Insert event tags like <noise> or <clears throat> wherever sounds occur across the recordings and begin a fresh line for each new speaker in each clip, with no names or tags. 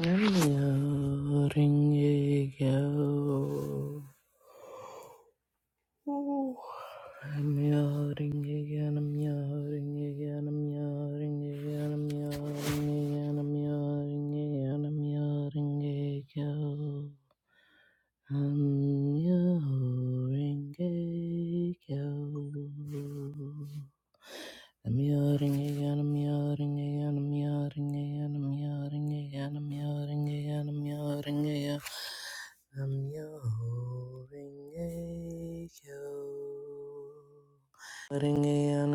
I'm yelling again. Ooh. I'm yelling again. I'm yelling again. I'm yelling again. I'm yelling again. I'm yelling again. I'm yelling again. Nam-myoho-renge-kyo. Nam-myoho-renge-kyo, Nam-myoho-renge-kyo, Nam-myoho-renge-kyo, Nam-myoho-renge-kyo, Nam-myoho-renge-kyo, Nam-myoho-renge-kyo. Nam-myoho-renge-kyo. I'm your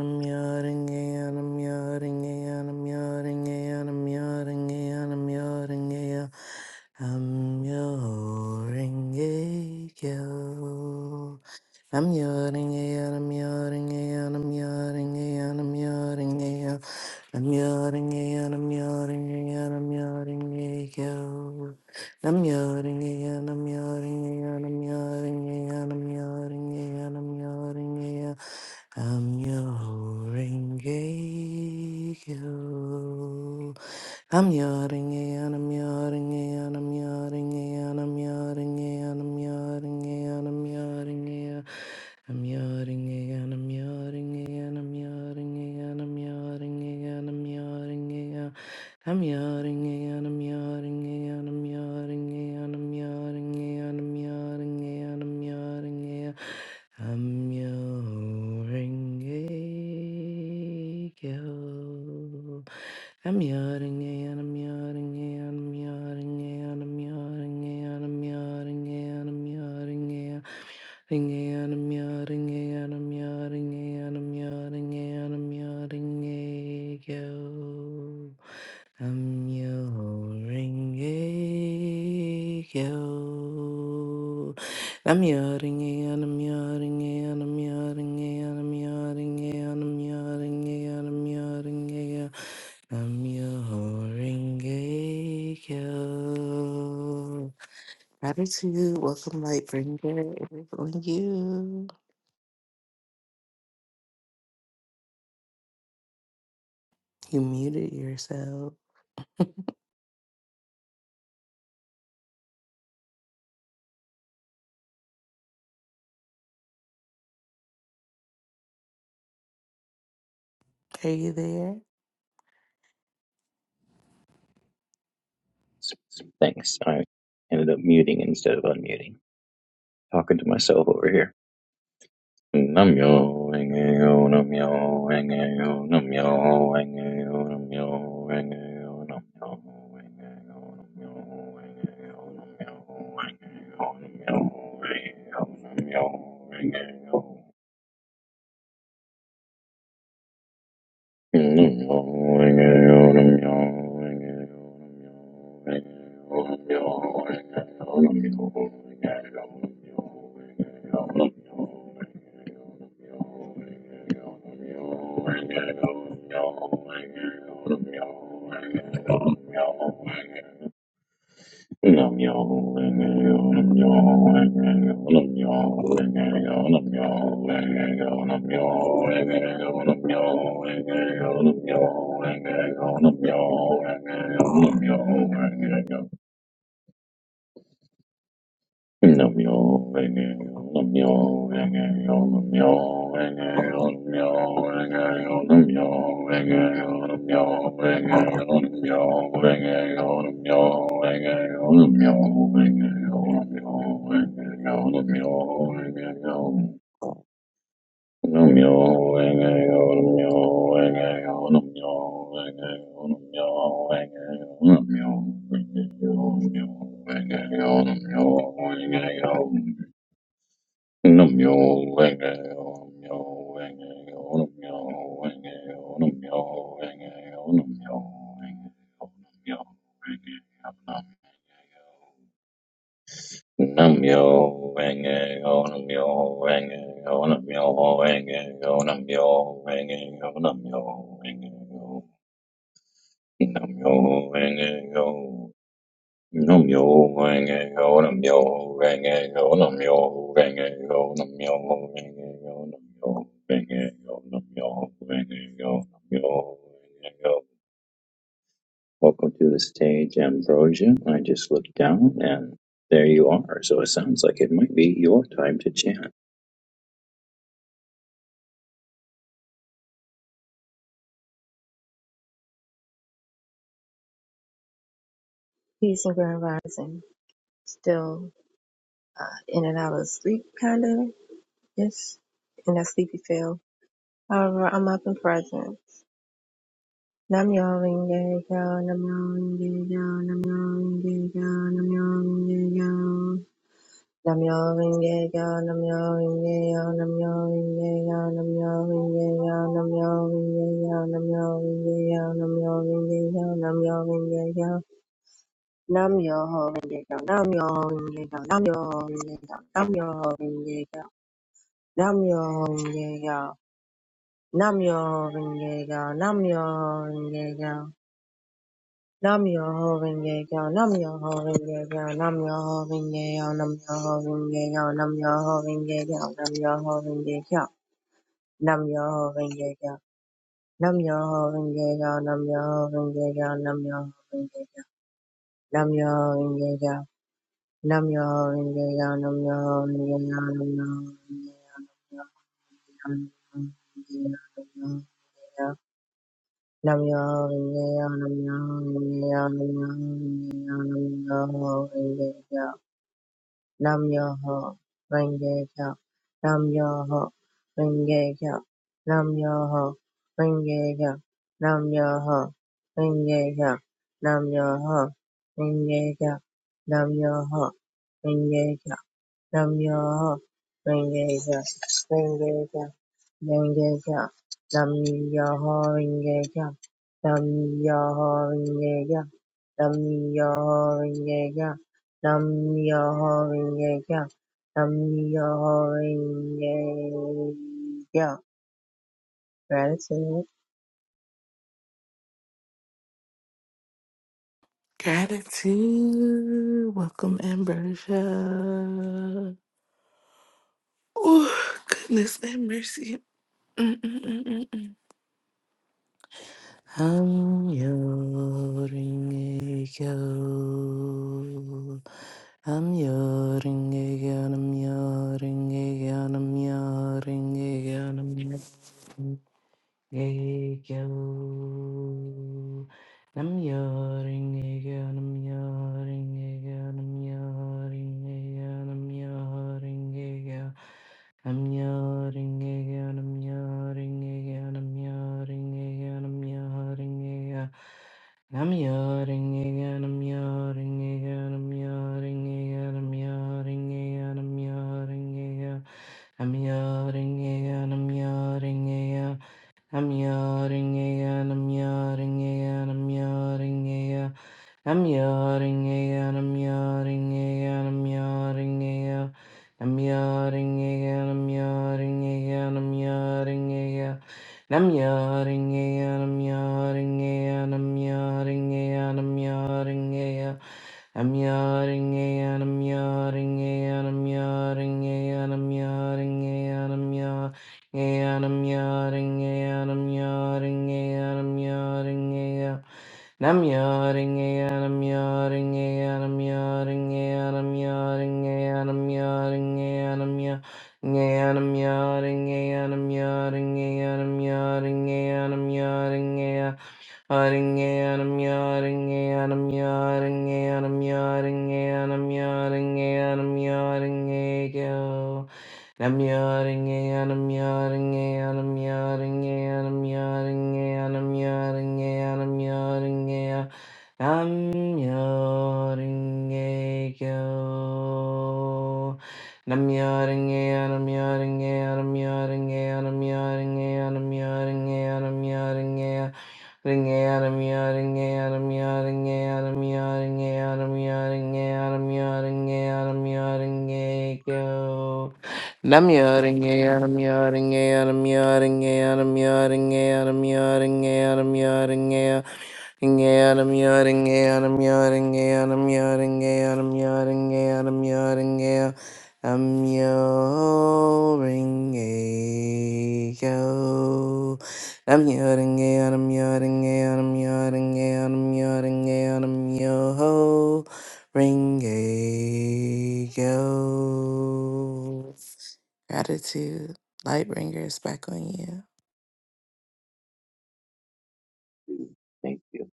ringekyo. I'm yawning, yeah, I'm yawning, yeah, I'm yawning, yeah, I'm yawning, yeah. I'm yawning, yeah, I'm yawning, yeah, I'm yawning, yeah. I'm yawning, yeah, I'm yawning, yeah, I'm yawning, yeah, I'm yawning, yeah, I'm yawning, yeah. I'm your ringgit. I'm yawning and I'm yawning and I'm yawning and I'm yawning and I'm yawning and I'm yawning and I'm yawning and I'm yawning and I'm yawning and I'm yawning and I'm yawning and I'm yawning and I'm yawning and I'm yawning and I'm yawning and I'm yawning and I'm yawning Namyo Renge Kyo. I'm yawning and I'm yawning and I'm yawning and I'm yawning and I'm yawning and I'm yawning and and I'm yawning and I'm yawning and I'm yawning and I'm yawning and yo. I'm yawning yo. I'm yawning, and I'm yawning, and I'm yawning, and I'm yawning, and I'm yawning, and I'm yawning, and I'm yelling. Gratitude, welcome, Lightbringer. It's on you. You muted yourself. Are you there?
Thanks. I ended up muting instead of unmuting. Talking to myself over here. Namyo Rengeyo Namyo Rengeyo Namyo Rengeyo Namyo Rengeyo Namyo Rengeyo Namyo Rengeyo Namyo Rengeyo Namyo Rengeyo Namyo Rengeyo Meow. Nam yo, Namyo Rengeyo, Namyo Rengeyo, Namyo Rengeyo, Namyo Rengeyo, Namyo Rengeyo, Namyo Rengeyo, Namyo Rengeyo, Namyo Rengeyo, Namyo Rengeyo, Namyo Rengeyo, Namyo Rengeyo. Nam yo ring a yo nam yo ring a yo nam yo ring a yo nam yo ring a yo nam yo ring a yo nam yo ring a yo nam yo ring a yo nam yo ring a yo nam yo ring a yo nam yo ring a yo nam yo ring a yo nam yo ring a yo nam yo ring a yo nam yo ring a yo Nam yo renge yo nam yo renge yo nam yo renge yo nam yo renge yo nam yo renge yo nam yo renge yo nam yo renge yo nam yo renge yo nam yo renge yo nam yo renge yo nam yo renge yo nam yo renge yo nam yo renge yo. Welcome to the stage, Ambrosia. I just looked down and there you are. So it sounds like it might be your time to chant.
Peace and Grand Rising. Still uh, in and out of sleep, kind of, ish, in that sleepy feel. However, I'm up and present. Nam yo renge yo, nam yo renge yo, nam yo renge yo, nam yo renge yo. Nam yo renge yo, nam yo renge yo, nam yo renge yo, nam yo renge yo, nam yo renge yo, nam yo renge yo, nam yo renge yo, nam yo renge yo. Nam-myoho-renge-kyo, Nam-myoho-renge-kyo, Nam-myoho-renge-kyo, Nam-myoho-renge-kyo, Nam-myoho-renge-kyo, Nam-myoho-renge-kyo, Nam-myoho-renge-kyo, Nam-myoho-renge-kyo, Nam-myoho-renge-kyo, Nam-myoho-renge-kyo, Nam-myoho-renge-kyo, Nam-myoho-renge-kyo, Nam-myoho-renge-kyo, Nam-myoho-renge-kyo, Nam-myoho-renge-kyo, Nam-myoho-renge-kyo, Nam-myoho-renge-kyo, Nam-myoho-renge-kyo. Nam yo renge yo nam yo renge yo nam yo renge yo nam yo renge yo nam yo renge yo nam yo renge yo nam yo renge yo nam yo renge yo nam yo renge yo nam yo renge yo nam yo renge yo nam yo renge yo nam yo renge yo nam yo renge yo Namyoho Renge-kyo, Renge-kyo, Renge-kyo, Namyoho Renge-kyo, Namyoho Renge-kyo, Namyoho Renge-kyo, Namyoho Renge-kyo, Namyoho Renge-kyo. Gratitude.
Gratitude, welcome, Ambrosia. Oh, goodness and mercy. <clears throat> I'm yoring again. I'm yoring again. I'm Amjöringegjöld, amjöringegjöld, amjöringegjöld, amjöringegjöld, Gekyo Nam Yoring Gekyo Nam Yoring Gekyo Nam Yoring Gekyo Nam Yoring Gekyo Nam Yoring Gekyo Nam Yoring Gekyo Nam Yoring Gekyo Nam Yoring Gekyo Nam Yoring Gekyo Nam Yoring Gekyo Nam Yoring Gekyo Nam Yoring Gekyo Nam Yoring Gekyo I'm yelling, yeah, I'm yelling, I'm yawning again, I'm yawning again, I'm yawning again. I'm yawning again, I'm yawning again, I'm yawning again. I'm yawning again, I'm yawning again, I'm yawning again. I'm yawning again, I'm yawning again, I'm yawning again, I'm yawning again. I'm yawning again, I'm yawning again, I'm yawning again, I'm yawning again, yeah. Nam I'm yawning and I'm yawning and I'm yawning and I'm yawning and I'm yawning and I'm yawning Ringe, Nam yaring am yaring am yaring am yaring am yaring am yaring am yaring am yaring am yaring am yaring am yaring am yaring am yaring Namyo I'm yelling and I'm yelling and I'm yelling and I'm yelling and I'm yo ring a am yo. ring a am yo ho ring a yo. Gratitude, light bringer, is back on you.
Thank you.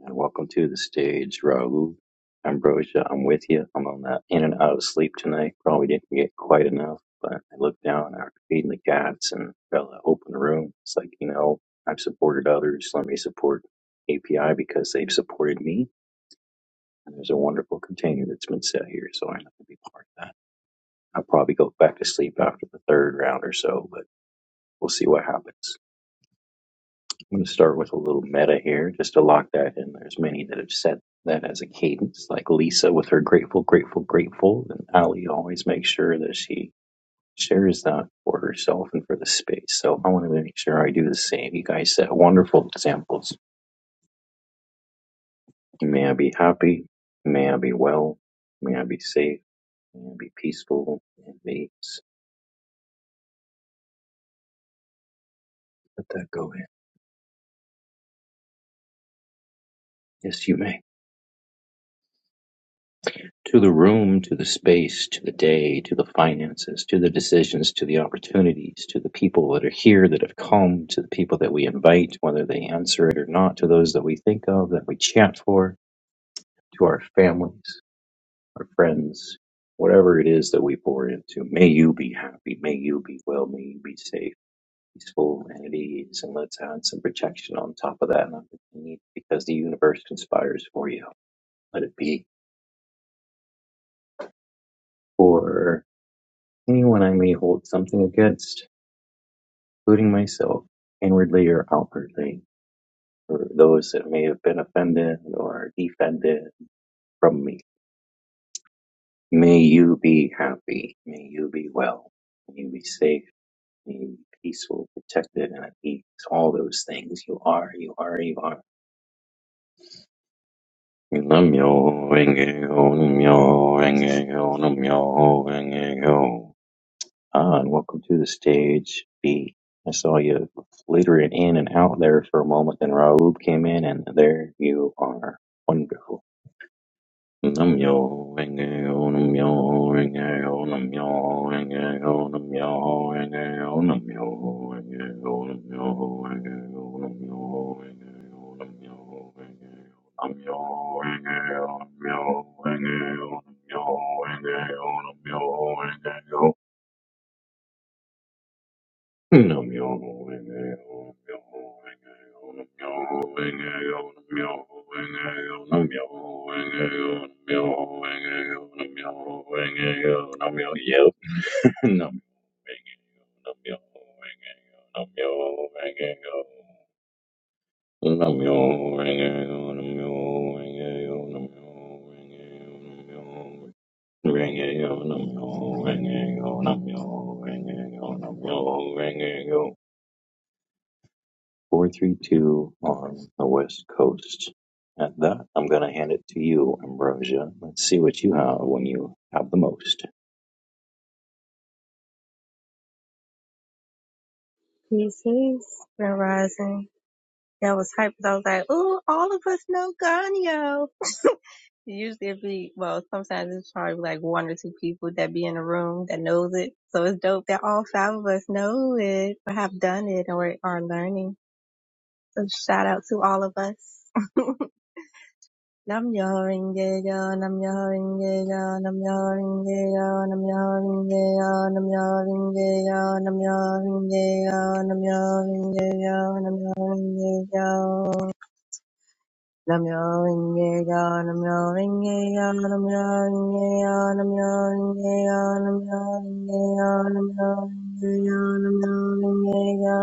And welcome to the stage, Raul. Ambrosia, I'm with you. I'm on that in and out of sleep tonight. Probably didn't get quite enough, but I looked down after feeding the cats and fella opened the room. It's like, you know, I've supported others. Let me support API because they've supported me. And there's a wonderful container that's been set here, so I'm going to be part of that. I'll probably go back to sleep after the third round or so, but we'll see what happens. I'm going to start with a little meta here just to lock that in. There's many that have set that as a cadence, like Lisa with her grateful, grateful, grateful. And Ali always makes sure that she shares that for herself and for the space. So I want to make sure I do the same. You guys set wonderful examples. May I be happy. May I be well. May I be safe. May I be peaceful. And may I be... let that go in. Yes, you may. To the room, to the space, to the day, to the finances, to the decisions, to the opportunities, to the people that are here that have come, to the people that we invite, whether they answer it or not, to those that we think of, that we chant for, to our families, our friends, whatever it is that we pour into. May you be happy. May you be well. May you be safe, peaceful, and at ease. And let's add some protection on top of that. And I think we need- Because the universe conspires for you. Let it be. anyone I may hold something against, including myself, inwardly or outwardly, or those that may have been offended or defended from me. May you be happy. May you be well. May you be safe. May you be peaceful, protected, and at peace. All those things you are, you are, you are. Nam-myoho-renge-kyo, nam-myoho-renge-kyo, nam-myoho-renge-kyo. Ah, and welcome to the stage, B. I saw you flittering in and out there for a moment, then Raoub came in, and there you are. Wonderful. Nam yo renge yo nam yo renge yo nam yo renge yo nam yo renge yo nam yo renge yo nam yo renge yo nam yo renge yo nam yo renge yo I'm your angel, I'm your angel, I'm your angel, I'm your angel. Four three two on the west coast. At that, I'm gonna hand it to you, Ambrosia. Let's see what you have when you have the most.
Peace, peace. rising. That was hype. I was like, ooh, all of us know Ganyo. Usually it'd be well, sometimes it's probably like one or two people that be in the room that knows it. So it's dope that all five of us know it or have done it or are learning. So shout out to all of us. <laughs> Nam yo ringe yo, nam yo ringe yo, nam yo ringe yo, nam yo ringe yo, nam yo ringe yo, nam yo ringe yo, nam yo ringe yo, nam yo ringe yo. Namyo Rinkeya, Namyo Rinkeya, Namyo Rinkeya, Namyo Rinkeya, Namyo Rinkeya, Namyo Rinkeya, Namyo Rinkeya.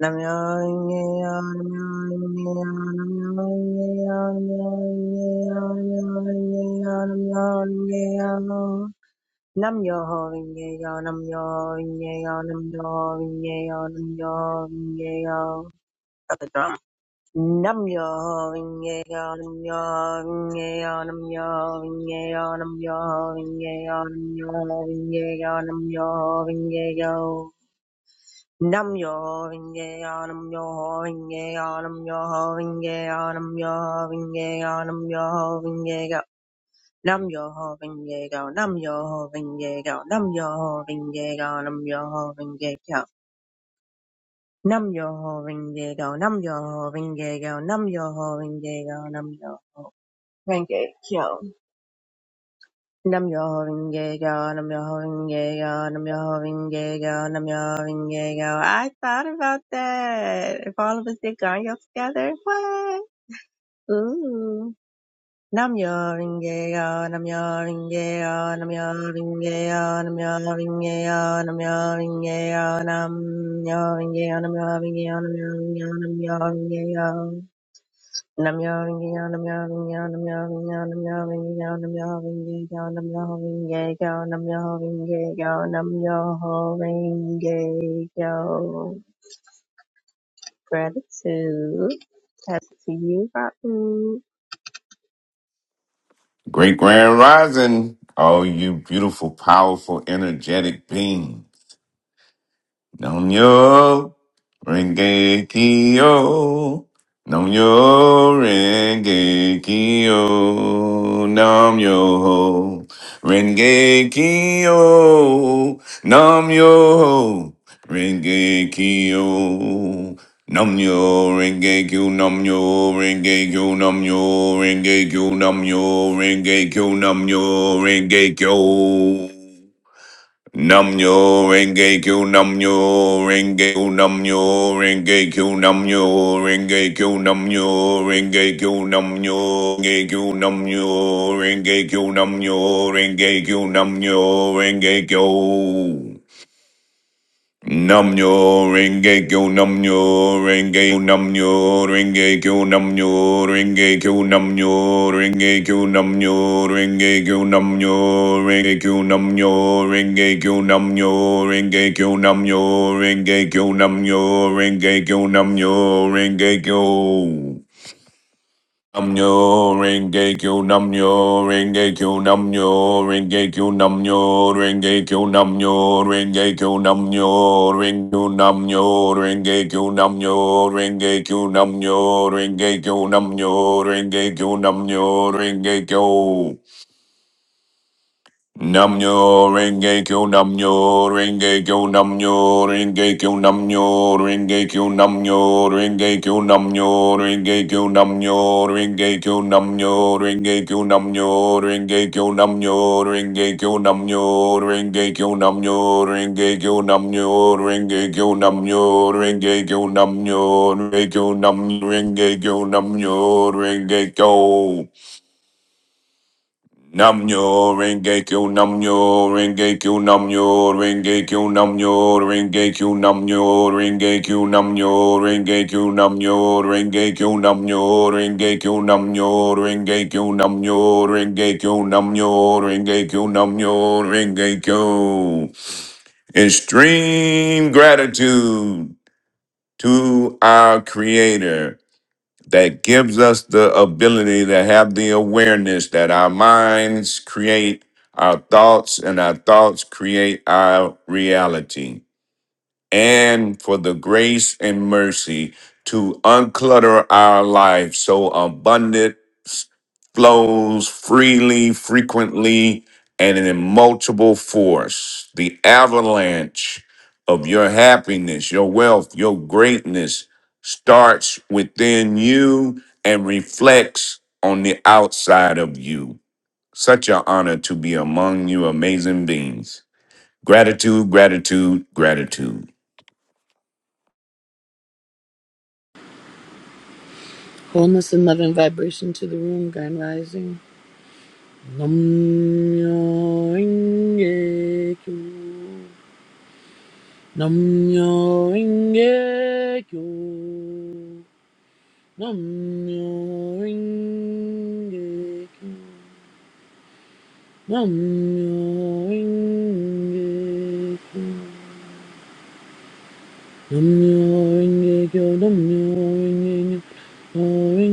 Namyo Rinkeya, Namyo Rinkeya, Namyo Rinkeya, Namyo Rinkeya, Namyo Rinkeya, Namyo Rinkeya. Nam yo ho ring ye yo, nam yo ring ye yo, nam yo ring ye yo, nam yo ring ye yo. Got the drum. Nam yo inge yo nam yo inge yo nam yo inge yo nam yo inge yo nam yo inge yo nam yo inge yo nam yo inge yo nam yo inge yo nam yo inge yo nam yo inge yo nam yo inge yo nam yo inge yo nam yo inge yo nam yo inge yo nam yo inge yo Nam yo ho ringe go, nam yo ho ringe go, nam yo ho ringe go, nam yo. Renge Kyo. Nam Yo Renge Kyo, Nam Yo Renge Kyo, Nam Yo Renge Kyo, Nam Yo Renge Kyo. I thought about that. If all of us did Ganyo together, what? Ooh. Nam Yo Renge Kyo, Nam Yo Renge Kyo, Nam Yo Renge Kyo, Nam Yo Renge Kyo, Nam Yo Renge Kyo, Nam Yo Renge Kyo, Nam Yo Renge Kyo, Nam Yo Renge Kyo, Nam Yo Renge Kyo. Nam yawning, yawning, yawning, yawning, yawning, yawning, yawning, yawning, yawning, yawning, yawning, yawning, yawning, yawning, yawning, yawning, yawn, I'm yawning, yawn, I'm yawning. yawn. Gratitude. Pass it to you, Rotten.
Great Grand Rising, all you beautiful, powerful, energetic beings. Namyo Renge Kyo. Namyo Renge Kyo. Namyo Renge Kyo. Namyo Renge Kyo. Namyo Renge Kyo. Namyo Renge Kyo. Namyo Renge Kyo. Namyo Renge Kyo. Namyo Renge Kyo. Namyo Renge Kyo Namyo Renge Kyo Namyo Renge Kyo Namyo Renge Kyo Namyo Renge Kyo Namyo Renge Kyo Namyo Renge Kyo Namyo Renge Kyo Namyo Renge Kyo Nam Namnyo Renge Kyo Namnyo Renge Namnyo Renge Kyo Namnyo Renge Kyo Namnyo Renge Kyo Namnyo Renge Kyo Namnyo Renge Kyo Namnyo Renge Kyo Namnyo Renge Kyo Namnyo Renge Kyo Namnyo Renge Kyo Namnyo Renge Kyo Namyo Renge Kyo Namyo Renge Kyo Namyo Renge Kyo Namyo Renge Kyo Namyo Renge Kyo Namyo Renge Kyo Namyo Renge Kyo Namyo Renge Kyo Namyo Renge Kyo Namyo Renge Kyo Namyo Renge Kyo Namnyo renge kyo namnyo renge kyo namnyo renge kyo namnyo renge kyo namnyo renge kyo namnyo renge kyo namnyo renge kyo namnyo renge kyo namnyo renge kyo namnyo renge kyo namnyo renge kyo namnyo renge kyo namnyo renge kyo namnyo renge kyo namnyo renge kyo namnyo renge kyo namnyo renge kyo Nam yo renge kyo nam yo renge kyo nam yo renge kyo nam yo renge kyo nam yo renge kyo nam yo renge kyo nam yo renge kyo nam yo renge kyo nam yo renge kyo nam yo renge kyo nam yo renge kyo nam yo renge kyo extreme gratitude to our creator that gives us the ability to have the awareness that our minds create our thoughts and our thoughts create our reality and for the grace and mercy to unclutter our lives so abundance flows freely, frequently, and in multiple force. The avalanche of your happiness, your wealth, your greatness starts within you and reflects on the outside of you. Such an honor to be among you, amazing beings. Gratitude, gratitude, gratitude.
Wholeness and love and vibration to the room, Grand Rising. Nam-myo renge kyo. Nam-myo renge kyo. Nam-myo renge kyo. Nam-myo renge kyo. Nam-myo renge kyo. Nam-myo renge kyo. Nam-myo renge kyo.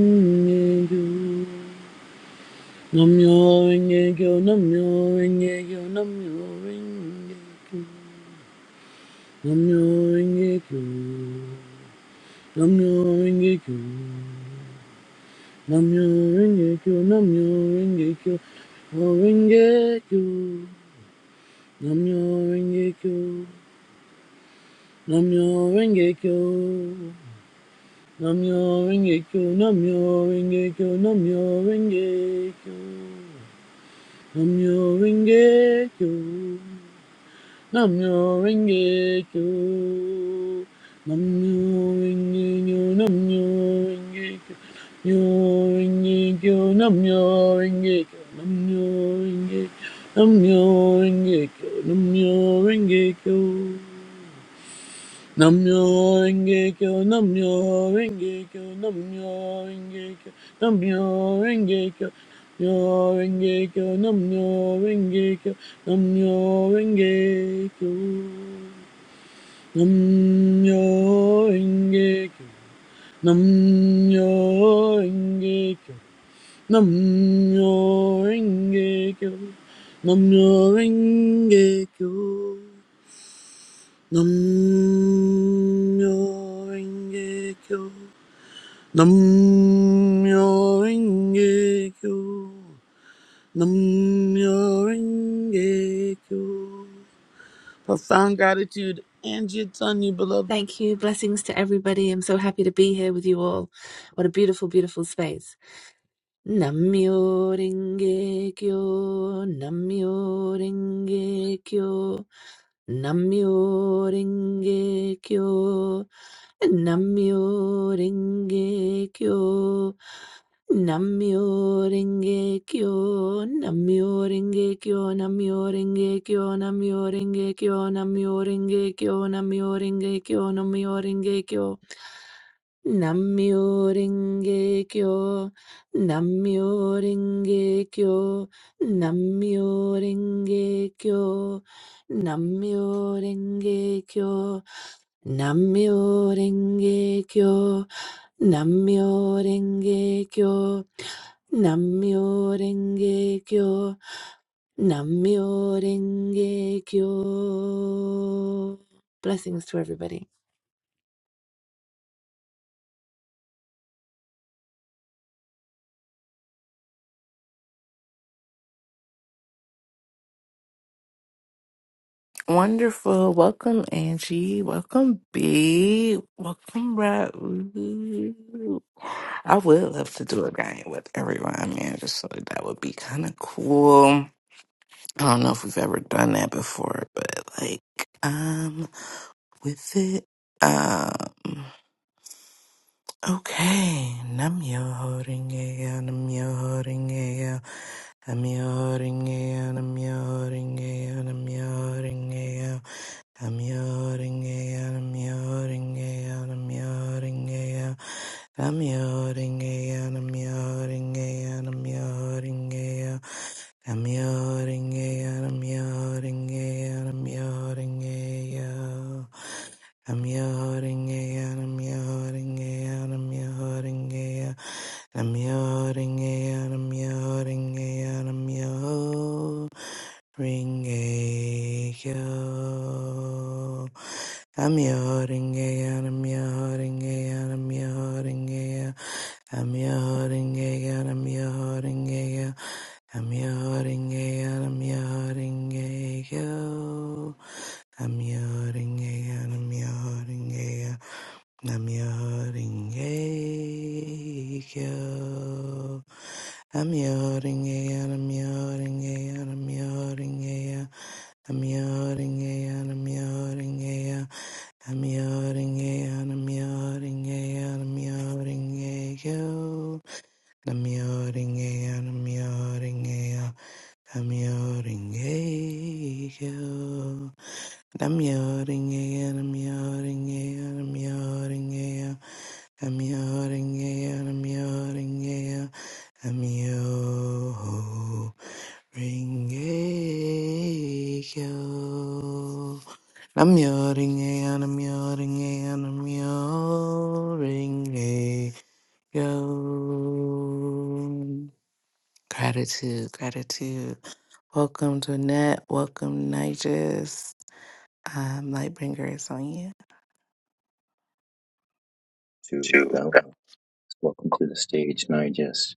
Namyo renge kyo, namyo renge kyo, namyo renge kyo, namyo renge kyo, namyo renge kyo, namyo renge kyo, namyo renge kyo, namyo renge kyo, namyo renge kyo, namyo renge kyo, namyo renge kyo, namyo renge kyo, namyo renge kyo, namyo renge kyo. Namyo Renge Kyo. Namyo Renge Kyo. Namyo Renge Kyo. Namyo Renge Kyo. Namyo Renge Kyo. Namyo Renge Kyo. Namyo Renge Kyo. Namyo Renge Kyo. Namyo Renge Kyo, Namyo Renge Kyo, Namyo Renge Kyo, Namyo Renge Kyo, Namyo Renge Kyo, Namyo Renge Kyo, Namyo Renge Kyo, Namyo Renge Kyo, Namyo Renge Kyo, Namyo Renge Kyo, Namyo Renge Kyo. Namyo Renge Kyo. Namyo Renge Kyo. Namyo Renge Kyo. Profound gratitude, Angie. It's on you, beloved.
Thank you. Blessings to everybody. I'm so happy to be here with you all. What a beautiful, beautiful space. Namyo Renge Kyo, Namyo Renge Kyo, Namyo Renge Kyo, Namyo Renge Kyo, Namyo Renge Kyo, Namyo Renge Kyo, Namyo Renge Kyo, Namyo Renge Kyo, Namyo Renge Kyo, Namyo Renge Kyo, Namyo Renge Kyo, Namyo Renge Kyo, Namyo Renge Kyo, Namyo Renge Kyo, Namyo Renge Kyo, Namyo Renge Kyo, Namyo Renge Kyo, Namyo Renge Kyo, Namyo Renge Kyo. Blessings to everybody.
Wonderful. Welcome, Angie. Welcome, B. Welcome, Raul. I would love to do a game with everyone, man. Just so that would be kind of cool. I don't know if we've ever done that before, but like, um, with it. Um, Okay, nam yo holding a nam yo holding a nam yo holding a nam yo holding a nam yo holding a nam yo holding a nam yo holding a nam yo holding a nam yo holding a nam yo holding a nam yo holding a nam yo holding a nam yo holding a nam yo holding a I'm your holding out, I'm your holding out, I'm your holding out, I'm your holding out, I'm your holding out, I'm your holding out. I'm your holding out, I'm your holding out, I'm your holding out, I'm your holding out, I'm your holding out, I'm your holding out, I'm your holding out. Namioringeya, namioringeya, namioringeya. Namioringeya, namioringeya, namioringeya, namioringeya, namioringeya, namioringeya, namioringeya, namioringeya. Namioringeya, namioringeya, namioringeya. I'm yelling, yeah, I'm yelling, yeah, I'm yelling, yeah, I'm yelling, yeah, I'm yelling, yeah, I'm yelling, yeah. I'm yelling, yeah, I'm yelling, yeah, I'm yelling, yeah. Gratitude, gratitude. Welcome to Net. Welcome, Nigers. Um, Lightbringer is on you.
To
Two.
Bella.
Go.
Welcome to the stage, Nigest.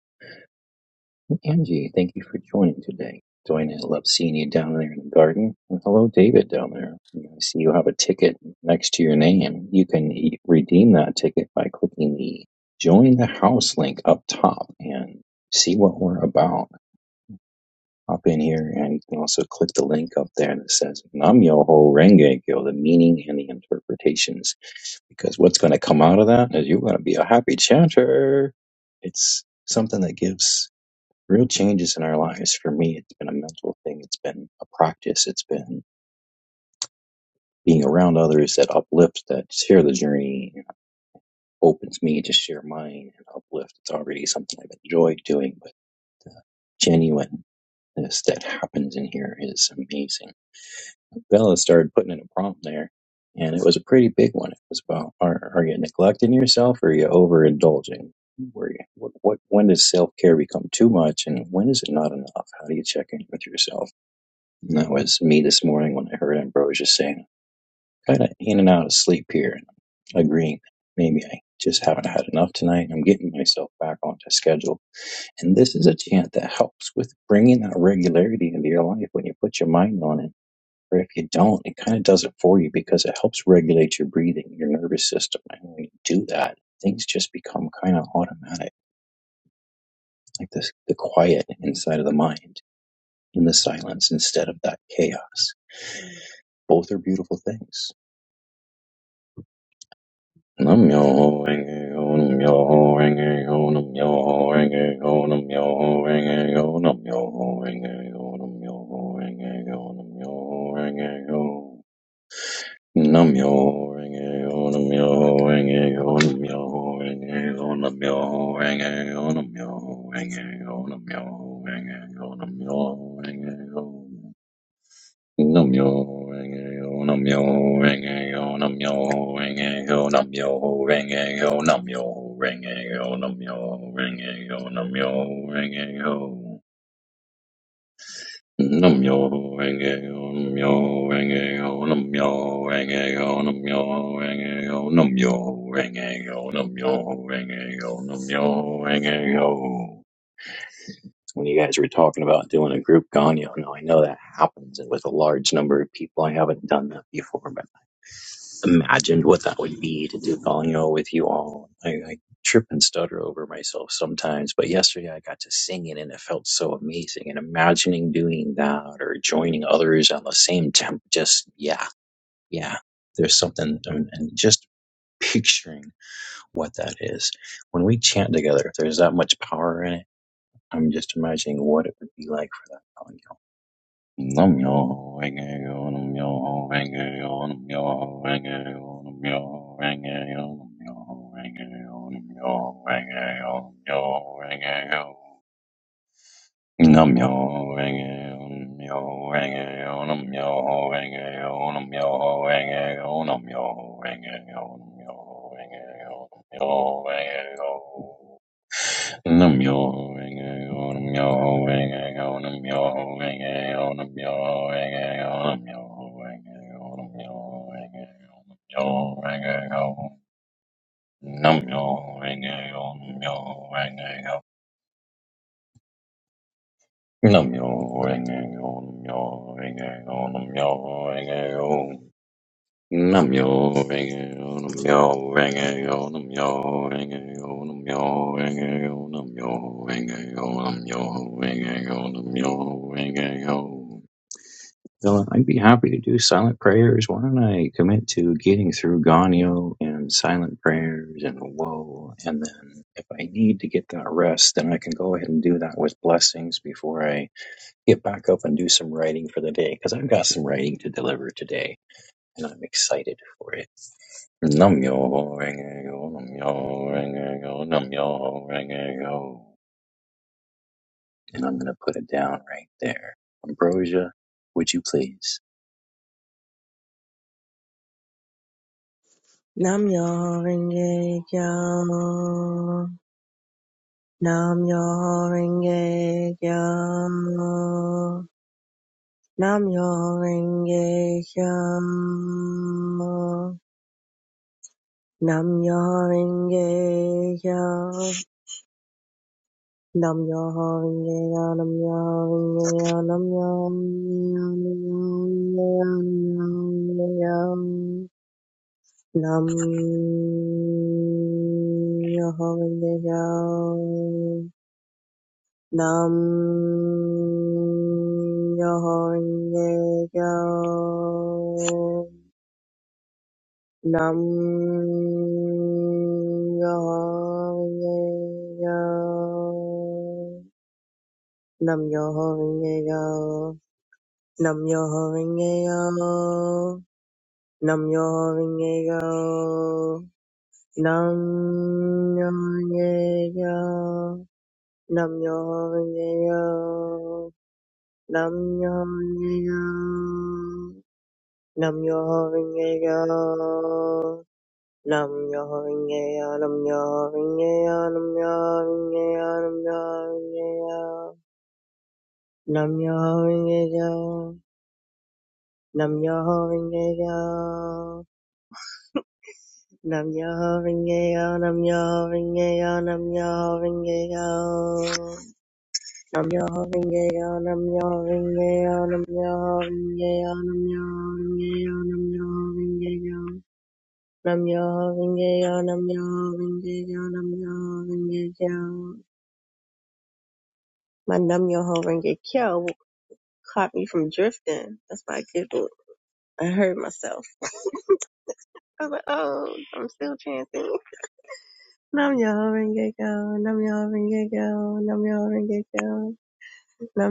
Angie, thank you for joining today. Join I love seeing you down there in the garden. And hello, David, down there. I see you have a ticket next to your name. You can e- redeem that ticket by clicking the Join the House link up top and see what we're about hop in here and you can also click the link up there that says Nam-myoho Renge Kyo, the meaning and the interpretations. Because what's going to come out of that is you're going to be a happy chanter. It's something that gives real changes in our lives. For me, it's been a mental thing. It's been a practice. It's been being around others that uplift, that share the journey, and opens me to share mine and uplift. It's already something I've enjoyed doing, but the genuineness that happens in here is amazing Bella started putting in a prompt there, and it was a pretty big one. It was about are, are you neglecting yourself or are you overindulging? Where you, what, what when does self care become too much and when is it not enough? How do you check in with yourself? And that was me this morning when I heard Ambrosia saying, kind of in and out of sleep here, and agreeing maybe I just haven't had enough tonight. I'm getting myself back onto schedule, and this is a chant that helps with bringing that regularity into your life when you put your mind on it but if you don't, it kind of does it for you because it helps regulate your breathing, your nervous system. And when you do that, things just become kind of automatic, like this, the quiet inside of the mind in the silence instead of that chaos. Both are beautiful things. Nam myoho renge kyo, nam myoho renge kyo, nam myoho renge kyo, nam myoho renge kyo, nam myoho renge kyo, nam myoho renge kyo, nam myoho renge kyo. Namyo Renge-kyo, Namyo Renge-kyo, Namyo Renge-kyo, Namyo Renge-kyo, Namyo Renge-kyo, Namyo Renge-kyo, Namyo Renge-kyo. Namyo Renge-kyo, Namyo Renge-kyo, Namyo Renge-kyo, Namyo Renge-kyo, Namyo Renge-kyo, Namyo Renge-kyo, Namyo Renge-kyo. Nam yo rang ego, nam yo rang ego, nam yo rang ego, nam yo rang ego, nam yo rang ego, nam yo rang ego, nam yo rang ego. When you guys were talking about doing a group ganyo, now I know that happens, and with a large number of people, I haven't done that before, but imagined what that would be to do Gogno with you all. I, I trip and stutter over myself sometimes, but yesterday I got to sing it and it felt so amazing. And imagining doing that or joining others on the same temp, just yeah, yeah. There's something, and and just picturing what that is. When we chant together, if there's that much power in it, I'm just imagining what it would be like for that Gogno. Nam yo ho renge yo nam yo ho renge yo nam yo ho renge yo nam yo ho renge yo nam yo ho renge yo nam yo ho renge yo nam yo ho renge yo nam yo ho renge yo nam yo ho renge yo nam yo ho renge yo nam yo ho renge yo nam yo ho renge yo nam yo ho renge yo nam yo ho renge yo Num yo ring a go, num yo ring a go, num yo ring a go, num yo ring a go, num yo ring a go, num yo ring a go, num yo ring a go, num yo ring a go, num yo ring a go, num yo ring a go, num yo ring a go, num yo ring a go. Namyo Rengeyo, Namyo Rengeyo, Namyo Rengeyo, Namyo Rengeyo, Namyo Rengeyo, Namyo Rengeyo, Namyo Rengeyo. Dylan, I'd be happy to do silent prayers. Why don't I commit to getting through Ganyo and silent prayers and woe, and then if I need to get that rest, then I can go ahead and do that with blessings before I get back up and do some writing for the day, because I've got some writing to deliver today and I'm excited for it. Num yo ring a go, num yo ring a go, num yo ring a go. And I'm gonna put it down right there. Ambrosia, would you please?
Nam yawning, yawning, Nam yawning, yawning, Nam yawning, yawning. Nam yo ringe yo. Nam yo ringe yo. Nam yo ringe yo. Nam yo Nam myoho renge kyo. Nam myoho renge kyo. Nam myoho renge kyo. Nam myoho renge kyo. Nam myoho renge kyo. Nam myoho renge kyo. Nam myoho renge kyo. Nam myoho renge kyo. Nam myoho renge kyo, nam myoho renge kyo, nam myoho renge kyo, nam myoho renge kyo. Nam myoho renge kyo, nam myoho renge kyo. Nam myoho renge kyo, nam myoho renge kyo, nam myoho renge kyo. Nam myoho renge kyo, nam myoho renge kyo, nam myoho renge kyo, nam myoho renge kyo, nam myoho renge kyo. Nam myoho renge kyo, nam myoho renge kyo, nam myoho renge kyo. My num yo ho and get caught me from drifting. That's why I giggled. I hurt myself. I was like, oh, I'm still chanting. <laughs> Num yo ho and get killed. yo ho and get killed. yo ho and get killed.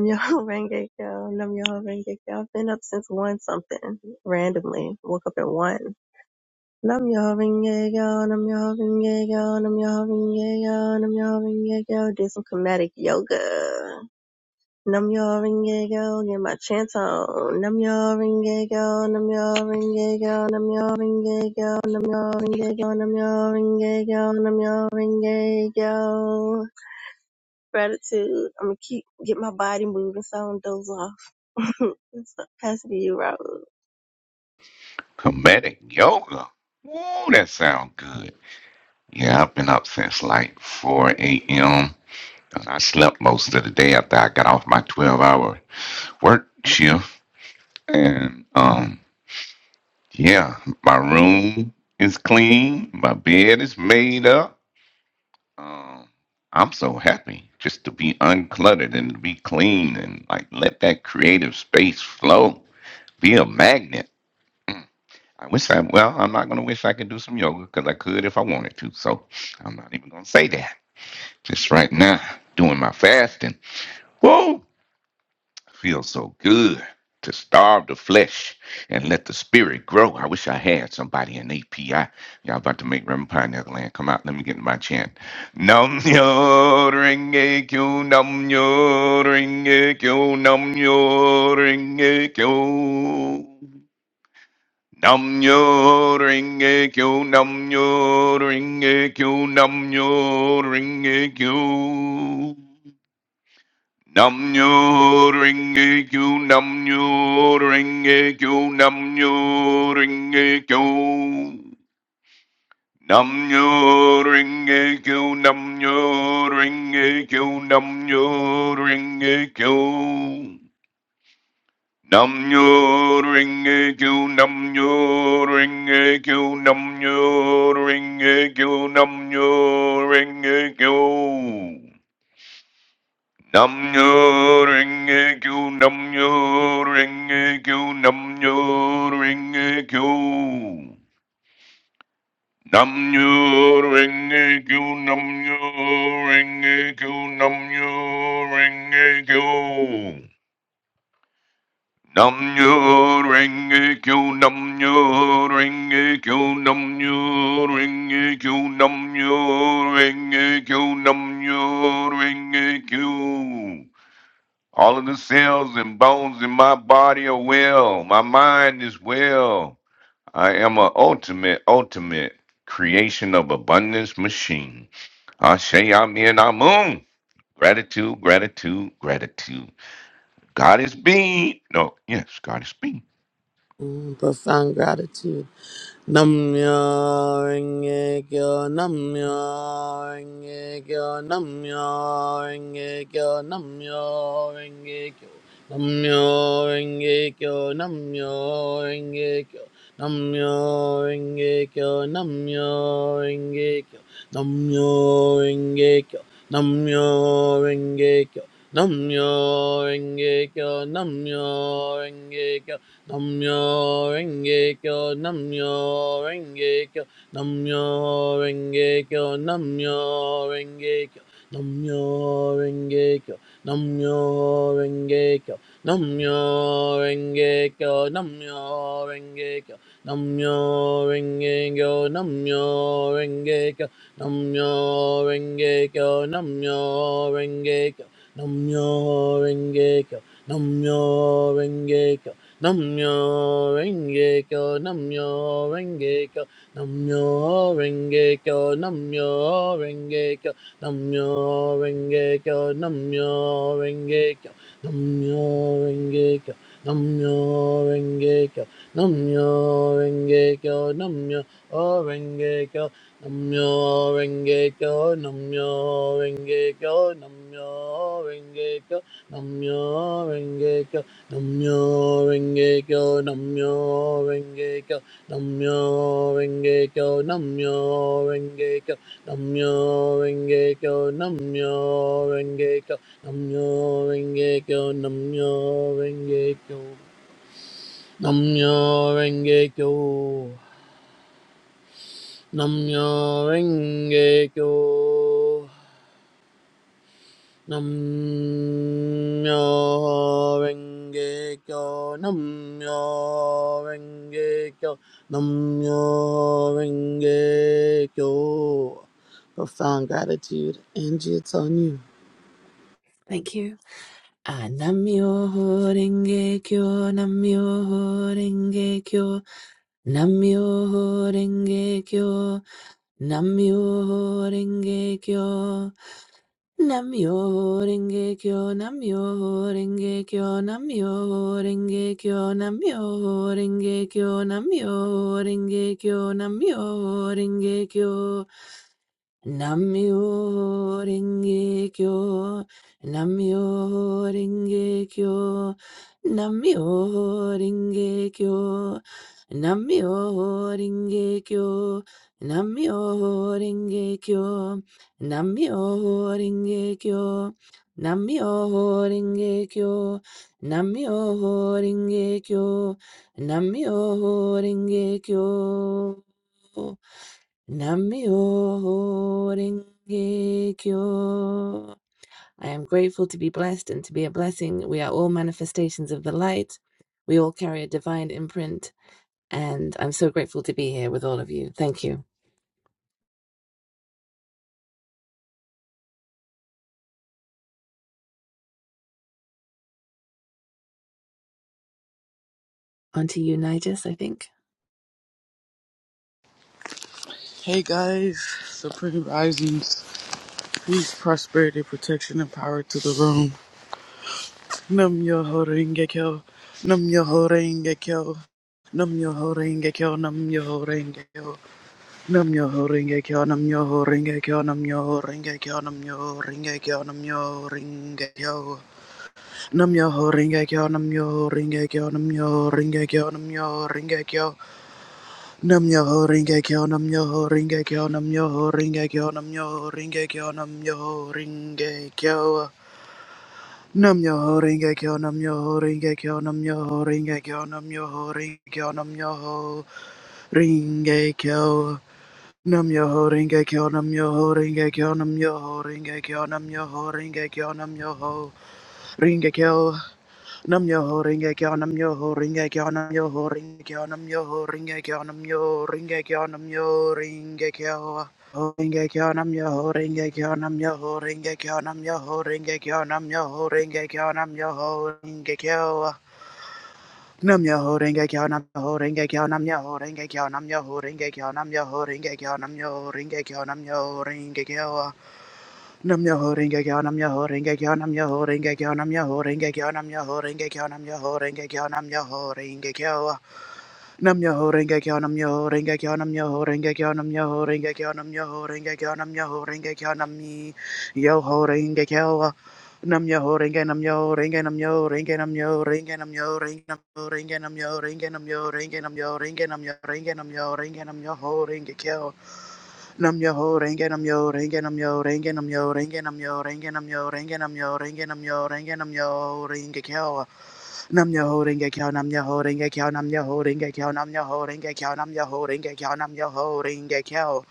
<laughs> yo ho and get killed. yo ho and get I've been up since one something randomly. Woke up at one. Num yo ho and get killed. yo ho and get killed. yo ho and get killed. yo ho and get Did some kinetic yoga. Num your ring go, get my chance on. Num your ring go, num your ring go, num your ring go, num your ring go, num your ring go, num your ring go. Gratitude. I'm gonna keep get my body moving so I don't doze off. <laughs> so, pass it to you, Raul.
Comedic yoga. Ooh, that sounds good. Yeah, I've been up since like 4 a.m. 'cause I slept most of the day after I got off my 12 hour work shift. And um, yeah, my room is clean, my bed is made up. Um, I'm so happy just to be uncluttered and to be clean and like let that creative space flow. Be a magnet I wish I, well, I'm not going to wish I could do some yoga because I could if I wanted to. So I'm not even going to say that. Just right now, doing my fasting. Whoa, feels so good to starve the flesh and let the spirit grow. I wish I had somebody in API. Y'all about to make Reverend Pioneer Land come out. Let me get in my chant. Nam yo ring a q nam yo ring a q nam yo ring a q. Nam nyo ring a kyo, nam nyo ring a kyo, nam nyo ring a kyo. Nam nyo ring a kyo, nam nyo ring a kyo, nam nyo ring a kyo. Nam nyo ring a kyo, nam nyo ring a kyo, nam nyo ring a q Nam nyo ring a kyo nam nyo ring a kyo nam nyo ring a kyo nam nyo ring a kyo nam nyo ring a kyo nam nyo ring a kyo nam nyo ring a kyo Nam nyo ring a kyo nam nyo ring a kyo nam nyo ring a q Nam nyo ring kyo nam nyo ring kyo nam nyo ring kyo nam nyo ring kyo nam nyo ring kyo. All of the cells and bones in my body are well. My mind is well. I am an ultimate, ultimate creation of abundance machine. I say I'm in, I'm on. Gratitude, gratitude, gratitude. God is being. No, yes, God is being.
Mm, profound gratitude. Namyo-renge-kyo, Namyo-renge-kyo, Namyo-renge-kyo, Namyo-renge-kyo, Namyo-renge-kyo, Namyo-renge-kyo, Namyo-renge-kyo, Namyo-renge-kyo. Namyo Renge Kyo, Namyo Renge Kyo, Namyo Renge Kyo, Namyo Renge Kyo, Namyo Renge Kyo, Namyo Renge Kyo, Namyo Renge Kyo, Namyo Renge Kyo, Namyo Renge Kyo, Namyo Renge Kyo, Namyo Renge Kyo, Namyo Renge Kyo, Namyo Renge Kyo, Namyo Renge Kyo, Namyo Renge Kyo, Namyo Renge Kyo, Namyo Renge Kyo, Namyo Renge Kyo, Namyo Renge Kyo, Namyo Renge Kyo, Namyo Renge Kyo, Namyo Renge Kyo, Namyo Renge Kyo, Namyo Renge Kyo, Namyo Renge Kyo, Namyo Renge Kyo, Namyo Renge Kyo, Namyo Renge Kyo, Namyo Renge Kyo, Namyo Renge Kyo, Namyo Renge Kyo, Namyo Renge Kyo, Namyo Renge Kyo, Namyo Renge Kyo, Namyo Renge Kyo, Namyo Renge Kyo, Namyo Renge Kyo, Namyo Renge Kyo, Namyo Renge Kyo, Namyo Renge Kyo, Namyo Renge Kyo, Namyo Renge Kyo. Namyo Renge Kyo, Namyo Renge Kyo, Namyo Renge Kyo. Profound gratitude, Angie, it's on you.
Thank you. Ah, Namyoho Renge Kyo, Namyoho Renge Kyo, Namyoho Renge Kyo, Namyoho Renge Kyo, Namyoho Renge Kyo, Namyoho Renge Kyo, Namyoho Renge Kyo, Namyoho Renge Kyo, Namyoho Renge Kyo, Namyoho Renge Kyo. Namyo Renge Kyo, Namyo Renge Kyo, Namyo Renge Kyo, Namyo Renge Kyo, Namyo Renge Kyo, Namyo Renge Kyo, Namyo Renge Kyo, Namyo Renge Kyo, Namyo Renge Kyo. Namyo Renge Kyo. I am grateful to be blessed and to be a blessing. We are all manifestations of the light. We all carry a divine imprint. And I'm so grateful to be here with all of you. Thank you. On to you, Nigel, I think.
Hey guys, Supreme Risings, peace, prosperity, protection, and power to the room. Nam yo ho renge kyo, num yo ho renge Nam num yo ho renge kyo, num yo ho renge kyo, num yo ho renge Nam num yo ho renge kyo, num yo ho renge kyo, num yo ho renge kyo, yo ho renge kyo, yo ho renge kyo, yo ho renge kyo, yo ho renge Nam yo ho ringe nam yo ho ringe kyo nam yo ho ringe kyo nam yo ho ringe kyo nam yo ho ringe kyo nam yo ho ringe kyo nam yo ho ringe kyo nam yo ho ringe kyo nam yo ho ringe kyo nam yo ho ringe kyo nam yo ho ringe kyo nam yo ho ringe kyo nam yo ho nam yo ho nam yo ho Nam yo ho ring a kyo nam yo ho ring a kyo nam yo ho ring a kyo nam yo ho ring a kyo nam yo ho ring a kyo nam yo ho ring a kyo ho ring a kyo nam yo ho ring a kyo nam yo ho ring a kyo nam yo ho ring a kyo nam yo ho ring a kyo nam yo ho ring a kyo Nam yo ho ring a kyo nam yo ho ring a kyo nam yo ho ring a kyo nam yo ho ring a kyo nam yo ho ring a kyo nam yo ho ring a kyo nam yo ho ring a kyo Nam your holding again, I'm your holding again, I'm your holding again, I'm your holding again, I'm your Nam yo ho renge kyo nam yo ho renge kyo nam yo ho renge kyo nam yo ho renge kyo nam yo ho renge kyo nam yo ho renge kyo nam mi yo ho renge kyo nam yo ho renge nam yo renge nam yo renge nam yo renge nam yo renge nam yo renge nam yo renge nam yo renge nam yo renge nam yo renge nam yo renge nam yo ho renge kyo Nam yo ho renge nam yo renge nam yo renge nam yo renge nam yo renge nam yo renge nam yo renge nam yo renge nam yo renge kyo Nam your holding a cow, nam your holding a cow, nam your holding a cow, nam your holding a cow, nam your holding a cow, nam your holding a cow.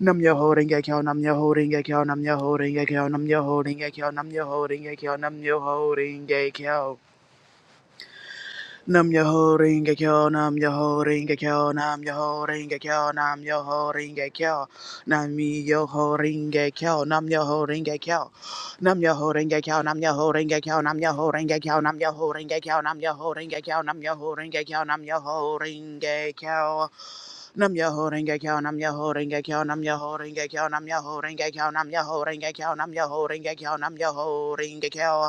Nam your holding a cow, nam your holding a cow, nam your holding a cow, nam your holding a cow, nam your holding a cow, nam your holding a cow. Nam yo ho ring a kyo, nam yo ho ring a kyo, nam yo ho ring a kyo, nam yo ho ring a kyo, nam mi yo ho ring a kyo, nam yo ho ring a kyo, nam yo ho ring a kyo, nam yo ho ring a kyo, nam yo ho ring a kyo, nam yo ho ring a kyo, nam yo ho ring a kyo, nam yo ho ring a kyo, nam yo ho ring a kyo, nam yo ho ring a kyo, nam yo ho ring a kyo, nam yo ho ring a kyo, nam yo ho ring a kyo, nam yo ho ring a kyo, nam yo ho ring a kyo, nam yo ho ring a kyo,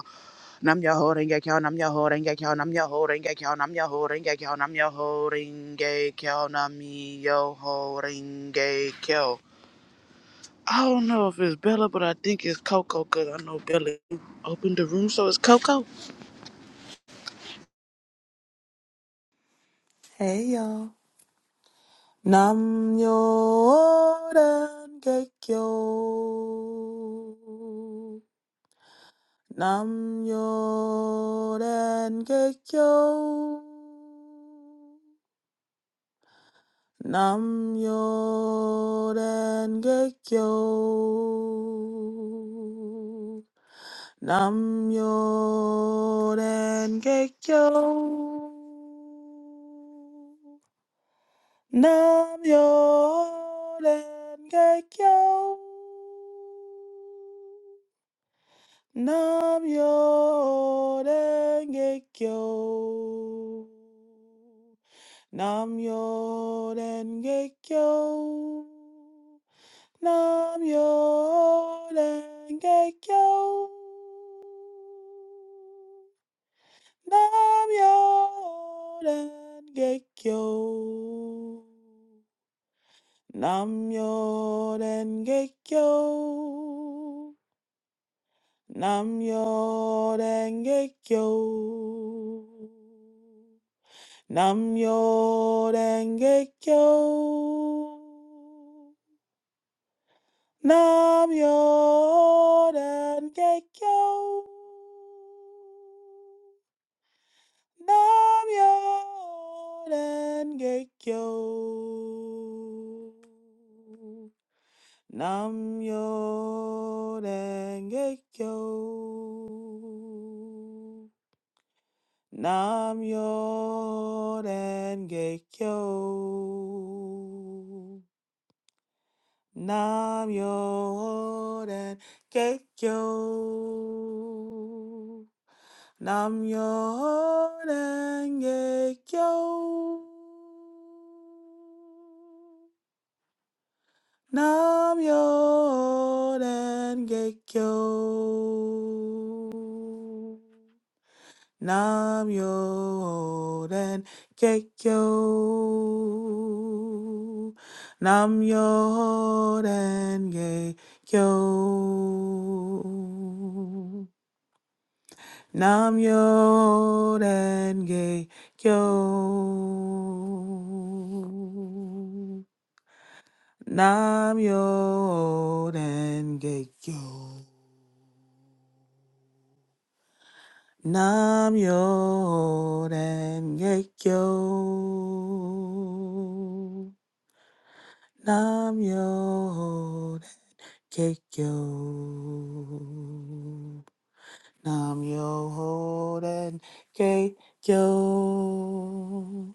Nam yo ho renge kyo, nam yo ho renge kyo, nam yo ho renge kyo, nam yo ho renge kyo, nam yo ho renge kyo, nam yo ho renge kyo. I don't know if it's Bella, but I think it's Coco because I know Bella opened the room, so it's Coco.
Hey y'all. Nam Yoden Gekyo. Nam Yoden Gekyo. Nam Yoden Gekyo. Nam Yoden Gekyo. Nam yo denge kyo. Nam yo denge kyo. Nam yo denge kyo. Nam yo denge kyo. Nam yo denge kyo. Nam yo Yoden Gekyo. Nam yo Yoden Gekyo. Nam yo Yoden Gekyo. Nam yo Yoden Gekyo. Nam yo Yoden Gekyo. Nam yo denge kyo. Nam yo denge kyo. Nam yo denge kyo. Nam yo denge kyo. Nam Yoden Gekyo. Nam Yoden Gekyo. Nam Yoden Gekyo. Nam Yoden Gekyo. Nam yo denge yo. Nam yo denge yo. Nam yo denge yo. Nam yo denge yo.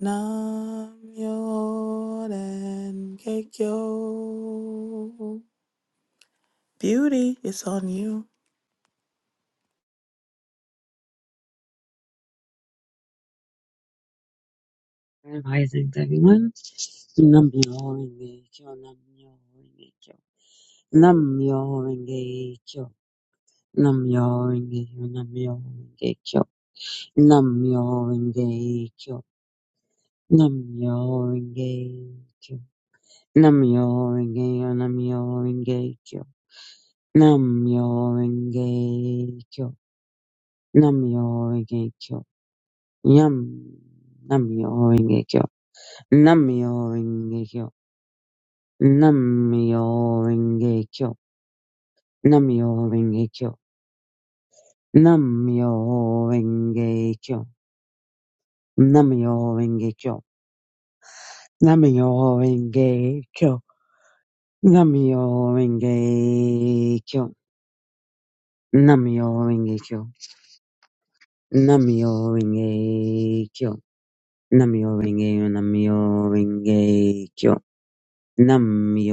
Nam yo denge yo. Beauty, it's on you.
Risings, everyone. Nam myoho renge kyo, nam myoho renge kyo, nam myoho renge kyo, nam myoho renge kyo, nam myoho renge kyo, nam myoho renge kyo, nam myoho renge kyo, nam myoho renge kyo, nam myoho renge kyo, nam myoho renge kyo, nam myoho renge kyo, yam, nam myoho renge kyo, nam myoho renge kyo, nam myoho renge kyo. Nam-myoho-renge-kyo. Nam-myoho-renge-kyo. Nam-myoho-renge-kyo. nam renge kyo nam renge kyo nam renge kyo nam renge kyo nam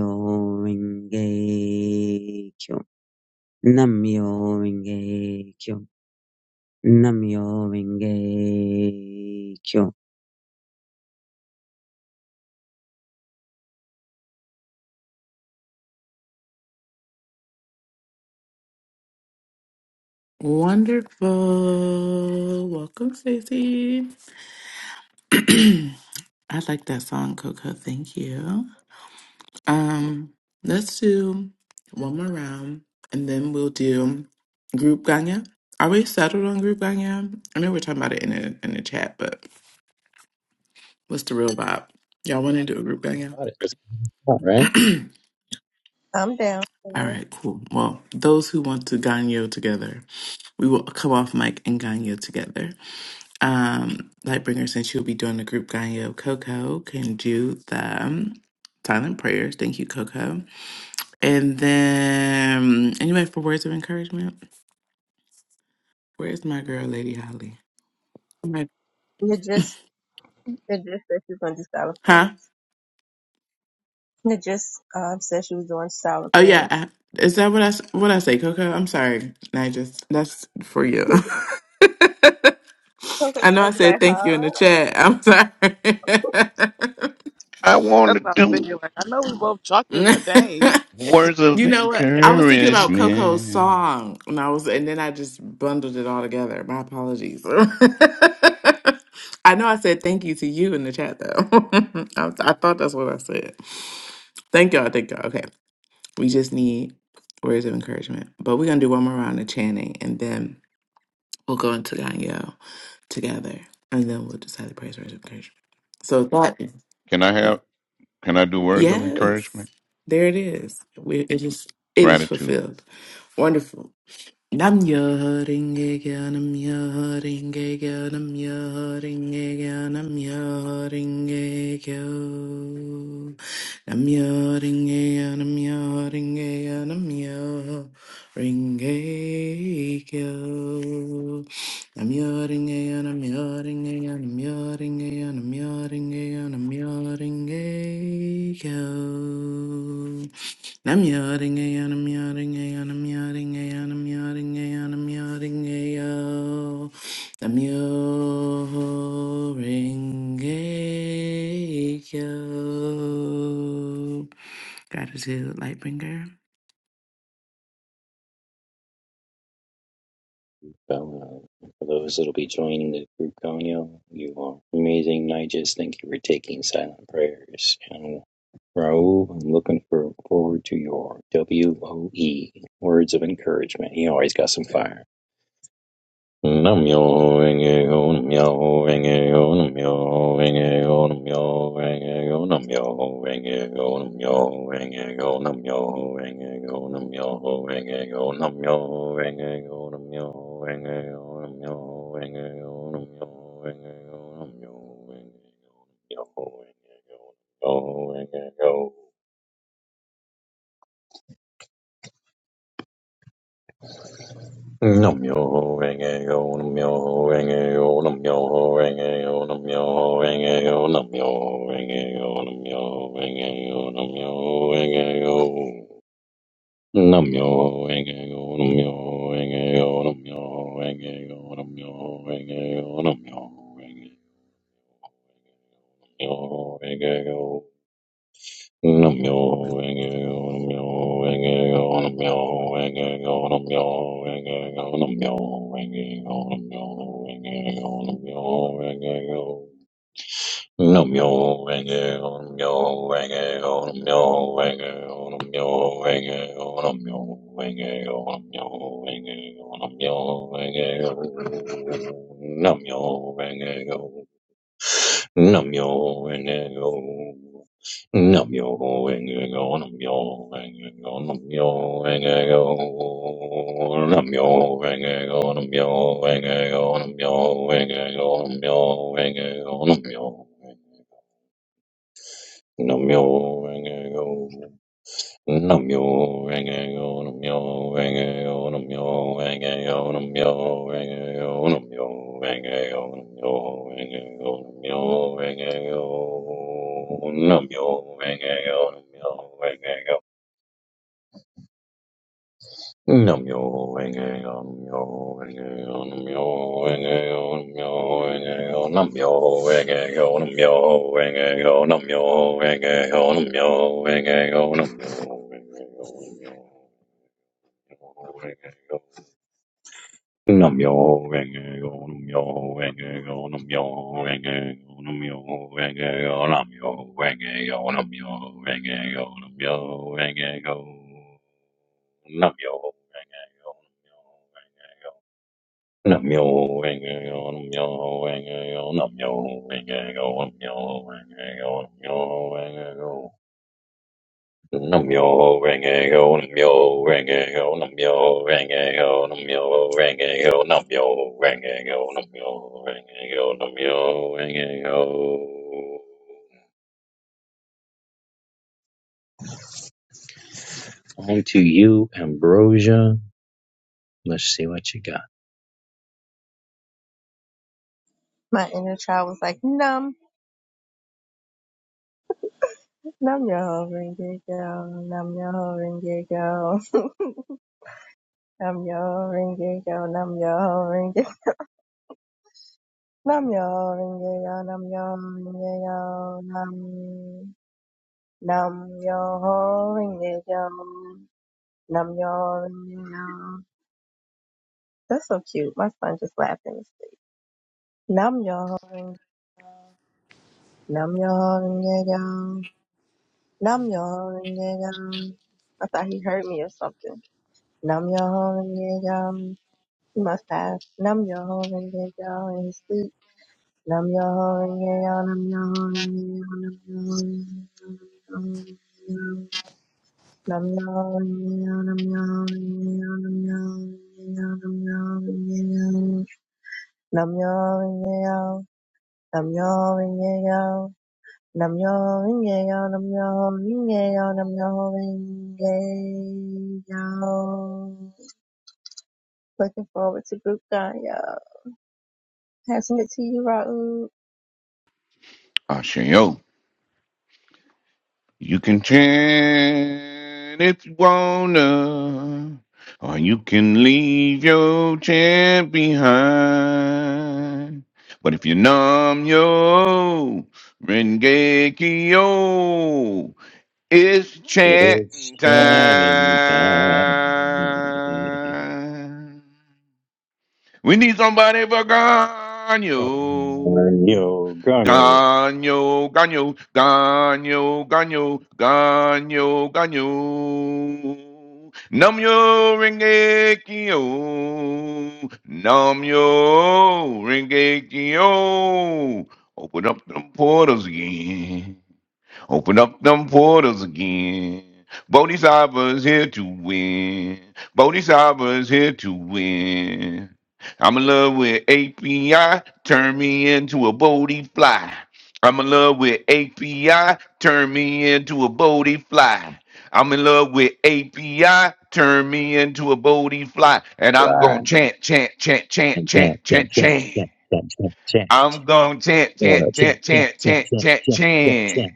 renge kyo nam renge kyo nam renge kyo nam renge kyo nam renge kyo Namyo Renge Kyo. Namyo Renge Kyo.
Wonderful. Welcome, Stacey. <clears throat> I like that song, Coco. Thank you. Um, let's do one more round and then we'll do group Ganya. Are we settled on group Ganya? I know we're talking about it in the in the chat, but what's the real vibe? Y'all want to do a group Ganya?
Got it. That's all right.
<clears throat>
I'm down for
All
it.
right, cool. Well, those who want to Ganyo together, we will come off mic and Ganyo together. Um, Lightbringer, since you'll be doing the group Ganyo, Coco can do the um, silent prayers. Thank you, Coco. And then, anybody for words of encouragement, where's my girl, Lady Holly? Right.
Najis, Najis said she was going to do silent
Huh?
prayers. Najis um, said she was doing silent
Oh yeah.
prayers.
I, is that what I s- what I say, Coco? I'm sorry. I just that's for you.
<laughs>
<laughs>
I
I know I
was
said
like,
thank you in the
huh?
chat. I'm
I want
That's
to
what I was
do
thinking. Like, I know we both chocolate, but
sorry.
dang.
<laughs>
words
You
of
know what? I was thinking about Coco's
encouragement.
song, and I was, and then I just bundled it all together. My apologies. <laughs> I know I said thank you to you in the chat, though. <laughs> I, I thought that's what I said. Thank y'all. Thank y'all. Okay, we just need words of encouragement, but we're gonna do one more round of chanting, and then we'll go into Ganyo together, and then we'll decide the praise words of encouragement. So that,
Can I have? Can I do words of
yes,
encouragement?
there it is. We, it is, it is
Gratitude.
fulfilled. Wonderful. Nam yo hurting again, I'm yo hurting again, I'm yo hurting again, I'm yo hurting again. I'm yo hurting again, I'm yo hurting again, I'm yo hurting again. I'm yo hurting again, I'm yo hurting again, I'm yo hurting again, I'm yo hurting again, I'm yo hurting again. I'm yawning, and I'm yawning, and I'm yawning, and I'm yawning, and I'm yawning, and I'm yawning, yo. Gratitude, Lightbringer.
So, uh, for those that'll be joining the group, Ganyo, you are amazing, Nigel. Thank you for taking silent prayers. And Raul, I'm looking for, forward to your W O E words of encouragement. He always got some fire. Namyo Renge-kyo, Namyo Renge-kyo, Namyo Renge-kyo, Namyo Renge-kyo, Namyo Renge-kyo, Namyo Renge-kyo, Namyo Renge-kyo, Namyo Renge-kyo, Namyo Renge-kyo, Namyo Renge-kyo, Namyo Renge-kyo, Namyo Renge-kyo, Namyo Renge-kyo, Namyo Renge-kyo, Namyo Renge-kyo. Nam yo ho renge yo, nam yo ho renge yo, nam yo ho renge yo, nam yo ho renge yo, nam yo ho renge yo, nam yo ho renge yo, nam yo ho renge yo. Nam yo ho renge yo, nam yo ho renge yo, nam yo ho renge yo, nam yo ho renge yo, nam yo ho renge yo, nam myoho renge yo. Nam yo, wang yo. Nam yo and go. Nam yo and go. Nam yo and go. Nam yo and go. Nam yo and go. Nam yo and go. Nam yo and go. Nam yo and go. Nam yo. and go. Nam yo and go. Nam yo rang a yo nam yo rang a yo nam yo rang a yo nam yo rang a yo nam yo rang a yo nam yo rang a yo nam yo rang a yo nam yo rang a yo nam yo rang a yo nam yo rang a yo nam yo rang a yo nam yo rang a yo nam yo rang a yo nam yo rang a yo nam yo rang a yo nam yo rang a yo nam yo rang a yo nam yo rang a yo Num yo renge go num yo renge go num yo renge go num yo renge go num yo renge go num yo renge go num yo renge go num yo renge go num yo renge go num yo renge go num yo renge go num yo renge go num yo renge go num yo renge go Num yo ring a go, num yo ring a go, num yo ring a go, num yo ring a go, num yo ring a go, num yo ring a go, num yo ring a go. On to you, Ambrosia. Let's see what you got.
My inner child was like, no. Nam Namyo Renge Kyo, Namyo Renge Kyo, <laughs> Namyo Renge Kyo, Namyo Renge, Namyo Renge <laughs> Kyo, nam yo Renge Kyo, Nam, nam yo, Renge Kyo, Namyo Renge Kyo. That's so cute. My son just laughed in the street. yo Renge Kyo, nam yo, Renge Kyo, Namyo Renge Kyo. I thought he heard me or something. Nam yo ho You must have. Num your hole and get your hole and sleep. Num your hole and get y'all. num your hole and get y'all. num your hole and get y'all. num your hole and get y'all. num your hole and get y'all. num your hole and get your num your hole and get your num your hole and get your num your hole and get your num your hole and get your num your hole and get your Looking forward to group done, y'all. Passing it to you, Raul.
Ashayo. You can chant if you wanna, or you can leave your chant behind. But if you numb your Rengekio, It's
It's
chanting time.
Shannon time.
We need somebody for Ganyo.
Yo, Gonyo.
Ganyo, Ganyo, Ganyo, Ganyo, Ganyo, Ganyo. Nam yo renge kyo. Nam yo renge kyo. Open up them portals again. Open up them portals again. Bodhisattva's here to win. Bodhisattva's here to win. I'm in love with API. Turn me into a Bodhi fly. I'm in love with API. Turn me into a Bodhi fly. I'm in love with API. Turn me into a Bodhi fly. And I'm going to
Blind.
chant, chant, chant, chant,
And chant,
chant,
chant,
chant,
chant,
chant.
chant, chant, chant, chant.
I'm going to chant, chant,
Wanna chant,
chant,
chant,
chant,
chant,
chant,
chant,
chant,
chant, chant,
chant.
chant.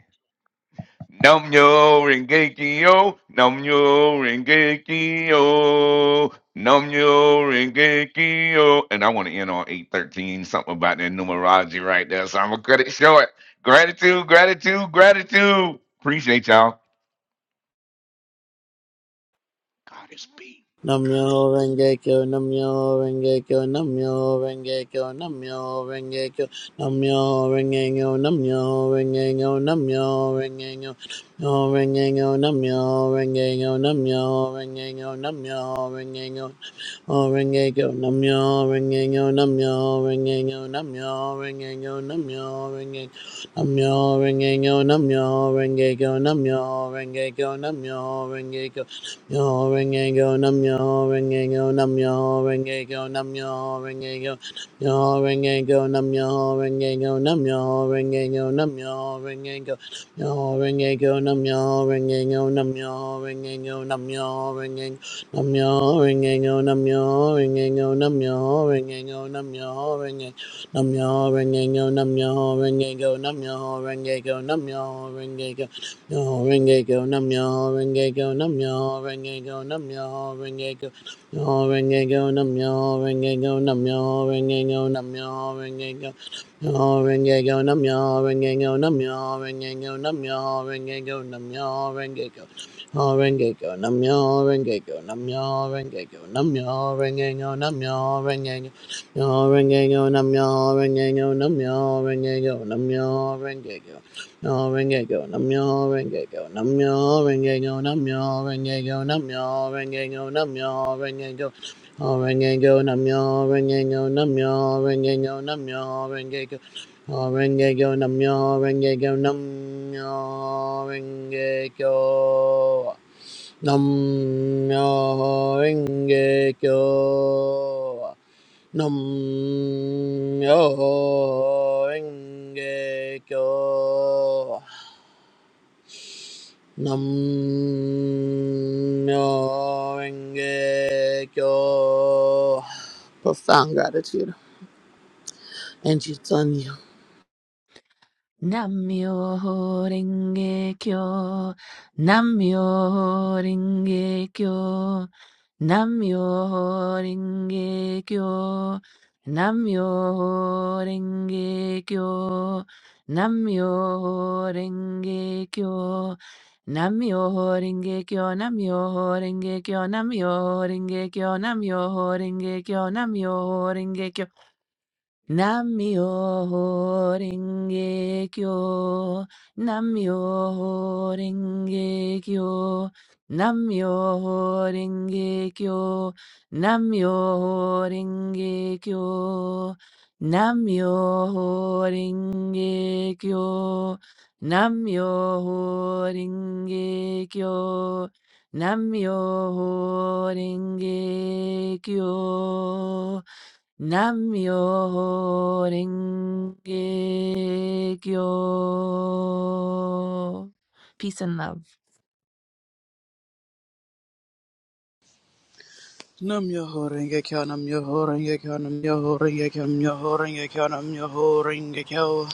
Nam nyo renge kyo, nam nyo renge kyo, nam nyo renge kyo. And I want to end on 813, something about that numerology right there. So I'm going to cut it short. Gratitude, gratitude, gratitude. Appreciate y'all. God is big.
Namyo Renge Kyo, Namyo Renge Kyo, Namyo Renge Kyo, Namyo Renge Kyo, Namyo Renge Kyo, Namyo Renge Kyo, Namyo Renge Kyo, Namyo Renge Kyo, Namyo Renge Kyo, Namyo Renge Kyo, Namyo Renge Kyo, Oh, ring a go num yo, ring a go num yo, ring a go num yo, ring a go num yo, ring a num yo, ring a go num yo, ring a go num yo, ring a go num yo, ring a go Yo, ring a go num, yo, ring a go num, yo, ring a go num, yo, ring a go, yo, ring a go num, yo, ring a go num, yo, ring a go num, yo, ring a go, yo, ring a go num, yo, ring a go num, yo, ring a go num, yo, ring a num, yo, ring a go num, yo, ring a go num, yo, ring a go num, yo, ring a num, yo, ring a go num, yo, ring a go num, yo, ring a go num, yo, ring a go no renge go num yo renge go num yo renge go num yo renge go no renge go num yo renge go num yo renge go num yo renge go no renge go num yo renge go num yo renge go num yo renge go num yo renge go no renge go num yo renge go num yo renge go num yo renge go num yo renge go no renge go num yo renge go num yo renge go num yo renge go Namyo renge go, namyo renge go, namyo renge go, namyo renge go, namyo renge go, namyo renge go, namyo renge go, namyo renge go, namyo renge go, namyo renge go, namyo renge go, namyo renge go, namyo renge go. Nam-myoho Renge Kyo. Nam-myoho Renge Kyo. Nam-myoho Renge Kyo. Profound gratitude. And it's on you.
Namyo Renge Kyo, Namyo Renge Kyo, Namyo Renge Kyo, Namyo Renge Kyo, Namyo Renge Kyo, Namyo Renge Kyo, Namyo Renge Kyo, Namyo Renge Kyo, Namyo Renge Kyo, Namyo Renge Kyo, Namyo Renge Kyo, Namyo Renge Kyo, Namyo Renge Kyo, Namyo Renge Kyo, Namyo Renge Kyo, Namyo Renge Kyo, Namyo Renge Kyo. Namyo Renge Kyo. Peace and love.
Nam yo ho renge kyo, nam yo ho renge kyo, nam yo ho renge kyo, nam yo ho renge kyo, nam yo ho renge kyo.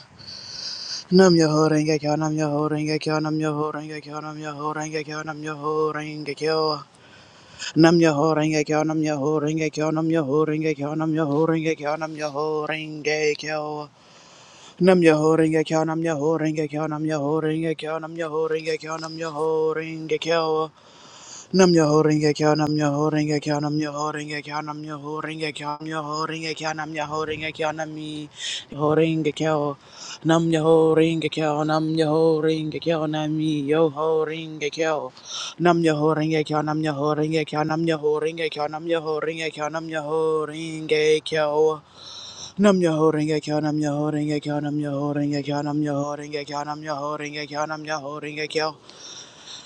Nam yo ho renge kyo, nam yo ho renge kyo, nam yo ho renge kyo, nam yo ho renge kyo, nam yo ho renge kyo. Nam yo ho renge kyo, nam yo ho renge kyo, nam yo ho renge kyo, nam yo ho renge kyo, nam yo ho renge kyo. Nam yo ho renge kyo, nam yo ho renge kyo, nam yo ho renge kyo, nam yo ho renge kyo, nam yo ho renge kyo. Nam your holding a count, I'm your holding a count, I'm your holding a count, I'm your holding a count, your holding a count, I'm your holding a count, I'm me holding a count, Nam your holding a count, I'm your holding a count, I'm me yo holding a count, Nam your holding a count, I'm your holding a count, I'm your holding a count, I'm your holding a count, I'm your holding a count, Nam your holding a count, I'm your holding a count, I'm your holding a count, I'm your holding a count, I'm your holding a count, I'm your holding a count.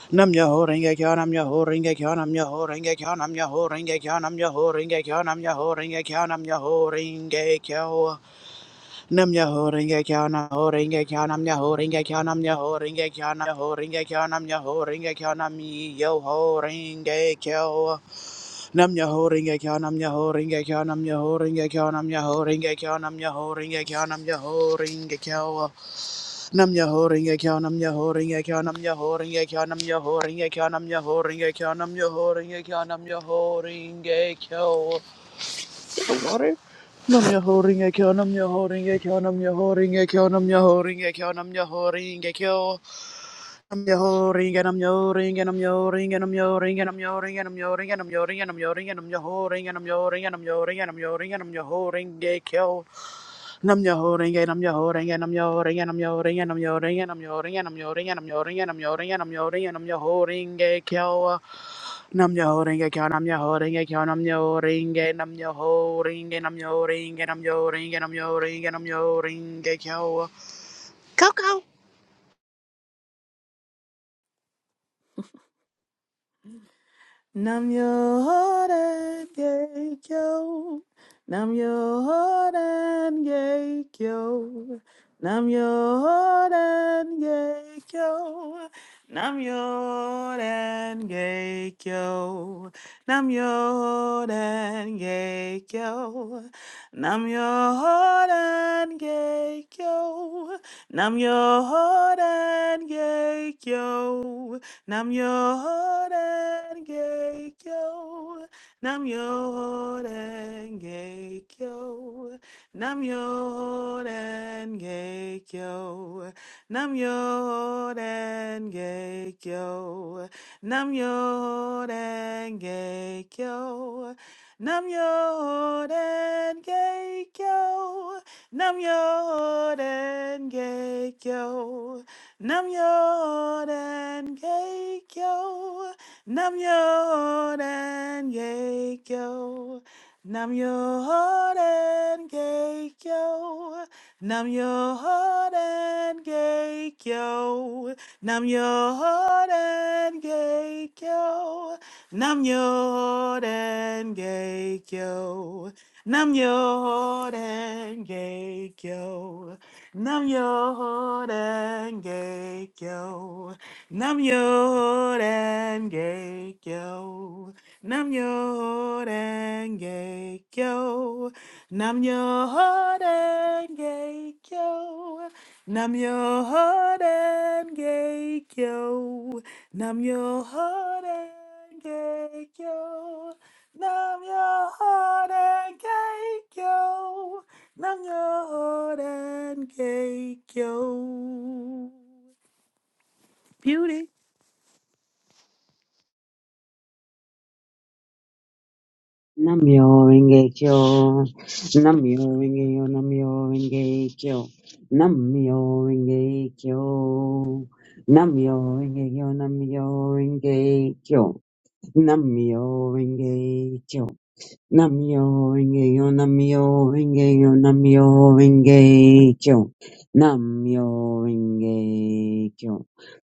Nam yo ho ringa kyo nam ho ringa kyo nam ho ringa kyo nam ho ringa kyo nam ho ringa kyo nam ho ringa kyo nam ringa kyo Nam ya ho ringa kya nam ho ringa kya nam ya ho ringa kya nam ya ho ringa kya nam ya ho ringa kya nam ya ho ringa kya nam yo ho ringa kya Nam ya ho ringa kya nam ya ho ringa kya nam ya ho ringa kya nam ya ho ringa kya nam ya ho ringa kya nam ya ho ringa kya Nam ya ho ringa kya nam ya ho ringa kya nam ya ho ringa kya nam ya ho ringa kya nam ya ho ringa kya nam ya ho ringa kya nam ya ho ringa kya the water. Nam your holding a kill, nam your holding a kill, nam your holding a kill, nam your holding a kill, nam your holding a kill. I'm your ring and I'm your ring and I'm your ring and I'm your ring and I'm your ring and I'm your ring and I'm your ring and I'm your ring and I'm your ring and I'm your ring and I'm your ring and I'm your ring and I'm your ring get killed. i your ring and I'm your ring and I'm your ring and I'm your ring and I'm your ring and I'm your ring and I'm your ring and I'm your ring and I'm your ring and I'm your ring and I'm your ring get killed. Nam yo ringe kyo nam yo ringe kyo nam yo ringe nam yo ringe nam yo ringe nam yo ringe nam yo ringe nam yo ringe kyo. Coco,
Nam Yoden Geikyo. Nam Yoden Geikyo. Nam Yoden Geikyo. Nam Yoden Geikyo. Nam Yoden Geikyo. Nam Yoden Geikyo. Nam Yoden Geikyo. Namyo-renge-kyo. Namyo-renge-kyo. Namyo-renge-kyo. Namyo-renge-kyo. Namyo-renge-kyo. Namyo-renge-kyo. Namyo-renge-kyo. Nam Yoden Geikyo. Nam Yoden Geikyo. Nam Yoden Geikyo. Nam Yoden Geikyo. Nam Yoden Geikyo. Nam Yoden Geikyo. Nam Yoden Geikyo. Nam yo denge yo. Nam yo denge yo. Nam yo denge yo. Nam yo denge yo. Nam yo yo. Nam yo denge yo. Nam yo yo. 남녀란 개교. Beauty.
Namyo Rengekyo, Namyo Rengeyo, Namyo Rengekyo, Namyo Rengekyo, Namyo Rengeyo, Namyo Rengekyo, Namyo Rengekyo, Namyo Rengeyo, Namyo Rengeyo, Namyo Rengekyo, Namyo Rengekyo,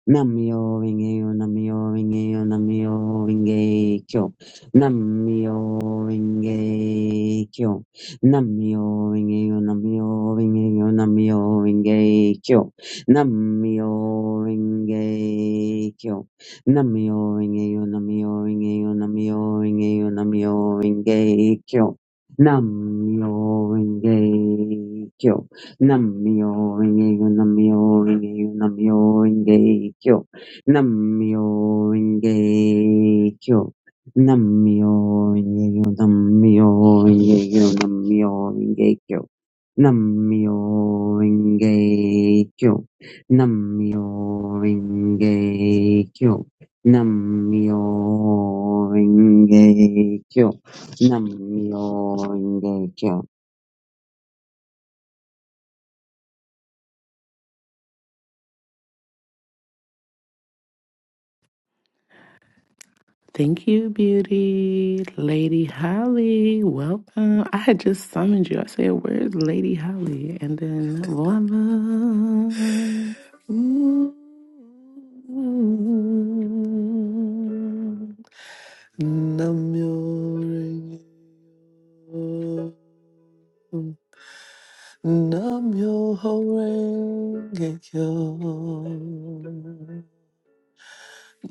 Namyo Rengeyo, Namyo Rengeyo, Namyo Rengekyo, Namyo Rengekyo, Namyo Rengeyo, Namyo Rengeyo, Namyo Rengekyo, Namyo Rengekyo, Namyo Rinkeyo, Namyo Rinkeyo, Namyo Rinkeyo, Namyo Rinkeyo, Namyo Rinkeyo, Namyo Rinkeyo, Namyo Rinkeyo, Namyo Rinkeyo, Namyo Rinkeyo, Namyo Rinkeyo, Namyo Rinkeyo, Namyo Rinkeyo, Namyo Rinkeyo, Namyo Rinkeyo. Nam-myoho-renge-kyo. Nam-myoho-renge-kyo.
Thank you, beauty. Lady Holly, welcome. I had just summoned you. I said, Where's Lady Holly? And then, voila,
Mm, Namyo Renge Kyo. Namyo Horenge Kyo.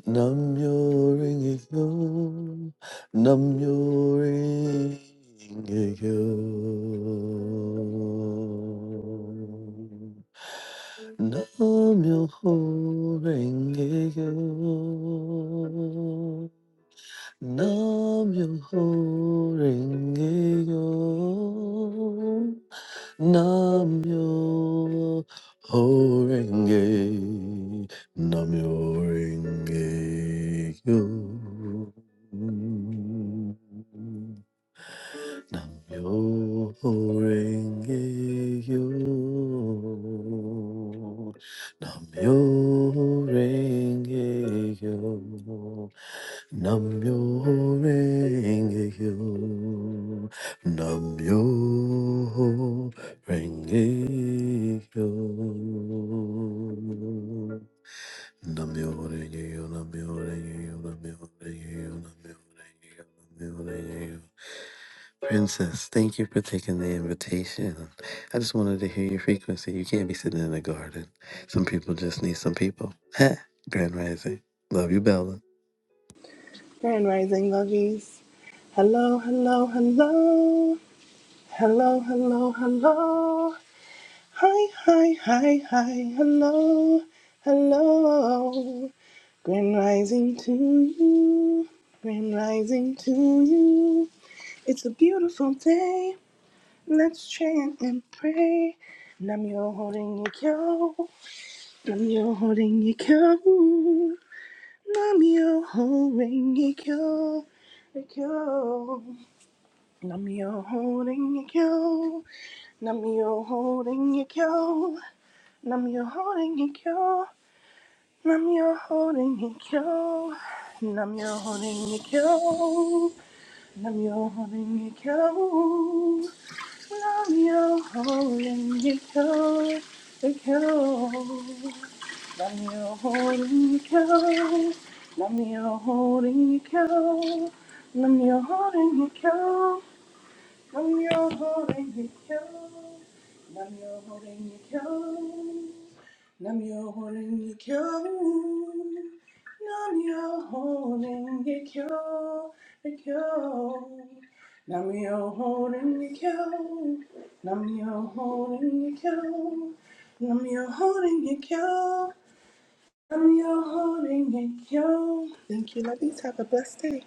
Namyo Renge Kyo. Namyo Renge Kyo. Namyo Horenge Kyo. Namyo ringayo. Namyo ringayo. Namyo ringayo. Namyo ringayo. Namyo ringayo. Namyo renge kyo. Namyo renge kyo. Namyo renge kyo. Namyo renge kyo. Namyo renge kyo. Namyo renge kyo. Namyo renge kyo. Princess, thank you for taking the invitation. I just wanted to hear your frequency. You can't be sitting in a garden. Some people just need some people. <laughs> Grand Rising. Love you, Bella.
Grand Rising Lovies. Hello, hello, hello. Hello, hello, hello. Hi, hi, hi, hi. Hello, hello. Grand Rising to you. Grand Rising to you. It's a beautiful day. Let's chant and pray. Namyo holding your kyo. Namyo holding your kyo. Namyo holding your kyo. Namio holding your kyo. Namio holding your kyo. Namio holding your kyo. Namio holding your kyo. Namio holding your kyo. Namio holding your kyo. Namio holding your cow. The kyo. Namio holding your cow. Namio holding your kyo. Namio holding your cow. I'm your holding you cold. I'm your holding you cold. I'm your holding you cold. I'm your holding you cold. You cold. I'm your holding you cold. I'm your holding you cold. I'm your holding you cold. I'm your holding you cold. Thank you, ladies. Have a blessed day.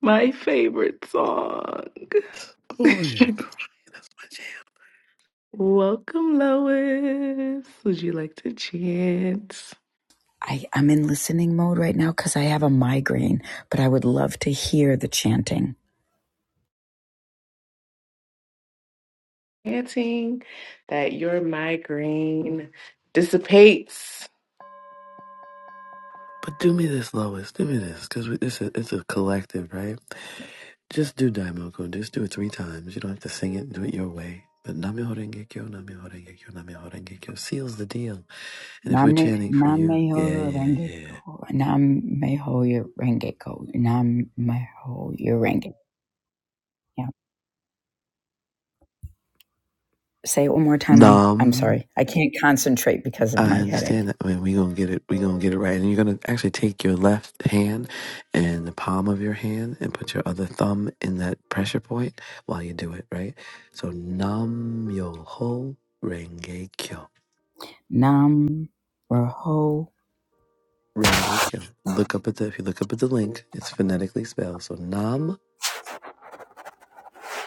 my favorite song.
Oh, you're
<laughs>
crying. That's my jam.
Welcome, Lois. Would you like to chant?
I, I'm in listening mode right now because I have a migraine, but I would love to hear the chanting.
Chanting that your migraine dissipates.
But do me this, Lois. Do me this, because this is it's a collective, right? Just do Daimoku. Just do it three times. You don't have to sing it. Do it your way. But Namyoho Renge Kyo, Namyoho Renge Kyo, Namyoho Renge Kyo seals the deal. And if we're
Nam
chanting for you, yeah,
Meho
yeah,
Renge
yeah.
Namne Namneho Rengeko. Namneho Rengeko. Namneho Renge Yeah. Say it one more time. I'm I'm
Nam,
sorry. I can't concentrate because of
I
my headache.
understand that. I mean, we gonna get it. We gonna get it right. And you're gonna actually take your left hand and the palm of your hand and put your other thumb in that pressure point while you do it, right? So Nam Yoho Renge Kyo.
Nam Raho
Rengekyo. Look up at the if you look up at the link, it's phonetically spelled. So Nam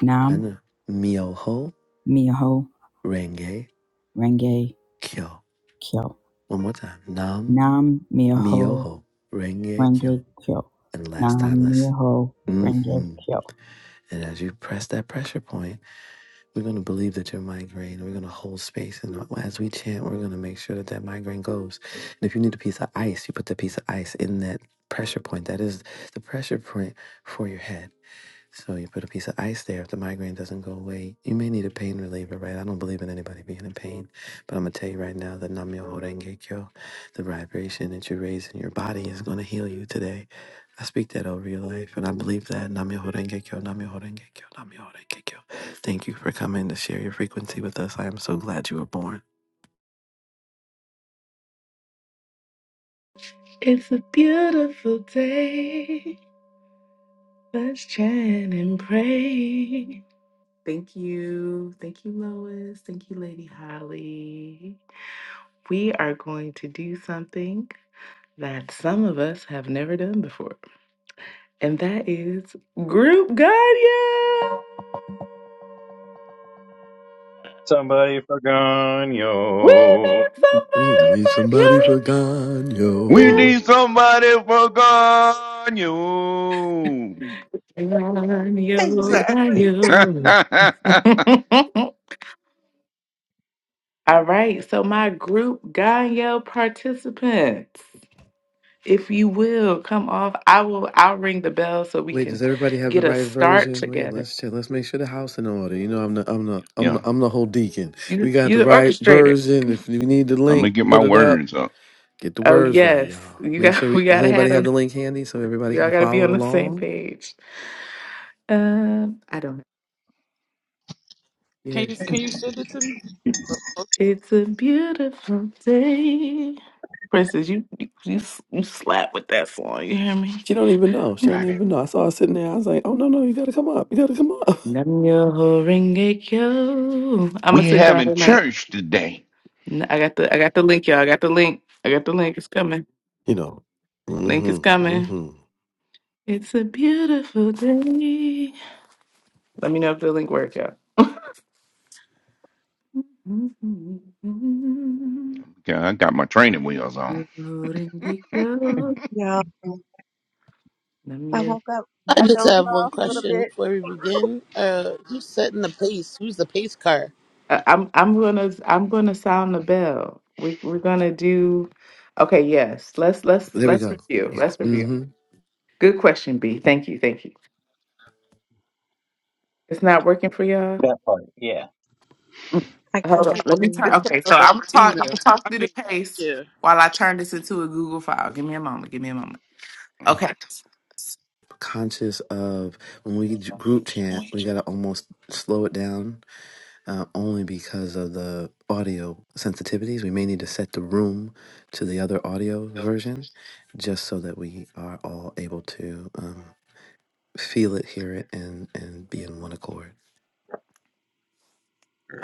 Nam
and Myoho
Miho
Renge
Renge
Kyo.
Kyo.
One more time. Nam
Nam Miho
Myoho Renge Kyo.
Renge Kyo.
And last
Nam
time let's
Myoho
hmm
Renge
And
Kyo.
as you press that pressure point, we're going to believe that your migraine. We're going to hold space. And as we chant, we're going to make sure that that migraine goes. And if you need a piece of ice, you put the piece of ice in that pressure point. That is the pressure point for your head. So you put a piece of ice there. If the migraine doesn't go away, you may need a pain reliever, right? I don't believe in anybody being in pain, but I'm gonna tell you right now that Namyoho Renge Kyo, the vibration that you raise in your body, is gonna heal you today. I speak that over your life, and I believe that Namyoho Renge Kyo, Namyoho Renge Kyo, Namyoho Renge Kyo. Thank you for coming to share your frequency with us. I am so glad you were born.
It's a beautiful day. Let's chant and pray. Thank you. Thank you, Lois. Thank you, Lady Holly. We are going to do something that some of us have never done before, and that is group guardian.
Somebody forgone
We
yo.
need
Give
somebody
me
but
somebody
you.
for
We
you.
Ganyo.
need somebody for God. You.
Run you, run
Exactly.
<laughs>
you.
yeah,
<laughs> All right, so my group Ganyo participants, if you will come off, I will I'll ring the bell so we
Wait, does
can
everybody have
get
the
a
right
start
version? Wait,
together.
let's check. Let's make sure the house in order. You know, I'm the I'm the I'm
I'm
the, I'm the whole deacon. We
You
got the
you're the
right
orchestrator.
version. If you need the
going to
link,
get my
put it up.
words up.
Get the
Oh
words right,
yes.
y'all.
You
Make sure.
got <laughs>
We,
we
does
gotta have
anybody
a
have the link handy so everybody
we all
can
gotta be on
follow
the same
along?
page. Um I don't. know.
can you
Yes.
can you send it to me?
It's a beautiful day. Princess, you you you, you slap with that song. You hear me?
She don't
Mm,
even
I
know. She don't
got it.
even know. I saw her sitting there. I was like, oh no no, you gotta come up. You gotta come up. <laughs>
Namyo Horenge Kyo. I'ma
We
send y'all
having
the link.
church today.
N- I got the I got the link, y'all. I got the link. I got the link. It's coming.
You know.
Link is
Mm-hmm.
coming.
Mm-hmm.
It's a beautiful day. Let me know if the link works, y'all. Namyo
Yeah, I got my training wheels on.
Horenge Kyo.
Yeah, I
Namyo
woke up.
I
I
Horenge
just
dozed
have one
off a
Kyo.
little
question
bit.
before we begin. Uh, who's setting the pace? Who's the pace car?
I- I'm I'm gonna I'm gonna sound the bell. We we're gonna do okay, yes. Let's let's
There we
let's
go.
review. Let's review.
Mm-hmm.
Good question, B. Thank you, thank you. It's not working for y'all?
That part, yeah.
Mm.
I got
Hold on.
one
Let
for
me
you.
turn okay,
Or
so
by
I'm gonna talk I'm
Email.
gonna talk
I
through
mean,
the pace
yeah.
while I turn this into a Google file. Give me a moment, give me a moment. Okay.
Conscious of when we group chant, we gotta almost slow it down uh, only because of the audio sensitivities. We may need to set the room to the other audio version just so that we are all able to um, feel it, hear it, and, and be in one accord.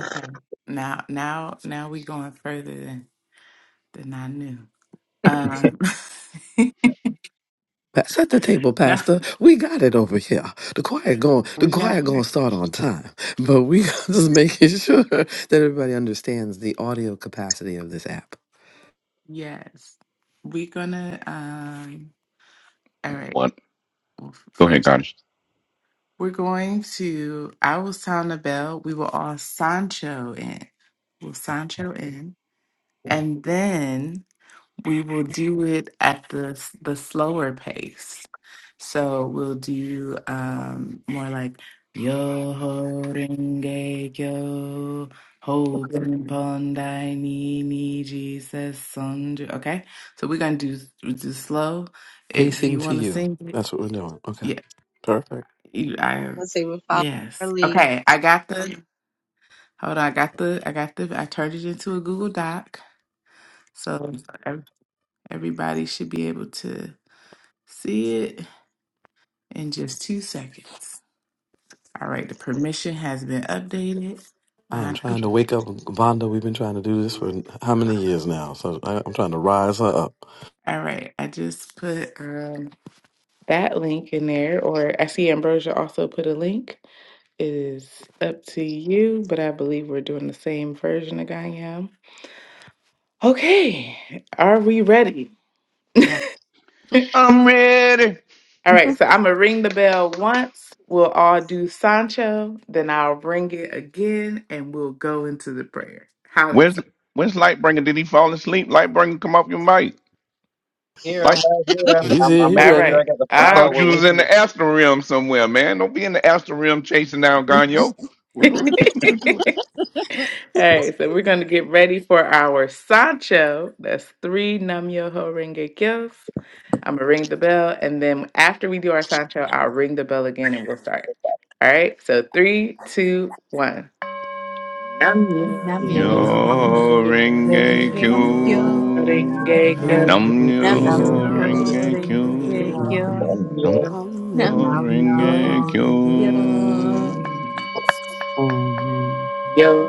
Okay. Now now now we going further than than I knew. Um <laughs>
Pa- Set the table,
no,
Pastor. We got it over here. The choir going, the
we got
choir going to start on time, but we <laughs> just making sure that everybody understands the audio capacity of this app.
Yes. We're gonna um all right.
What?
Well, f-
Go ahead,
first
Cottage.
we're going to I will sound the bell. We will all Sancho in. We'll Sancho in. And then We will do it at the s- the slower pace. So we'll do um more like yo ho renge kyo holding pandai ni ni Jesus sanju. Okay, so we're gonna do we'll do slow. If
Pacing
you
to
want to
you.
sing it,
That's what we're doing. Okay.
yeah,
Perfect.
you, I
Let's see, we follow our
yes.
lead.
Okay, I got
Um,
the hold on. I got the I got the I turned it into a Google Doc, so ev- everybody should be able to. See it in just two seconds. All right, the permission has been updated.
I am
Um,
trying to
<laughs>
wake up Vonda. We've been trying to do this for how many years now? So I, I'm trying to rise her up.
all right, I just put um, that link in there, or I see Ambrosia also put a link. It is up to you, but I believe we're doing the same version of Ganyam. Okay, are we ready?
Yes.
<laughs>
I'm ready.
All right, so I'm gonna ring the bell once. We'll all do Sancho, then I'll ring it again, and we'll go into the prayer. How that
Where's
sound?
Where's Lightbringer? Did he fall asleep? Lightbringer, come off your mic.
Here I'm
Light.
right here. I'm,
He's
I'm,
here.
I'm
He
All
making sure
ready.
right,
I got the
I
all
file.
thought
right.
We're
you was
with
in
you.
the astral realm somewhere, man. Don't be in the astral realm chasing down Ganyo.
<laughs>
We're gonna <laughs> we gonna do it.
<laughs>
hey, so we're going to get ready for our Sancho. That's three Nam Yo Ho Renge Kyos. I'm going to ring the bell. And then after we do our Sancho, I'll ring the bell again and we'll start. All right. So three, two, one. Nam Yo
Namyo
Nam yo
Yo ring a
renge
Nam
Renge
myoho
kyo.
Kyo.
q.
Renge
Nam
renge
Kyo.
Num
Nam
nam
yo
yo,
<laughs>
ring
yo
Namyo
a q.
renge
Oh,
Renge
Num
kyo.
Kyo.
Nam
Nam
yo
nam
yo
ring a
Yo
renge kyo.
q.
Yo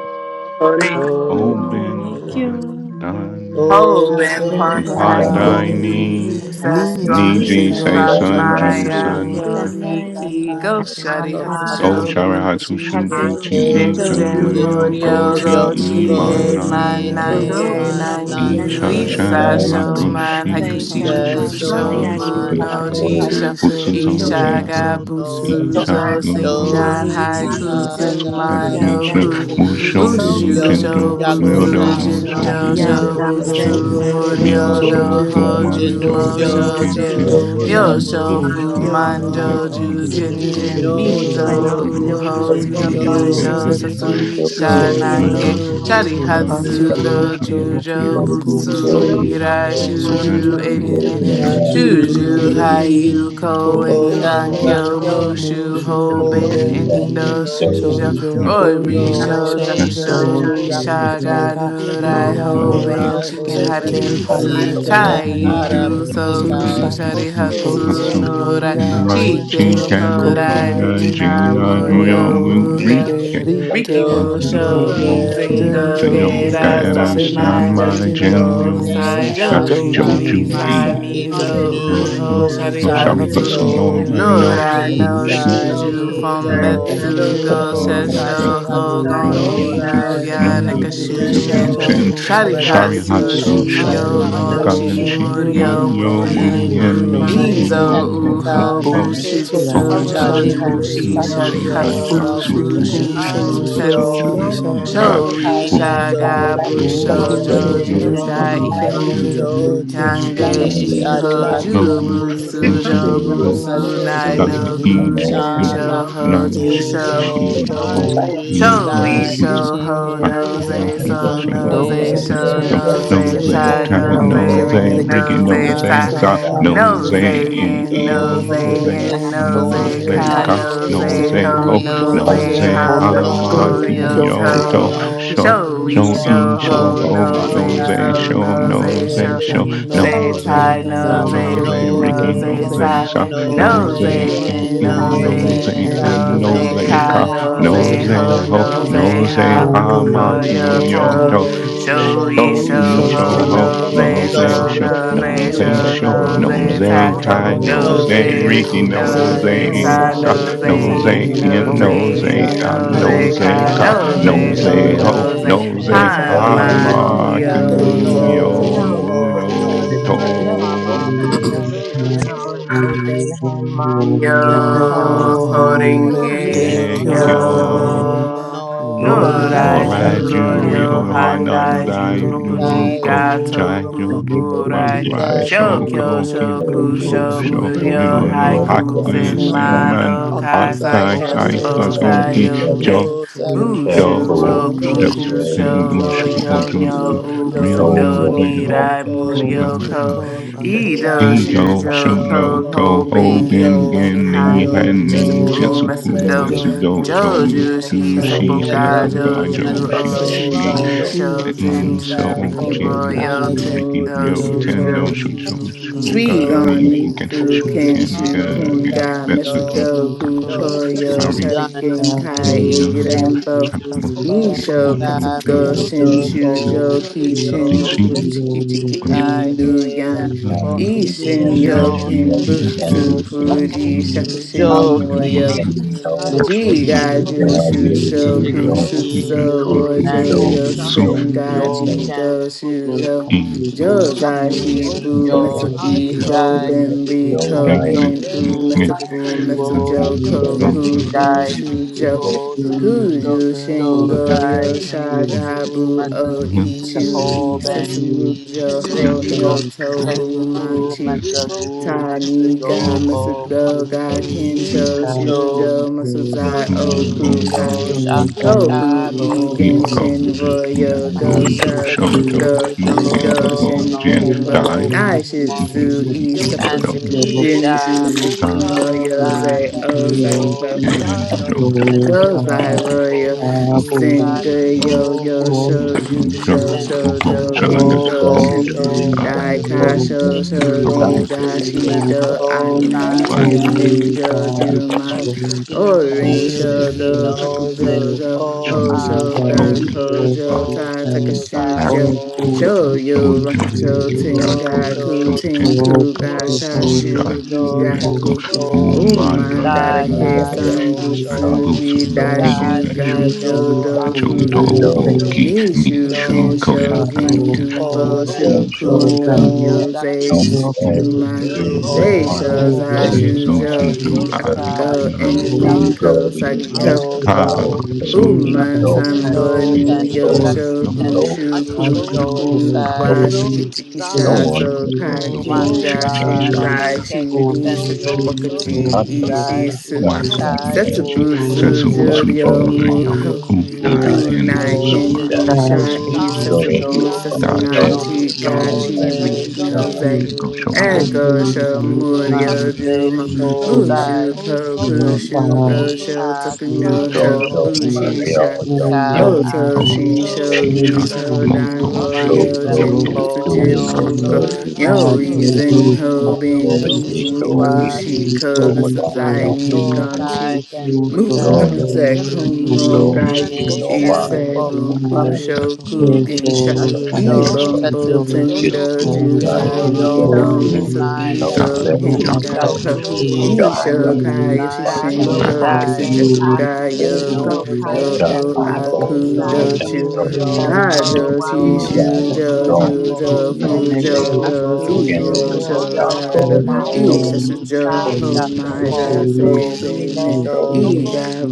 yo
Ho
ho
Open
Renge Kyo.
renge
one.
yo
Holding
Then
open
from
on
Pandai
ho
thy
Bandai
Pandai
kyo.
dying,
ni
knees,
ni ji
Sesam
renge
this
se
Niji
Thank
Sei
Jesus,
Sun
ju
Ju
unto
Dusamaya
doing
San Ma
so ma.
sunlight.
Doniki Go
on
Shari
So
I
my
Do
Yatsu
Hatsusho
Shara Hatsu
Shubuchi
had
Shu
Buchie
to
Buchi
E
E
ongoing
Chan
Benjen
go
system.
Muriel
Jinjin
Mario Go
Murio
Chi
Gotti
Go
Muryo
E
Chie
Man
Minyu,
Mananyu
Nan Ni
Koji
No
E
Gochi
Manange
Nanyu
Mon,
Nanyu
Nange
Isha
Manange
Shan
Isa
and
Nanyu,
Namyu
Yansua
Shoman
So,
Asai
Hakushi Butsu
Hakushi
Haku
Ise
Shu
Saman,
Shu
Butsusho
Ni
Ayako,
Kofi
Su
Shibutsu
Shoman
Isha
Funo
Amana
Nil
Yakashu
Chisho
Chisho
Butsu
Butsu
Zon
Iga
Shi
Ishaga
Shofu
Gun
Sabutsu
no Chi
So
Isha
Butsuzo
Go
Sho
Shoden
Singan
Saisumana
Unuchi, Sho
Nakasi
Haikusen
Butsu Shan
Ishaga
Musu
Isha
Ishagai,
Butsu
Manoku
Zaze
Utsu
Butsu
Zishin
Musho
Kofu
Mushu
Sho
Yo
Jin
Tenko
no
Go muryo
Shingon,
And
Shobutsu
Kimi
I
Thank
Yakusen
do
you.
Shobutsu
So
Shou
shot
Jinjo
Jin
Muryo
know,
Iyaku Sen
chin
Shobutsu
Boku
one
Doyomo
Manakamushu
Go
Muryo
Manoku,
Shojin
Shobutsu
Isakuti
Doho
Go
Musho
Butsu,
Jumo
Sendo
Jingyo
Fuma
Shojin
Shin
Jojin
Shobutsu
Myosho
Ano
thing,
Soza
you
Fumanjo
Muryo
can see,
Jujin
Shojin
Musu
then
Jin
Myo
you
Mizo
Kuzu
sho
can
Mizo
see,
Dobu
you
jin
Ohu
can
Uho
mu
Suzu
see,
Go
Yo
sho
Juji
you
Zigi
Dobu
hu
know,
So
Sho
then you
Boku
Su
man
Setsu
know,
Satsui
sho
then
ju
Jin
No
Go
you
Shanange
jin
Dobu
can
Shari
Su
jin
see,
mi
Yo
you
Musu
know,
Go
Atsuto
Dobu
then
Jujo
Joju
you
Moyo
Butsu
Yo
Butsu
can see,
Ira
Go
you
Dobu
Irai
Ho
shu
can
Man
Shuju
see,
Shuju
ju
Dobu
Yim
Inen
jin
it's
Inen
a
nan shu
really
Shuju
ju
Juju
cool,
Ganyo.
hi
Yo
Hayu
um,
Hiyu
Ko
ho
um,
Un
Nizo
Koen
en
um,
Engan
so
that's,
gan
Umo
Gonyo
Kyo
kyo
so
um,
mu
man
Mushu
Kimi
shu
it's
Mushu
So
Ho
ho
so
Bin
ben
Hoben
Sesi
you
really,
in
and
did
really,
Indo
Indu
then
do shu
those who
jo
Shoujo
go
Roy
Kisi
to
Rori
yo
the
me
um,
Risho,
ri
so
Risha
shu
you
Jakusho,
Thank
ho
Jakusho
Naya
Ai
gaku
to the
Risha,
sho
Saga
you
ja
Go
Ganurai,
agree,
no
Nuria
so
do
Hoben,
Hoben
double
rai ho
do
Chicken
that
ben
Shiken
you
do
Hari
chi
side
Harimitsu,
right
of
do
issues
do
them,
ken
is
no,
do
who
nine
hara
Mitsukai
Kaigu,
you
mitsukai
three
Soku,
i
Sushari
Shari
gu
also
do
Hatsu,
go
Hotsu
saku
evil
Nurai,
Noria
you
go and
Chicken
Shike
go
go
go
double
Kodai,
Kozai
to
to
Jina,
Jinyu
Murio,
open
Norio
higher
Muge,
window
Muge
to
Rike
Ricky
go go
Musho,
be
God
Muroyai
so
that
Izingo,
any
dark
Tenjo
Ryomugerikirusho
Gera,
so
Geda
da
Sanma,
da
Senmai
time you
Izenjo
Jinyu,
no my
Jinnan
Musai,
Musai
hope
I
is
Joju,
hope
Joju
Gedasama
it
Isai,
Isai
on
sick
Mizo,
Jinnu
Mizo
I
cold
Uho,
Ubo
hear
Shari
this
Musai
Shari
sorry,
Hatsu,
Hatu
what's
move
too.
you.
no,
Noria
I
Joju
nor
know,
you
no
I
I
Thank
Shu
know
do
push,
you
Isai
for
open
so
Shuju
cool I
from
Mizo
helping
no,
have
Betsu
family
to
windows
Jotsu
and
Go
Uho
know my
friends.
Goju
Shari
Shesho
So
sick
My
Manipulation,
Hati
I
So
no
love
so
Hogonji
could
and
Dandi
I
Rai
go
no
Nuya
didn't
friends
know
New
and you
where you
for
Shujo
Ikatun
Nakashushin
Shari
Rico,
Shari
get
Fumbetsu
dancing
Hotsu
the
Hatsu
with
Sharihatsu
Jacuso,
me
Josei
Who
Shuyo
Shoyo
Asha,
Sayu
alone
shall
Gonshi
Shoho
we
and
Garenshi
Doshu
think
me
Muryo
shall
Murien
Muryo
too.
bear
Nai,
Kanji
Muhen
Murien
With
Muhen
upon
so
my
Nunan
Mizu
Mizo
Obed,
Mizo
many
Oho
Ubu
Eka
daily
Uho
things.
Oho
side?
Ken,
So
Bushitsu
Oho
Bushitsu
Yeah,
do
Jo
Hara,
Shari
Shari
Butsujo
inside
Joju
Ju
me,
Shi
family
so
Hotsu
Shari
Hatsushu
and
Shirai
Yo
oh,
Musu,
Hatsu
Shasu Fu
Bushu
you
sorry.
Banshi
Bushu
Shu
K.I.,
Busetsu
find
Butsu
Sho
Muryo
Busetsu
with
No,
me
I
Shorei
Muhen
Ga
Ishaga
know
and
Shori
Ufagu,
you
Put,
beautiful,
Mizo
Shaga
family
that's
for
Jerry,
do
in
no,
Busho
your
Bushu
Uho
the
Hasu,
things
you.
Sho
No
that you
Joju
can
special
Butsushi
That
No
do
is
Joju
how
Murray,
so
Dai
No
the
Daishu
to
Joju
Eke
you.
Ken,
No
find them,
Shi
Kangeshi
Junanshi
who
Shari
do
Sho
No No
Hadi,
Hatsu
hoju
No,
Hoyu
you
the
No,
butsu
things
should
Fushu
No,
jo
Futsu
No,
know
that you
about
butsu
Busetsu
Burrow,
Butsu
nai
you.
do,
Dale
Sho
no
We
and
Amen.
Yodu
iti
all
I
the
kujin
Ishaga
sho
will
know
things
thank
hoji
nanshi
you
you
Sho
Sho
and your faith in him
Fusho
know
Musu,
Shuchi
how
shino
Sho
I,
we
on
fit
the
in
Joju
the
Show
in
we
Dai
Ezo,
butsu
community
show
Nisho
building.
ho
an
I
Sho
nose
Ichikeyu
ask
Ninja,
a
noze
you
so
that
Nirigo
nose
to
a
Mange
all
do
shoze
the
Noze
show
things,
Sho
shom
and
nose
Benny,
Shiho
a
all the
noze
Ze
tie
Yui
Tai
taga
nose
what
things,
Butsu
a
all the
that.
noze
Noze
Ricky
Yo
things,
you
Riki
rigi
nose
Butsu
you
So
in
a
know,
noze
Noze
Dai
side
sa
the
Sa
those
no
God,
nose
noze
Muka,
a
Kujin
community
that
Noze
in
is
in
En
in
nose
Doju,
a
you
Shoho
noze
Noze
Ifa,
in
not
En
an
and
in
nose
the
Jiso
the
holy
a
city
noze
Mazo,
kai
Noze
ka
she
hall,
nose
Yuho,
we
spirit to
a
ze
noze
show
we
ho
ho
ho
do
he
see
no
nose
God,
show
you
a
ze
noze
Darren,
not
to
hon
ham
no
God,
ma
Kosu,
no
who
the
mu
God,
do
they
yo
from
hamakuyo
kyoto
not
saw
to
toe
Erno,
know
history.
no
sho
Who
show
they
who
Holy
sho
is
we
so
show
Spirit,
in
show
ho
so
sho
ho
we
no
Kazu,
this
ho
God,
no
thank
so
nose
they
this
Wandu,
a
you
noze
for
try
keep
so
sho
on
no
nose
your
Su,
nose
a
noze
they
holy
show
sho
show
lick
So
say
ho
no
nose
noze
host,
e
I
tie
they
so
saw
nose
ho
nose
a
noze
Ricky
no
no
Nikki
rigi
nose
they so
nose
they
noze
a
no
in
sa
got
they
no
Tommy,
nose
Nose
Nose
so
they
no
Ika,
in,
and
and
they
in
in
nose
five
no
nose
no
nose
Justin,
they
they
and
got
Sherry,
with
and
and
you
nose
nose
nose,
know
no
Hosty,
they
ka
high
ka
they
five
nose,
no
Sue,
hold
nose
nose
they
ho
no
ho
ho
one
Logo,
nose,
no
they. I'm
nose
Shy,
they
high
nose
a
han
one
ha
no
good
ma
mamu
kyu
guy
they
macacoyo
Zero,
yo
five
toe.
to
no
to
they
kyoto
Yuhan,
Show we
so
ho
show
show
he
show
in
he
Me,
shows
no,
ho
show
so
ho
ho
Zoe,
they
show
nose,
Ho,
nose
home
and
so
no
Bossy,
out
show
so
to
Saki,
be
they
so
nose,
nose
nose
saw
show
show
no
Dozo,
so
show
So,
so we
many
nose,
so
nose
Sherry,
things
they
tie.
nose
tai
show.
that
ho
tai
nose
no
nose
Nose,
Hosty,
they
Nikki
so
riki
Ricky
Nose
no
Sue,
guy,
nose
they
nose
nose,
so
side
sa
sa
no
nose,
nose,
they
nose
nose
ricky
sign
and
Sue,
in
no
in
nose,
nose,
nose
they
nose
they
So
sa,
and
and
and
see no
nose,
nose
nose
Asha,
they
ka
ka
God,
ka
nose
sign
can
Bus,
no
nose,
they
in
be
nose
nose
ho
So, Zoe,
and
ho
there,
ho
nose,
no
nose
nose
they
and
and
and
hi
all
Gozen
ha
Day,
my
no
Hamyuk
nose
ma
cookie
no
ka,
Ike,
kyu
Mukyoto
yo
toe.
no
nose
Thank
mu
no
ho,
yo
Naga, Shy,
nose
no
Ho,
they
Thank
Bossy,
sign
Yu,
no
hamaku
to.
Yo,
they
you.
Uchi,
no
kyoto,
no they home
Tozo, Go,
out to be
Ho,
so
Yo
Myoho
so we
horinge
so
Renge
inge
ho
Kyo
kyo,
Mekyo
no they so
yo
no they so
norai,
no
Namia
Noriai
that
Noraju
they
you
Norajuryo
Juryo
royo
juro
Hondai <clears throat>
Hanandai
handaju rokuji
handai,
Nuruko
gato
Chajo
juroku,
Joroku
go
Dumbo
kuburai
through
Rai
igai to
Shokyo
Shoko
bokura,
Yo,
Ryokyo
shoku
bro, can
Kyokusho
you
Koshu
show me
shomuryo
your
Muryo
Myoyo
love for
haiku
that
Haku
Haku
three
senman
time
Senmai
Senman
and
Of
okai
whose I
sagi
Akai
for this
Sai
to
Okusai
also
jeppo
start up
be
Pasuki
Sabi
study?
sayoke
Jo
Joseph
Yo,
Joseph
we have
Kyo
Jo
Bushu
bro,
Shu
to
Okoki,
make
Oku
okuju
Stosuke
sure
Shu
it's
Musho
Musho
so
shoroyo
Ojo
nyo
cool
Akusho
Juryo
to
no
Myo
show
ubusudo
Joro
Nuze
your
Butsugo
love
Nu
Thank
nirai muryoko
Sojoko
Obutsudo
for a
Edo
Aidu
Nirai
Ego
Shujo
Sojoko
shuyo
Code
Muryoko
Ho
go
Hoben
hoben
Bengin
Ido
Ne
gen
Gemin
ni
Hani
Nani
han ni
Shujoko
Jisabu
jetsu
Zentu
fu
Masado
Hoben
Metodo
procedure
metsu do jo
Nozo
and
Joju Shi
ju
of
shi
Seppo
Seppoga
seppo gai
Nidetahu
jo
Joju
shi
Tenshi
something
Metsudo
Ho,
shi
is
Oshi
so
Isho
Joju
Ai Sho
e so
Zenju Riki
Shisepo
jin
Zenzu
urgent,
su
Royal
Riki
the
riki
Tendo
ryo
No
Kaijoju
ten
Shujo
no
Soju
shu shu
Oshi
shu ga
Sweet
Shogani Fu
Isho
on
ni fu
me,
ken
food
shu
Jinzu
Emetu
can
ken ga
Metsu
shoot,
Dikiro
can
gen
guy,
Baba
metsu
Mr.
do
Tendo
Metodo
kaku
Doku,
Go
cho
so
Yu
suy
Koyo,
Shari
shari
Shari
Gi
gan
Garen
gen
Genkai,
yu
Bo
no
ken ku
Irimbo,
chakmo
Shokatsu Go
shi
ken
ti no
Nisho,
ga
shu
Shin
no
Katsugo,
mitsu do
Shin,
urgent,
ko ku
Shujo,
you.
I
yo
think
Kishin,
it's
she
Buku,
Thank
shiri
easy, and
ken
Ichigi,
oh
kai e
Inu, Yan,
rambo
yeah
time is
ni
Ishin,
standing
Actually, uh,
sho
up,
Yoken,
right?
ketsu do
And be
Busu,
shin
faithful,
Fuji,
shu
be
jo
Shakushin,
happy,
ki
Moyo.
and know,
Jiga
God,
Jushu
you do
Shoku
Hideki
show,
Shutsu
inu
truth is
Rojo
nani
so,
Ho,
you
so
know,
ishin
Yosen
it's
Gaji
you.
Shepo,
yoken
Go
butsu
Shujo
in
fuji
Yo,
Jozai
Ju,
shakushin
O,
Shifu
anxiety,
Mitsu
yoji
I,
Iho
anxiety,
gayu
Ben
So,
Riko
shuso
Gen
anxiety,
U Mitsu
kusutsu
Fu Mitsu
woju
Joko
anxiety,
Ku U
sendai
and
Shujo
jigo shujo
Kuju
Holy
Shingo
jozai
Spirit,
Yosha
Holy
shinbu
Gabu
matsu
O
Spirit,
Ichu
iho
Holy Spirit,
I
ben
Holy
Sesamu
i
Jo
Spirit,
Ho
Holy
riko
Nyo
Spirit,
ken
Tofu
u
Manchi
matsu hu
Holy
matsu
Tiny
Oh,
God,
Spirit,
yoko
Mitsudo,
Holy
God,
Spirit,
Kencho,
God, we
Nishujoku
Shujo,
pray,
Masuzai,
we
Yonshin
pray,
Oku, Kai,
Yosha
Lord,
the
guide
Tofu,
me,
E,
Tabo
Ken
Holy
Ko
Genshin,
Spirit,
Ohishu
Jitsu
Royo,
I
Lord
Gosho,
will
Shoujo
pray
Isetsumu
Katsugo,
before
E,
Shuken Go
God,
Joho
Goshin,
no
Jin
Renbo,
and
Dai
all
Tohu
Nai
the people
Shitsu,
Monshi
must
E,
know
Shou
Sepujik,
your love
Tanida
for
Jinju,
me,
Da
and
Mitsudo
to
ga
Royo, Zay,
pray to
Kensho
Leo,
your
O,
peace,
Tenen
John,
Shujo
Joju
your
Mitsugai
Joseph
time,
Sing
Okukai
Singer Yo Yo
Ohu
Oh,
Show you
Shri
Jojo
Show Show
Oho
Ijenshin
Joe
So God
body
I
King
Shaga
strong to
Old
Goshen
has
you.
Dag
Dai
can
Rogo
Ka
very
Show
young
mercy,
Show
Ingo
I
Di
down
Shokotin
for sure.
Gashi
believe,
Jaju
Do
So
I
Gai
Shinambo
hope
you
in
can
ananten
wicked
Nice
Uman
see
to
hope,
Draki
Ten juman
be
Jo
we
that
Yelambun
we
Sampo
Sugi Aoda
listen,
Shou
we
Orin
say it,
Show
Jinzuriki
listen,
Do
yo,
Nose
Kakugo Jo
we
O
Ho
Shoju
Show
we
Gan Ho
Asogi
produce
Jo
Shoju
Ko
Ta
a
from
Takashu
your
Josai
hacker.
Jo
soul,
Hoji
Show
Show
Sen
Yo
God, God,
John,
Rakusho
we
give
owe,
Gaku,
Yuyo
we
Tinga Ku
Show
see,
Ten
I
Shoji
Tinku
see,
Gaku,
you
Ga
Sho
are
Sha
Show
whole,
Shu
Josh,
Shujo
Jericho,
also,
Oh
Kenko
my
foremost,
Umandara
Jindai
ke
remember
darling,
that
and
sandu
Kasho
night,
uh,
Slam
God,
Boots,
Shoji
suji
so
Thank
Dio
dashu
you.
Dashu,
mercy,
Thank
gajo
Dashido
Gacho
King,
dofuki
those
Dofu,
Anantin
Soul,
Ki,
you.
nishu
B,
Nishu,
Ninjo
kensho
Koyan
Muslim,
Juman
Asaboko
Gagan,
gintu
Side, O,
Oren
for
foshu
sure
P,
kuno
Ufu,
Yozani
Shodo
Coco, I,
nyoze
Gaku
help
you
D, C,
folks
shujuman
Real,
through
Shuju
don't
Go,
Yokuzi
your
think they
Ho
Go,
do
mind.
much.
deisho
Coco,
Shogan
Go,
Then
Stay
Aiwe
zashu
so
jo
to
the
Ho
Jin,
do.
Do,
i
I
Shin,
ain't
one
Juta
Rin,
akugo
Bo,
nothing,
Keka
to
Nine,
nothing.
go
eninko
City,
in
in
I,
Uko
that
sagiko
next
Step,
Shujo
Car,
O,
hour
Sho
I
Yokuzi
so
so,
we
Uman
you
Uraku
go
Dai
N,
know,
Dai
samba
G,
it's
and
Ricky,
Shoten
go
N,
money,
yosho
Gaku
J,
Soji
someone.
O,
ushu
I, C,
That's what
Tenku
ku
Go, Cole,
Asiko
i
dukunu
Josa
go
could
wa
talk. I,
shiki
Amei
Joe,
chiki
Shugi
No
sha
Dei
Zai,
Gaku
one
so
was
Shakadoku,
kai
Shakadoku,
thinking
no,
he
Whoa,
kinga
Shikiti,
was
Dei
Umandara
shinzai
Shashaka,
Ke
Lucy,
shiri
Yo,
Sen
sipo
Yo,
Only
So,
Butsu
a
wakaji
Shendo,
hunter,
Yo,
Sapo,
ishi
Gidai
and
Soji
Shu
su
So,
thus
Yo, Yo,
Waka,
Sakuri Soji
when
setsu
they
Nichi,
Daijo
King,
got
Juku
Satsubusu,
Cole,
for
juryo
Jumio,
Soji
a long go
Kini
muho
to the
Kunai,
Shuken
Jai
United
Ken,
Kai
kunai
Busu,
Soji
to
Jo
y'all. Cool. I, can busu.
that
So
kenbu
I,
they
Ji
sha i
Jai
Satsubutu,
Soji
Uhu
setsu
go
Chi,
to
bu
Jai
from
setsu
a
Do
Thank
shoku
nan
show
Dachi,
no
Anan
with
chi ga
Rikadon,
that
you.
Kinin
chi
and
Jo
noze
they
riki no
Jamun
saw
Eko,
shunan
Amun
Shomu,
eko
Anan
sho
So Jo
shunan
Kaku
muryo
ze
So Ji
that
shozai
Mushu
Ho So
koku
shujo
Gan
he
Ho
shugo
i
Go
sho toku
Sa
no
akugo
go
to
show
Kike
ushisha.
Mario
enen
Jump
ka
Yo
Oto
So Go
she
So
shisho
go
asogi
Ji
ko
gito dan
Raku
uman
go
royo
go
jin
sembo
go
busu
go
Thank
myo
no
sho
So
jipuko.
Gan
go
you.
in
Raku
she
Yo
got
ushu
izen
Kiko
ho
from
bin
go
kudoku
Jo
nu
she
Sa
iji
so
wa
be
Ji
shiki
oshiko.
go
This
jiki
down
is
sha
I
yo
ni
Ji
sokai
Kaku
then
gonchi.
kai ken
Mu
ga
Yu
go
no
yo
shin
se
Render Ki
kumo
go
ishi
Ren
gai
ne
no
Bosu
I
ise
sempo
don't know
buku
then
sho
wakuji
Yu
I
Yeso
kugin sha.
ishusho
Dashi
don't
Go
Ibombo
saito
setsubutu
Get
Dodo
tendo
your
an
kusina
line.
juzai ni
akuko
Don't
muryoku
shi
so
be
gomesu
nai
i
no
kiso
ijo
ku Doku nu
set.
wana
kenbusha
jinjuku
Oh
asati
kinga.
so
Kudoku
ko
kono
God,
Nuwa
yo.
izetsubutu
yunai
Ishakaya
Five,
sa
nai
yo
so
seven,
sando
Shishinho
Kai
oh,
chigai
ji
ken Ka
chi
yuro
oh,
ko
Isijakugaya
suzu
cool.
So
kinoze
Kai
Kudo
Down
i
jame
Ken
O
ko
high,
ga
ekko
don't
shin
jaku
Aku
move.
ji
Zai Shi
Jump,
i
do
Ni
shomuryo
shows
wana
I
Seppo
Jajo
jumyo
ku
sisi
sanzo
Ji
Chishu
san
E
I
Si
Joju
mushoko
akuko
Ju
Dofu
sukai
enuke
Setsu
kusho
ko
Jodo
i
Butsu
asuko
gosho
Ju
fu
jaku
Zio
man
toko
Myo
down.
sabo
Ku
no
Go
Shokado
to
and
Nai
moho
go.
Ken
Isha
bu
jaku
do
ko
Busai E
uchisha
you su
Setsu
jaku
Homaja
Bu
And
ku
moto
su
Seize
i
Ne
Nen
go,
i
Si
shishogi
doko
i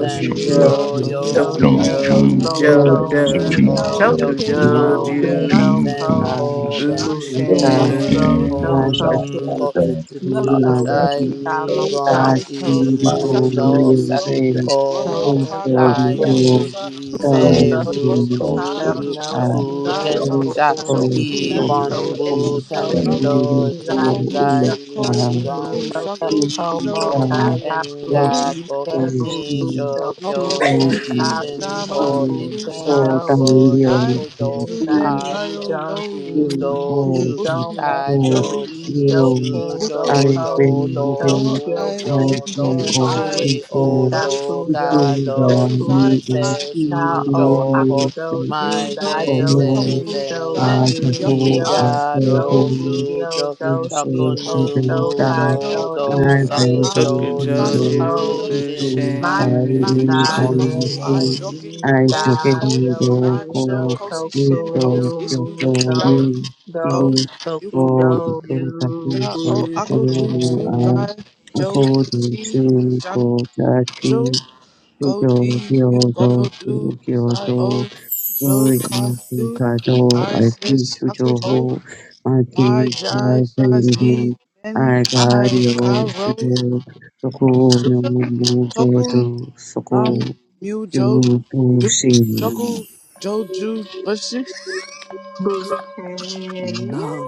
i
Sure.
you are
Shujo
sasi
Riki
Shin,
No
Ryo
Down,
sushi
ze
Joe,
kusumi
Jin
Shokunyo
zakisha
Jew,
Butsu
Esko
yo
So
Go
Mujo
go,
Jin
to,
so
Do
down,
Muryo
Jew,
kai
Bokyo
go,
ken
ko
to,
Shokujo
to,
na
no
mu
go,
so
jeni
Jew,
gaskin
Izen
Ko
kashi
ku
Hoben
Uta
go.
su
na
Iji
go So so
Shot,
ku.
Hoshiko
astasenti
down,
Zutsu
Kyoto,
I
sunan
Chai
said,
Uchida,
go
Hey,
home.
Nigon
I
Moto,
tati
Bye.
Susan,
ripo
Shimu
Safi
no
Busu
Shizuoka,
Joe,
nayuden
Moro
Sakomo
Kobe,
koto
I
Kanal, Ken
got
Ryoden,
Kayaku
mo
Busa,
tam
I
no
Ise
Kusugo,
Susu
bum
Bosu Cha,
Jeffukyo,
Bukushu
no
control.
a
Ige,
Yeah.
Dai,
Kujen Sha
Hoben,
Cha
So
Yuki
forward
Ishi,
to
Ibon
Nanze, Echo
Oshiko,
So,
Buten
Dennis
Noro,
Do
Jomo
Jutsu
Jitsuzai,
Zai
Musu Ko,
Idoshi,
Ku
Nigon
Muno,
Metsu
Sago, So
Komo,
Igo
To,
Gayaku,
Ku,
Engako
Isebu, Busho,
Noko,
Nishokyo
Kugen,
Yu Si
Sao,
Sha,
Ibon,
Moti Ku Sha,
Busendo
Si Dai,
thy
Tu
Thank
Den Yayo
nidom
Yo,
chi
Go,
Jin
go,
nidom
Busu,
matsu
go,
Yo,
ijo
go.
ken
Buko,
I
goko
been
nijo
Nor
moving.
kyo
I,
chi
I
Jim
gen
see
holding
ho
all
I,
witsu
you
people.
oh
daku
so
yo
People
cold, just
that
as
yoku
I,
you can
nine,
see
da o
me.
akudo
Say,
ju
you know,
Oh
gajo
see, come
chi
no,
on,
so
I
die,
ju
can
yuckle,
go.
yo
I
I
see,
can
so
boo,
fu
go.
yo do
I'm
si
Sako
So
o so
content,
Numu
that
ka
cold,
do
so
Jodo
come and
I
shine,
ise
Sako
want
I,
shi
to
ju
find me,
Joju
handle
ho
Tokujoju
Tindo,
it
Bushin
this is
all. I
I,
my
nine,
Jesus
Bushin.
don't
gone,
and
shin,
want
muscle, I,
to.
and
joking,
I
go, cold,
Isario
nine,
don't
so,
Judo
want
cozy, sin,
Toku
to.
Nu
post,
I
issue,
Mudo
jockey,
don't
Do
go, yuku,
want
Tokudo
to.
Yu
I don't
da, oh, I go, do, to,
Bushin
want
guy,
to. I don't want to. I
Joe,
don't want
see, John,
to.
Joe.
I don't want to. I don't want to. I don't
Go
want
D, you go yo
to.
do,
I don't want
side
to.
O, so ka do,
Kado
I
Ati
says
Shujo
shaku ho, my
Ati
jai sha z,
Kazen
then I ka
Agario
ro,
Shujo Soko no
suzo, toku,
Mojodu
nam,
Soko
mu jo,
Yubu
do,
Shin
shoku, joju, bushi,
Bushin
nam,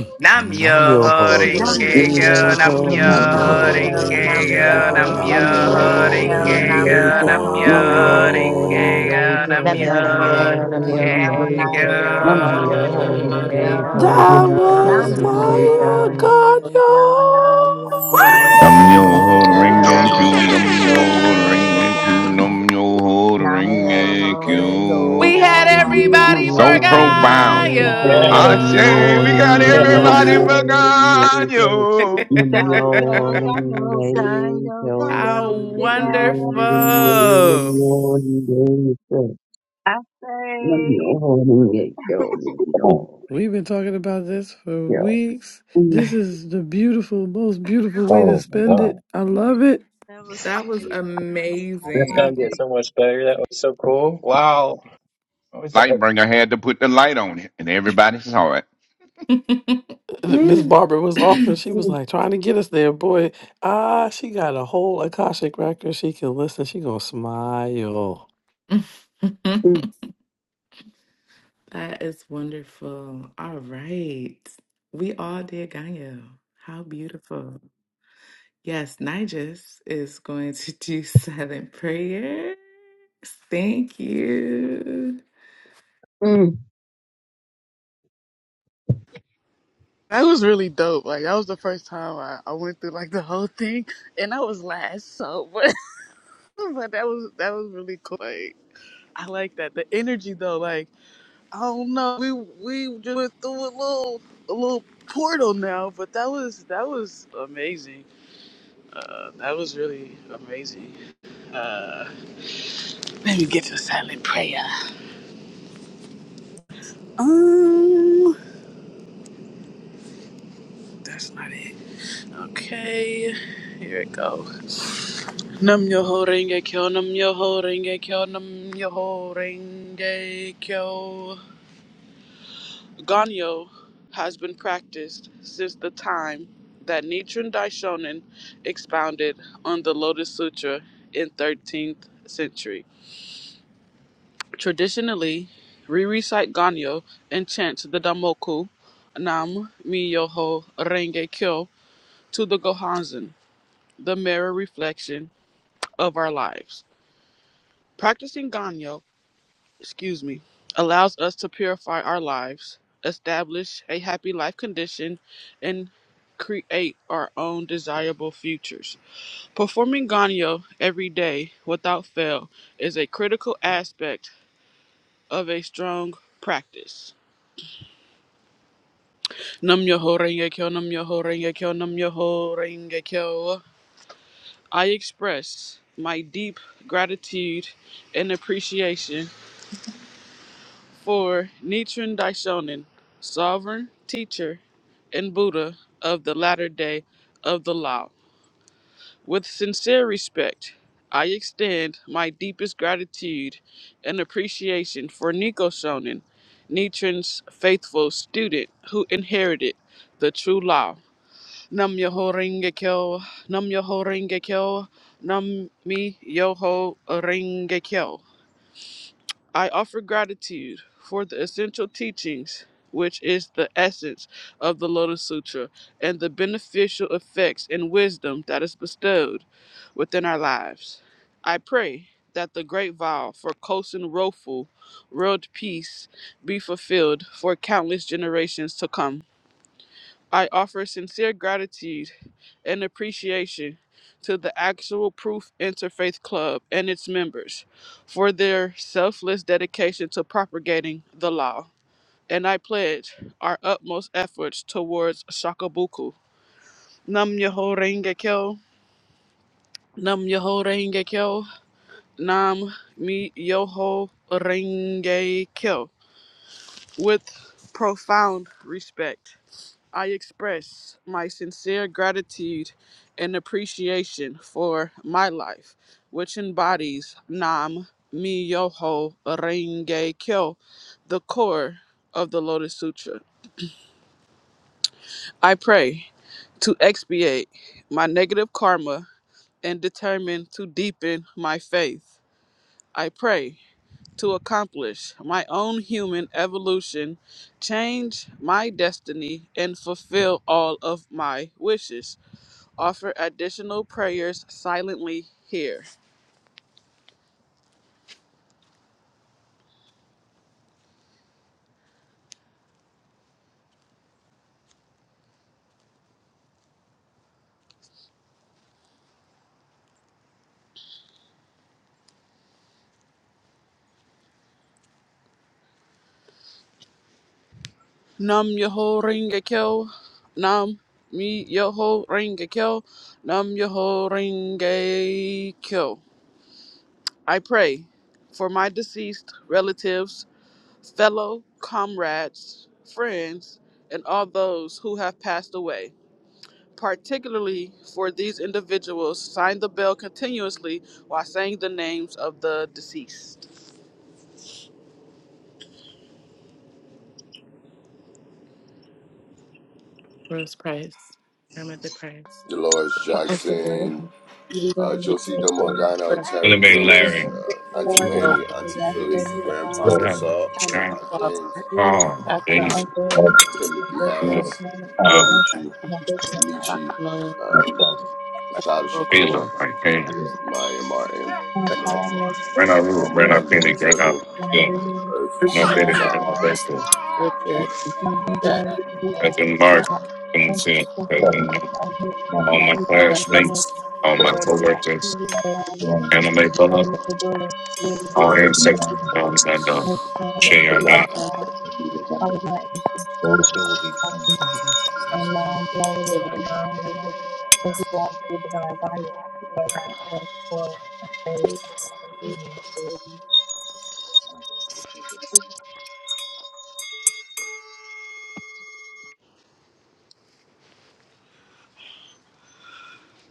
<clears throat>
Nam
nam
yo
yo
nam
ho
yo
ho
Nam
hore ge
ringe
Yo
kyo,
renge
yo,
Ho
Ingeto
nam
go,
nam
yo
yo
Renge
Namyo
then-
ho
hore
ho
Kyo
ge kyo,
Nam
ringe
renge
Yo
yo,
go,
nam
Ingeto
nam yo
yo
nam
Ho
yo
Namyo
hore
Renge
ho
ge
ho
Kyo
kyo.
ringe
Nam
renge
yo,
Yo
Ingeto
nam yo
Ho
Namyo
ho
Renge Kyo
ringe
go.
Nam
yo, nam
Ingeto Namyo Ingeto
Nam
yo
Yo
yo ring
Ho
Namyo
gay yo, nam
Renge
yo
Kyo
ho ring
Nam
gay
Yo
yo,
Ho
Ono
nam yo ho ring
Renge
gay
ho
yo,
Kyo
Ingeto
nam
That
yo ho
Nam
was
ringe
yo
ring
yo.
gay
Ono
ho
fire,
Namyo
yo,
renge kyo, nam
Ganyo!
yo
nam
ho
yo
Nam
Ingeto
yo
renge
ho
ho
kyo,
ring
ring
gay
a
nam
q,
yo
nam
ho
yo
Ono
ho
renge
ring
Ono
yo.
a
kyo,
q, nam yo ho
nam
ring
yo ho
a
renge
We
kyo,
had
Oringo.
q.
nam yo
everybody
Namyo
ho
for
So
renge
profound.
kyo.
Yeah.
I say we
Ashe,
got everybody
Gaia.
ashe,
<laughs>
<laughs>
for God, yo.
ganyo,
Woohoo.
<laughs>
ganyo, ganyo, ganyo,
How
we did that.
wonderful.
Ashe. <laughs>
Come on.
We've been talking about this for weeks. This is the beautiful, most beautiful way to
Oh my
spend it.
God.
I love it.
That was
That was
fire. I
That's gonna
love
amazing.
get
it.
so much better. That was so cool. Wow. I was like,
Like, all right.
Miss Barbara was
<laughs> <clears throat>
offering,
that
she was like trying to get us there. Boy, ah, she got a whole Akashic record. She can listen. She gonna smile.
is wonderful. All right. We all did Ganyo. How beautiful. Yes, Nigis is going to do <laughs> silent prayer. Thank you.
That was really dope. Like that was the first time I, I went through like the whole thing, and I was last. So, <laughs> I was like, that was that was really cool. Like, I like that. The energy though, like, I don't know, we we just went through a little a little portal now, but that was that was amazing. Uh, that was really amazing. Uh, let me get to silent prayer. Um, that's not it. Okay, here it go. Nam yo ho renge kyo, nam yo ho renge kyo, nam yo ho renge kyo. Ganyo has been practiced since the time that Nichiren Daishonin expounded on the Lotus Sutra in 13th century. Traditionally, we recite Ganyo and chant the Damoku Nam Myoho Renge Kyo to the Gohanzen, the mirror reflection of our lives. Practicing Ganyo excuse me, allows us to purify our lives, establish a happy life condition, and create our own desirable futures. Performing Ganyo every day without fail is a critical aspect of a strong practice. Nam Yoho Renge Kyo, Nam Yoho Renge Kyo, Nam Yoho Renge Kyo. I express my deep gratitude and appreciation For Nichiren Daishonin, sovereign teacher and Buddha of the latter day of the law, with sincere respect, I extend my deepest gratitude and appreciation for Nico Shonin, Nichiren's faithful student who inherited the true law. Nam Yoho Renge Kyo, Nam Yoho Renge Kyo, Nam Mi Yoho Renge Kyo. I offer gratitude for the essential teachings, which is the essence of the Lotus Sutra, and the beneficial effects and wisdom that is bestowed within our lives. I pray that the great vow for Kosen Rofu, world peace, be fulfilled for countless generations to come. I offer sincere gratitude and appreciation to the Actual Proof Interfaith Club and its members for their selfless dedication to propagating the law. And I pledge our utmost efforts towards Shakabuku. Nam Yoho Renge Kyo. Nam Yoho Renge Kyo. Nam Mi Yoho Renge Kyo. With profound respect. I express my sincere gratitude and appreciation for my life, which embodies Nam Myoho Renge Kyo, the core of the Lotus Sutra. I pray to expiate my negative karma and determine to deepen my faith. I pray to accomplish my own human evolution, change my destiny, and fulfill all of my wishes. Offer additional prayers silently here. Nam Yoho Ringa Kyo. Nam Mi Yoho Ringa Kyo. Nam Yoho Ringa Kyo. I pray for my deceased relatives, fellow comrades, friends, and all those who have passed away. Particularly for these individuals, sign the bell continuously while saying the names of the deceased.
Rose Price, Grandmother Price.
Dolores
Big
Uncle Brooks,
Jackson,
It
uh,
is
Brandon
Josita
That's all.
Pearson,
the
Morgano,
Gonna
Terry
be
Steve,
Willis,
Larry.
Thinking
uh, Auntie
what
Forty,
My
virtual
I'm
Lanny,
the
Auntie
birthday,
rest
Philly,
James,
Grandpa
better.
Rousseau, Grandpa
father,
James,
Oh,
my
Captain
James,
Fred
uncle,
That's
my
Timothy
great
Harris,
grandparents, my
uh,
Goodyear,
grandfather,
Gucci,
my
you.
great grandfather,
Michi,
Maximilian
honor. That's
um,
all.
Asada
Festival,
Shakur,
Taylor,
Yeah.
Maya Martin,
my
Frank
Malcolm,
father,
Grand Out
all
Roof,
my
Grand
Miss
Out
Community.
unborn
Phoenix,
Chris,
Grand Out
children,
Shield,
Marino,
Earth,
Grand Out
person.
Betty,
Amanda
Lifetime.
Grand Out
Hall,
Vesta,
I'm
Richard,
my
Jack,
grandmother, Rita,
Cousin Mark,
Tupac,
Cousin
Princess
Seal,
better.
Cousin
Sylvester,
Nick,
my hood,
My
all
my
my
Johnson,
grandfather's
young
house,
classmates, all my
blood.
Freddie the
coworkers,
Lily Allen,
Growing.
Anime Bullock,
Ellen McGuire, Lily
all
That is mine.
ancestors, all is not done.
the Miss the
And I'm not going to
Shea on me.
All
forget.
and
D'Angelo,
And be
all
remembered.
of my aunties,
Those who will be
uncles,
All the
coming.
ancestors now.
unknown, lonely,
David
and non-religious, as you walk through divine guidance, we thank you for the faith, and support, my the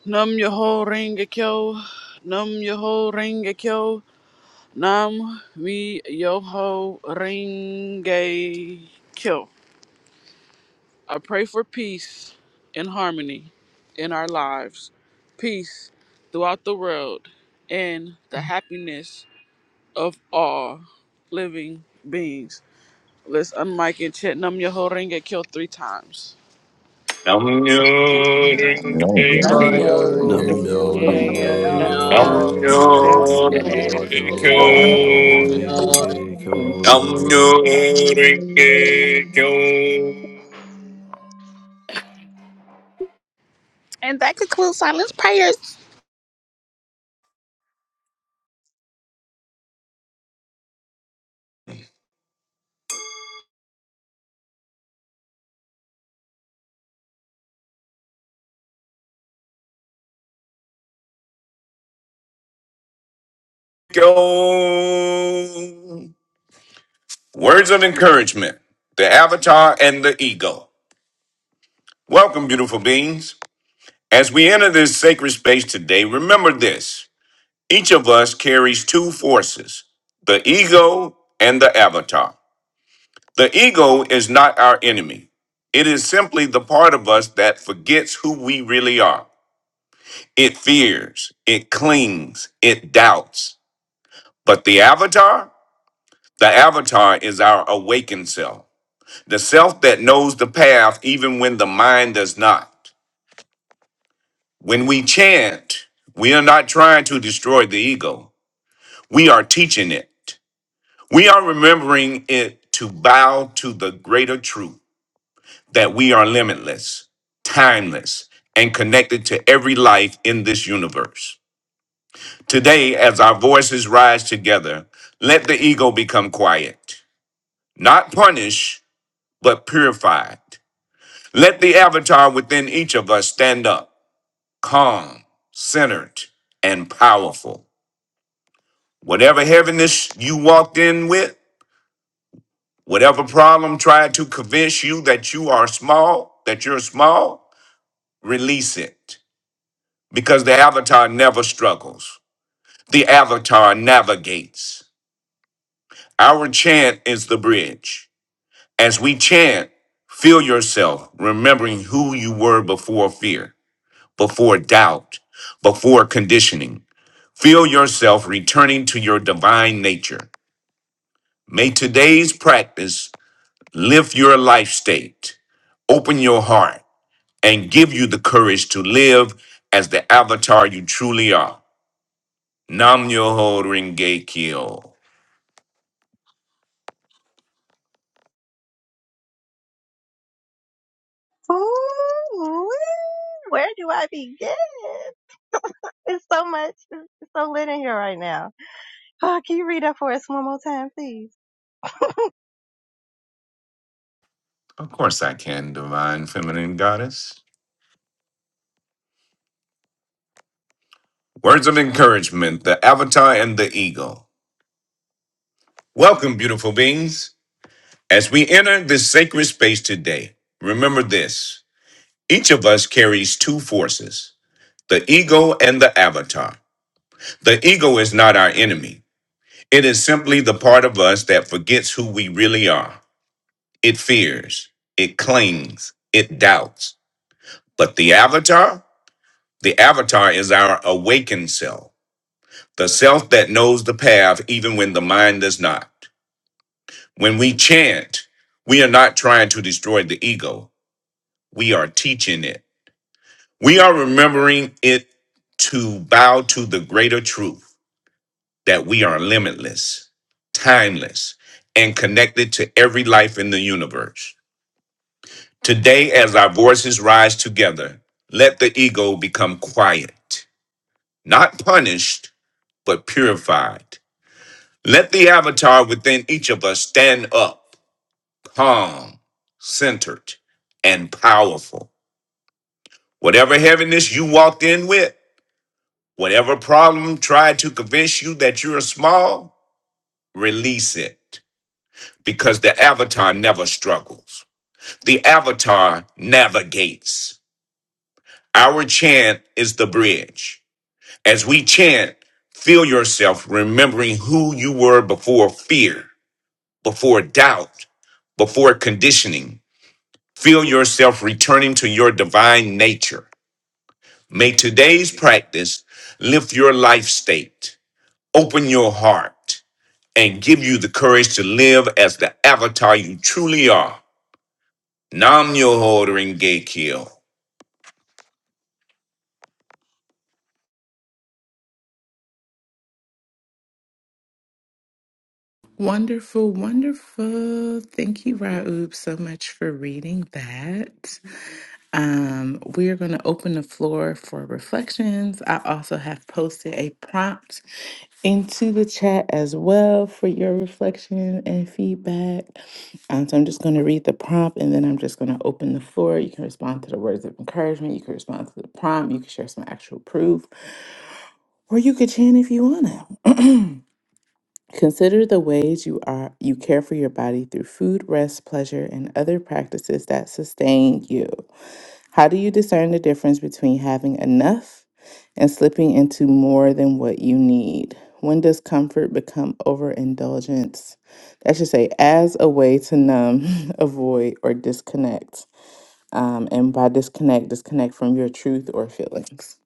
Nam Yoho Renge Kyo, Nam Yoho Renge Kyo, Nam Mi Yoho Renge Kyo. I pray for peace and harmony in our lives, peace throughout the world, and the happiness of all living beings. Let's unmic and chant Nam Yoho Renge Kyo three times.
I'm your
Yeah. No, no,
Lloyd.
Nam-myoho-renge-kyo.
Namyo
Ringeko.
Namyo
Rengekyo,
no.
Renge
Namyo
Kyo,
I'm
Nam-myoho-renge-kyo.
Rengekyo,
Namyo
your
Renge
Namyo
Namyo
Kyo,
No,
Rengekyo,
Namyo
Nam-myoho-renge-kyo.
Ringeko.
I
Renge Kyo.
I'm your Ringeko.
And that concludes silence prayers.
Go. Words of encouragement, the avatar and the ego. Welcome, beautiful beings. As we enter this sacred space today, remember this each of us carries two forces the ego and the avatar. The ego is not our enemy, it is simply the part of us that forgets who we really are. It fears, it clings, it doubts. But the avatar? The avatar is our awakened self The self that knows the path even when the mind does not. When we chant, we are not trying to destroy the ego. We are teaching it. We are remembering it to bow to the greater truth that we are limitless, timeless, and connected to every life in this universe. Today, as our voices rise together, let the ego become quiet, not punished, but purified. Let the avatar within each of us stand up calm, centered, and powerful. Whatever heaviness you walked in with, whatever problem tried to convince you that you are small, that you're small, release it. Because the avatar never struggles, the avatar navigates. Our chant is the bridge. As we chant, feel yourself remembering who you were before fear, before doubt, before conditioning. Feel yourself returning to your divine nature. May today's practice lift your life state, open your heart, and give you the courage to live as the avatar you truly are. Nam Yoho Renge Kyo.
Ooh, where do I begin? It's so much, it's so lit in here right now. <sighs> Oh, can you read that for us one more time, please?
Of course I can, divine feminine goddess. Words of encouragement, the avatar and the ego. Welcome, beautiful beings. As we enter this sacred space today, remember this. Each of us carries two forces, the ego and the avatar. The ego is not our enemy. It is simply the part of us that forgets who we really are. It fears, it clings, it doubts. But the avatar? The avatar is our awakened self, the self that knows the path even when the mind does not. When we chant, we are not trying to destroy the ego, we are teaching it. We are remembering it to bow to the greater truth that we are limitless, timeless, and connected to every life in the universe. Today, as our voices rise together, let the ego become quiet, not punished, but purified. Let the avatar within each of us stand up, calm, centered, and powerful. Whatever heaviness you walked in with, whatever problem tried to convince you that you're small, release it. Because the avatar never struggles, the avatar navigates. Our chant is the bridge. As we chant, feel yourself remembering who you were before fear, before doubt, before conditioning. Feel yourself returning to your divine nature. May today's practice lift your life state, open your heart, and give you the courage to live as the avatar you truly are. Nam Yoho Renge Kyo.
Wonderful, wonderful. Thank you, Raoub, so much for reading that. Um, we are going to open the floor for reflections. I also have posted a prompt into the chat as well for your reflection and feedback. Um, so I'm just going to read the prompt and then I'm just going to open the floor. You can respond to the words of encouragement, you can respond to the prompt, you can share some actual proof, or you could chant if you want to. <clears throat> Consider the ways you are you care for your body through food, rest, pleasure, and other practices that sustain you. How do you discern the difference between having enough and slipping into more than what you need? When does comfort become overindulgence? I should say, as a way to numb, <laughs> avoid, or disconnect. Um, and by disconnect, disconnect from your truth or feelings.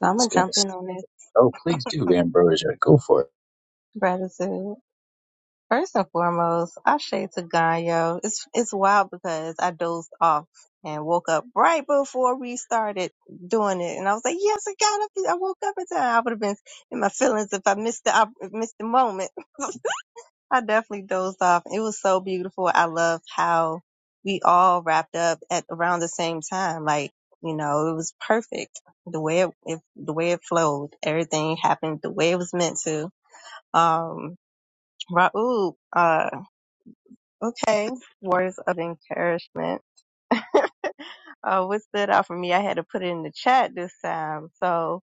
So I'm gonna
just gonna
jump
say,
in on this
oh, please do, Ambrosia, go for it.
gratitude. First and foremost, Ashe to Ganyo. It's it's wild because I dozed off and woke up right before we started doing it, and I was like, "Yes, I got up. I woke up in time. I would have been in my feelings if I missed the op- missed the moment." <laughs> I definitely dozed off. It was so beautiful. I love how we all wrapped up at around the same time. Like you know, it was perfect the way it, it the way it flowed. Everything happened the way it was meant to. Um, Raul. uh. Okay. Words of encouragement. Uh, what stood out for me, I had to put it in the chat this time. So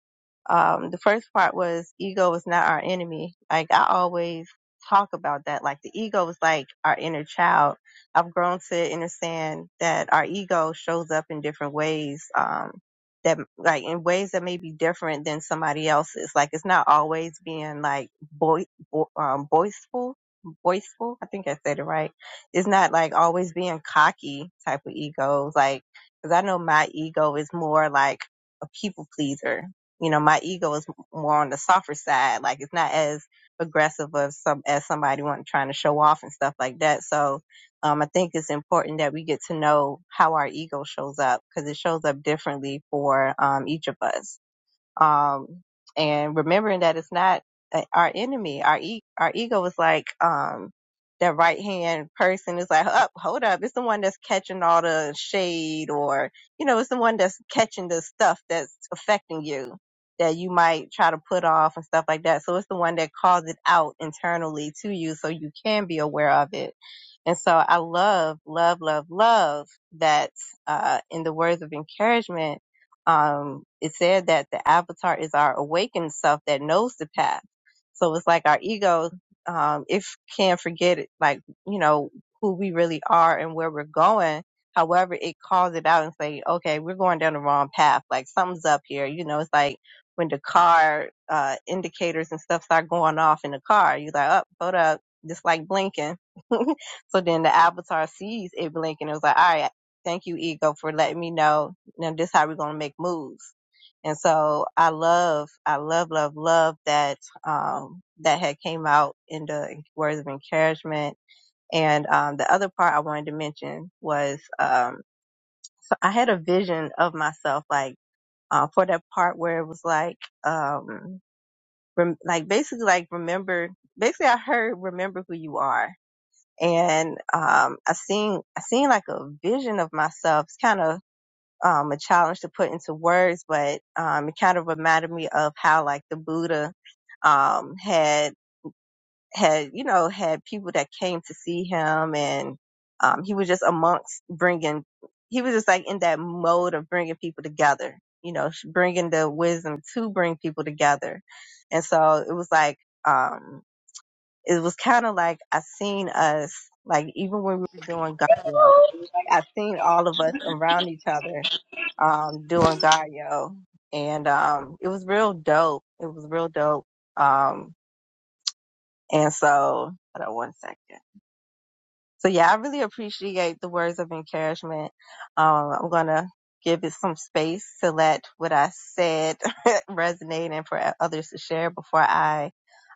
um, the first part was ego is not our enemy. Like I always talk about that. Like the ego is like our inner child. I've grown to understand that our ego shows up in different ways. Um, that like in ways that may be different than somebody else's. Like it's not always being like boy, bo- um, boisterful, boisterful. I think I said it right. It's not like always being cocky type of egos. Like because I know my ego is more like a people pleaser. You know, my ego is more on the softer side. Like it's not as aggressive as some as somebody want trying to show off and stuff like that. So um, I think it's important that we get to know how our ego shows up because it shows up differently for um, each of us. Um, and remembering that it's not a- our enemy. Our e- our ego is like um, that right hand person is like, up, hold up, it's the one that's catching all the shade, or you know, it's the one that's catching the stuff that's affecting you that you might try to put off and stuff like that. So it's the one that calls it out internally to you, so you can be aware of it. And so I love, love, love, love that uh, in the words of encouragement um, it said that the avatar is our awakened self that knows the path. So it's like our ego, um, if can forget it, like, you know, who we really are and where we're going. However, it calls it out and say, okay, we're going down the wrong path. Like something's up here. You know, it's like when the car, uh, indicators and stuff start going off in the car, you're like, oh, hold up. Just like blinking. <laughs> so then the avatar sees it blinking. It was like, all right, thank you, ego, for letting me know now this how we're gonna make moves. And so I love, I love, love, love that um, that had came out in the words of encouragement. And um, the other part I wanted to mention was um, so I had a vision of myself, like uh, for that part where it was like, um, rem- like basically like remember. Basically, I heard remember who you are, and um, I seen I seen like a vision of myself. It's kind of um, a challenge to put into words, but um, it kind of reminded me of how like the Buddha um, had had you know had people that came to see him, and um, he was just amongst bringing. He was just like in that mode of bringing people together, you know, bringing the wisdom to bring people together, and so it was like. Um, it was kind of like I seen us, like even when we were doing Gario, it was like I seen all of us around each other, um, doing Gario. And, um, it was real dope. It was real dope. Um, and so, hold on one second. So yeah, I really appreciate the words of encouragement. Um, I'm going to give it some space to let what I said <laughs> resonate and for others to share before I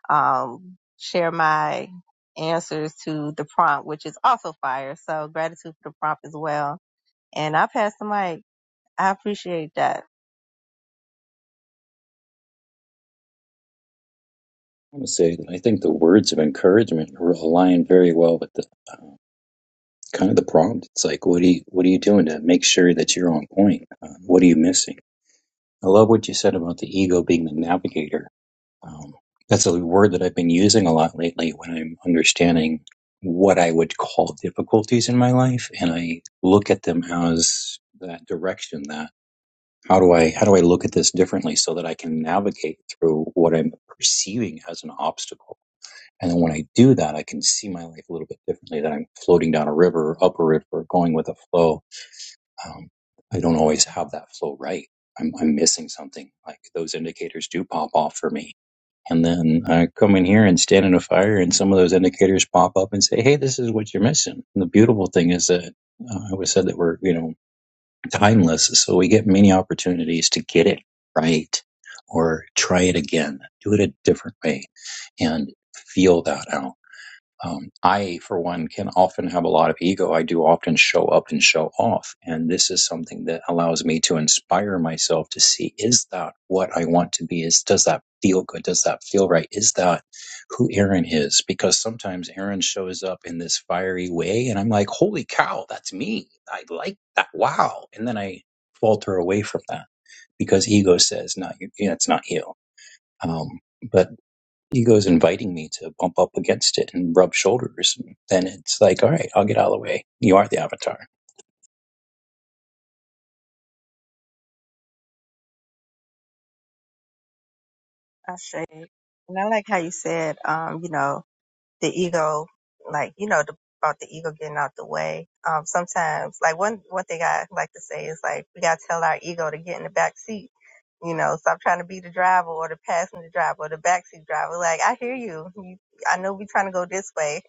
um, share my answers to the prompt, which is also fire. So gratitude for the prompt as well. And I pass the mic. I appreciate that.
I want to say that I think the words of encouragement r- align very well with the uh, kind of the prompt. It's like, what are you, what are you doing to make sure that you're on point? Uh, what are you missing? I love what you said about the ego being the navigator. Um, that's a word that I've been using a lot lately when I'm understanding what I would call difficulties in my life, and I look at them as that direction, How do I how do I look at this differently so that I can navigate through what I'm perceiving as an obstacle? And then when I do that, I can see my life a little bit differently. That I'm floating down a river, up a river, going with a flow. Um, I don't always have that flow right. I'm, I'm missing something. Like those indicators do pop off for me. And then I come in here and stand in a fire, and some of those indicators pop up and say, "Hey, this is what you're missing." And the beautiful thing is that uh, I always said that we're, you know, timeless. So we get many opportunities to get it right or try it again, do it a different way and feel that out. Um, I, for one, can often have a lot of ego. I do often show up and show off. And this is something that allows me to inspire myself to see is that what I want to be? Is does that feel good? Does that feel right? Is that who Aaron is? Because sometimes Aaron shows up in this fiery way and I'm like, holy cow, that's me. I like that. Wow. And then I falter away from that because ego says, not you, yeah, it's not you. Um, but ego's inviting me to bump up against it and rub shoulders, And then it's like, all right, I'll get out of the way. You are the avatar.
I say, and I like how you said, um, you know, the ego, like you know, the, about the ego getting out the way. Um, sometimes, like one one thing I like to say is like we gotta tell our ego to get in the back seat. You know, stop trying to be the driver or the passenger driver or the backseat driver. Like I hear you. you I know we're trying to go this way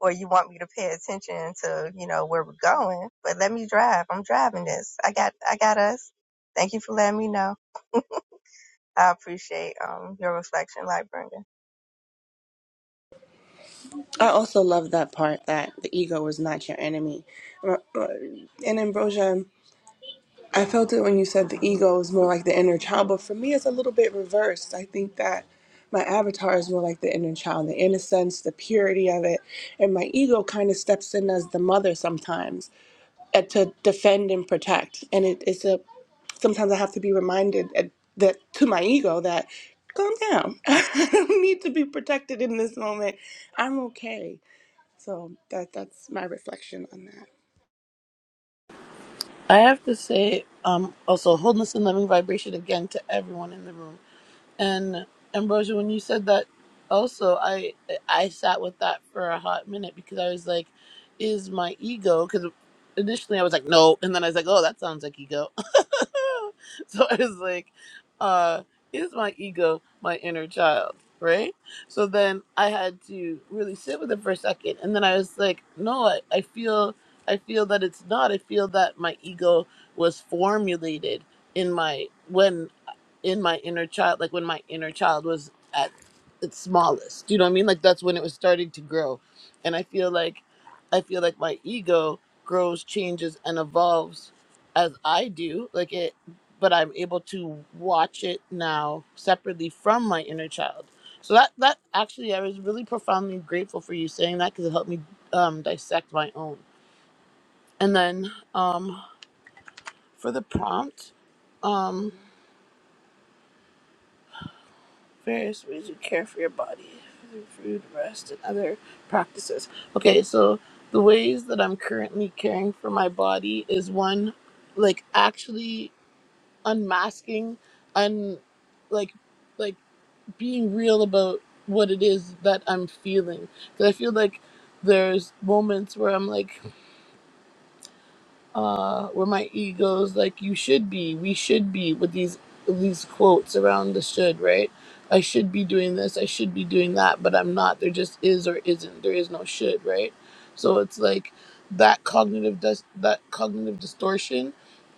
or you want me to pay attention to, you know, where we're going. But let me drive. I'm driving this. I got I got us. Thank you for letting me know. I appreciate um your reflection, Lightbringer.
I also love that part that the ego is not your enemy. Uh, uh, And Ambrosia, I felt it when you said the ego is more like the inner child, but for me, it's a little bit reversed. I think that my avatar is more like the inner child, the innocence, the purity of it, and my ego kind of steps in as the mother sometimes uh, to defend and protect. And it is a sometimes I have to be reminded at, that to my ego that calm down. <laughs> I don't need to be protected in this moment. I'm okay. So on that.
have to say, um, also wholeness and loving vibration again to everyone in the room. And Ambrosia, when you said that, also I I sat with that for a hot minute because I was like, is my ego? Because initially I was like, no, and then I was like, oh, that sounds like ego. <laughs> so I was like, uh, is my ego my inner child? Right. So then I had to really sit with it for a second, and then I was like, no, I, I feel I feel that it's not. I feel that my ego was formulated in my when in my inner child, like when my inner child was at its smallest. You know what I mean? Like that's when it was starting to grow. And I feel like I feel like my ego grows, changes and evolves as I do. Like it but I'm able to watch it now separately from my inner child. So that that actually I was really profoundly grateful for you saying that cuz it helped me um dissect my own. And then um for the prompt um, various ways you care for your body, through food, rest, and other practices. Okay, so the ways that I'm currently caring for my body is one, like actually unmasking, un, like, like being real about what it is that I'm feeling. Because I feel like there's moments where I'm like uh, where my ego's like, "You should be, we should be," with these these quotes around the should, right? I should be doing this, I should be doing that, but I'm not. There just is or isn't. There is no should, right? So it's like that cognitive dis- that cognitive distortion,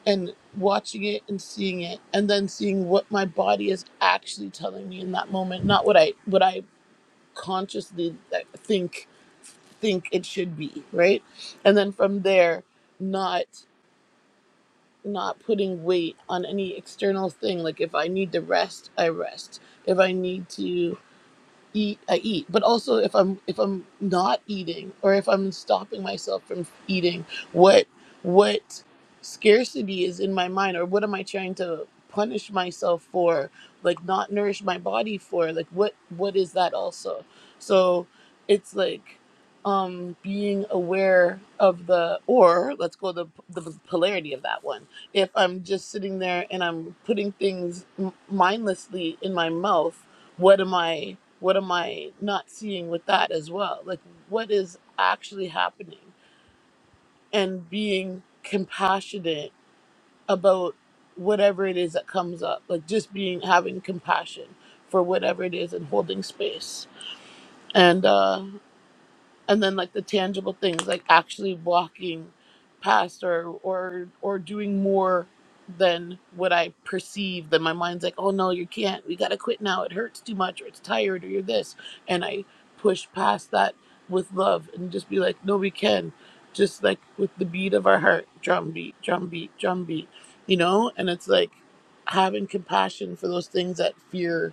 and watching it and seeing it, and then seeing what my body is actually telling me in that moment, not what I what I consciously uh, think think it should be, right? And then from there, not not putting weight on any external thing. Like if I need to rest, I rest. If I need to eat i eat but also if i'm if i'm not eating or if i'm stopping myself from eating what what scarcity is in my mind or what am i trying to punish myself for like not nourish my body for like what what is that also so it's like um being aware of the or let's go the the polarity of that one if i'm just sitting there and i'm putting things m- mindlessly in my mouth what am i what am i not seeing with that as well like what is actually happening and being compassionate about whatever it is that comes up like just being having compassion for whatever it is and holding space and uh and then like the tangible things like actually walking past or or or doing more than what i perceive then my mind's like oh no you can't we gotta quit now it hurts too much or it's tired or you're this and i push past that with love and just be like no we can just like with the beat of our heart drum beat drum beat drum beat you know and it's like having compassion for those things that fear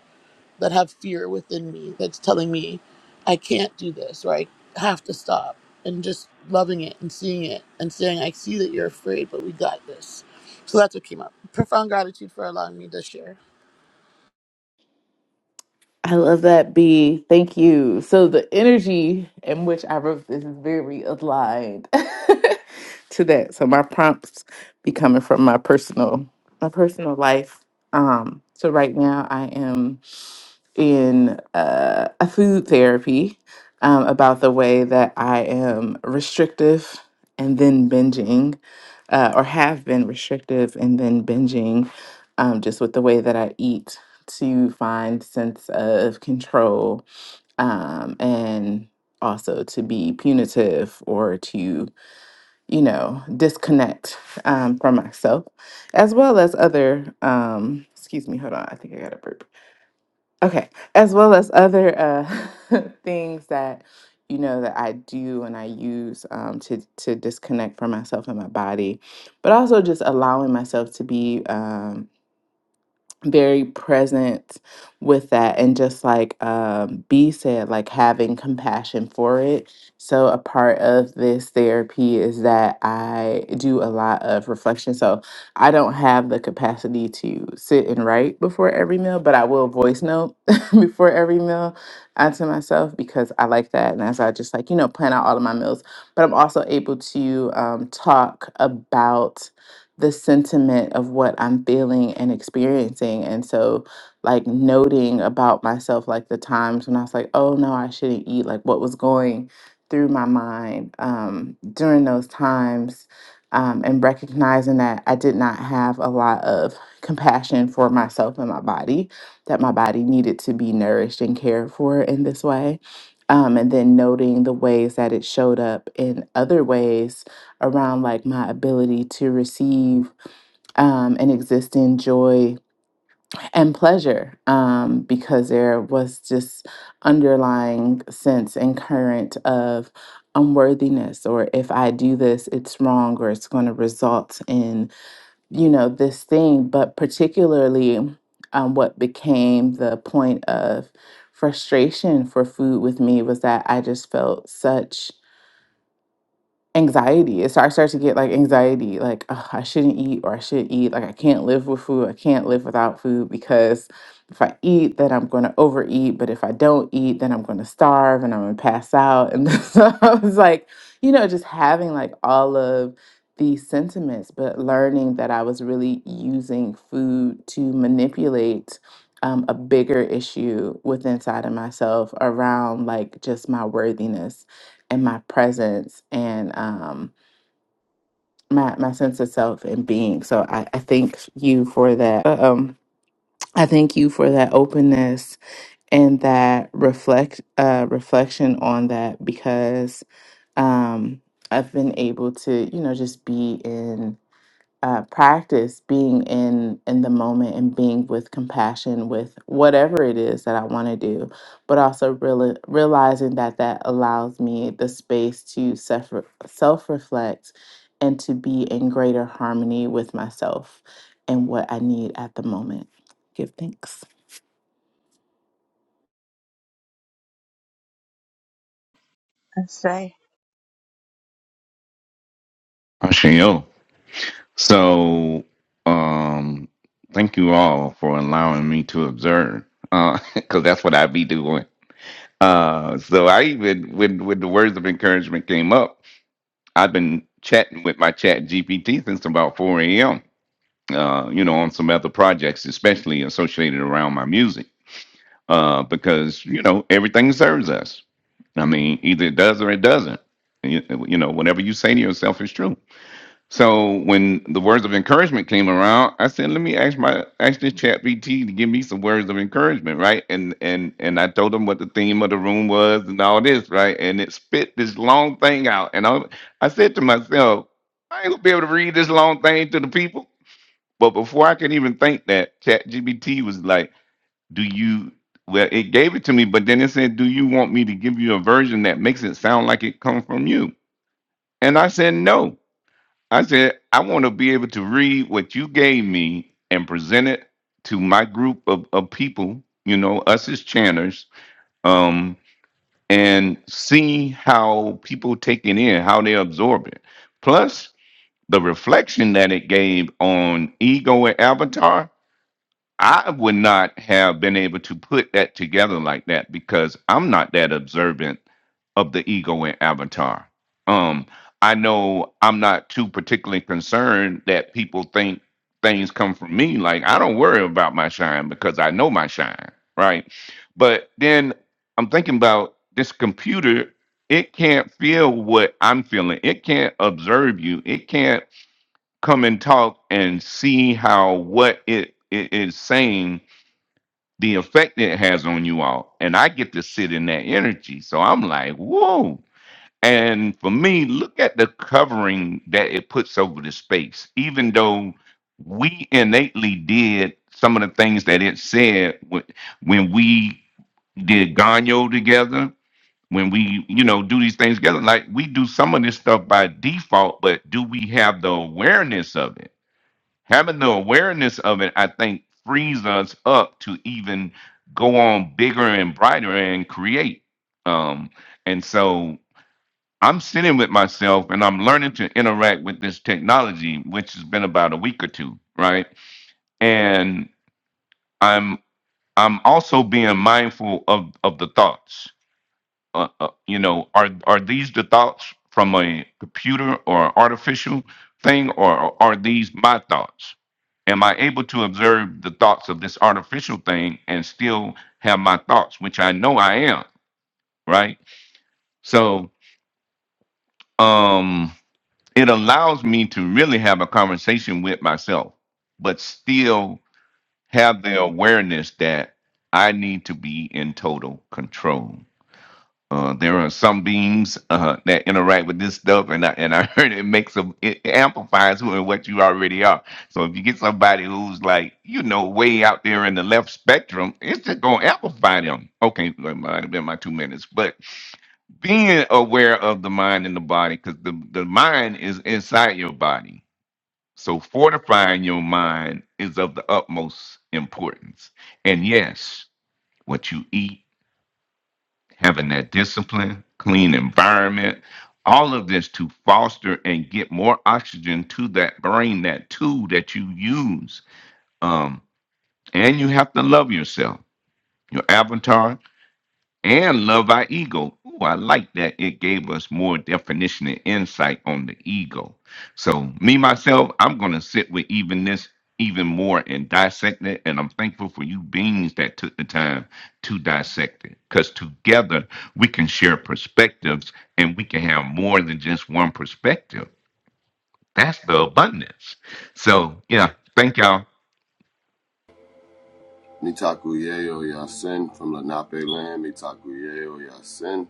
that have fear within me that's telling me I can't do this or I have to stop and just loving it and seeing it and saying, I see that you're afraid, but we got this. So that's what came up. Profound gratitude for allowing me to share.
I love that, B. Thank you. So the energy in which I wrote this is very aligned <laughs> to that. So my prompts be coming from my personal, my personal life. Um, so right now I am in uh, a food therapy um, about the way that I am restrictive and then binging, uh, or have been restrictive and then binging, um, just with the way that I eat to find sense of control um, and also to be punitive or to you know disconnect um, from myself as well as other um excuse me hold on i think i got a burp Okay, as well as other uh, <laughs> things that you know that I do and I use um, to to disconnect from myself and my body, but also just allowing myself to be. um, very present with that and just like um B said like having compassion for it. So a part of this therapy is that I do a lot of reflection. So I don't have the capacity to sit and write before every meal, but I will voice note <laughs> before every meal onto myself because I like that and as I just like, you know, plan out all of my meals, but I'm also able to um talk about the sentiment of what I'm feeling and experiencing. And so, like, noting about myself, like the times when I was like, oh no, I shouldn't eat, like what was going through my mind um, during those times, um, and recognizing that I did not have a lot of compassion for myself and my body, that my body needed to be nourished and cared for in this way. Um, and then noting the ways that it showed up in other ways around like my ability to receive um, and exist in joy and pleasure um, because there was this underlying sense and current of unworthiness or if i do this it's wrong or it's going to result in you know this thing but particularly um, what became the point of frustration for food with me was that i just felt such anxiety. It start- I start to get like anxiety, like "Ugh, I shouldn't eat or I should eat. Like I can't live with food. I can't live without food because if I eat, then I'm going to overeat. But if I don't eat, then I'm going to starve and I'm going to pass out. And <laughs> so I was like, you know, just having like all of these sentiments, but learning that I was really using food to manipulate. Um, a bigger issue within inside of myself around like just my worthiness and my presence and um my my sense of self and being. So I, I thank you for that. Um I thank you for that openness and that reflect uh reflection on that because um I've been able to, you know, just be in uh, practice being in in the moment and being with compassion with whatever it is that I want to do, but also reali realizing that that allows me the space to self self reflect and to be in greater harmony with myself and what I need at the moment. Give thanks.
I say
Ashayo. So, um, thank you all for allowing me to observe, because <laughs> that's what I be doing. Uh, so I even when when the words of encouragement came up, I've been chatting with my Chat GPT since about four a.m. Uh, you know, on some other projects, especially associated around my music, uh, because you know everything serves us. I mean, either it does or it doesn't. You, you know, whatever you say to yourself is true so when the words of encouragement came around, I said, "Let me ask my ask this chat BT to give me some words of encouragement, right?" And and and I told him what the theme of the room was and all this, right? And it spit this long thing out, and I I said to myself, "I ain't gonna be able to read this long thing to the people." But before I could even think that, chat GBT was like, "Do you?" Well, it gave it to me, but then it said, "Do you want me to give you a version that makes it sound like it comes from you?" And I said, "No." I said, I want to be able to read what you gave me and present it to my group of, of people, you know, us as channers, um, and see how people take it in, how they absorb it. Plus, the reflection that it gave on ego and avatar I would not have been able to put that together like that because I'm not that observant of the ego in Avatar. Um, I know I'm not too particularly concerned that people think things come from me. Like I don't worry about my shine because I know my shine, right? But then I'm thinking about this computer. It can't feel what I'm feeling. It can't observe you. It can't come and talk and see how what it, it is saying the effect it has on you all and i get to sit in that energy so i'm like whoa and for me look at the covering that it puts over the space even though we innately did some of the things that it said when when we did Ganyo together, when we, you know, do these things together, like we do some of this stuff by default, but do we have the awareness of it? having the awareness of it, I think, frees us up to even go on bigger and brighter and create. Um, and so I'm sitting with myself and I'm learning to interact with this technology, which has been about a week or two, right? And I'm I'm also being mindful of of the thoughts. Uh, uh, you know, are are these the thoughts from a computer or artificial thing, or are these my thoughts? Am I able to observe the thoughts of this artificial thing and still have my thoughts, which I know I am, right? So um, it allows me to really have a conversation with myself, but still have the awareness that I need to be in total control. Uh, there are some beams uh, that interact with this stuff, and I and I <laughs> heard it makes them it amplifies who and what you already are. So if you get somebody who's like you know way out there in the left spectrum, it's just gonna amplify them. Okay, that might have been my two minutes, but being aware of the mind and the body because the, the mind is inside your body so fortifying your mind is of the utmost importance and yes what you eat having that discipline, clean environment, all of this to foster and get more oxygen to that brain, that tool that you use. Um, and you have to love yourself, your avatar and love our ego. Ooh, I like that. It gave us more definition and insight on the ego. So me myself, I'm gonna sit with even this even more and dissect it. And I'm thankful for you beings that took the time to dissect it. Because together we can share perspectives and we can have more than just one perspective. That's the abundance. So yeah, thank y'all.
Mitaku Yeo Yasin from Lenape land, Mitaku Yeo Yasin.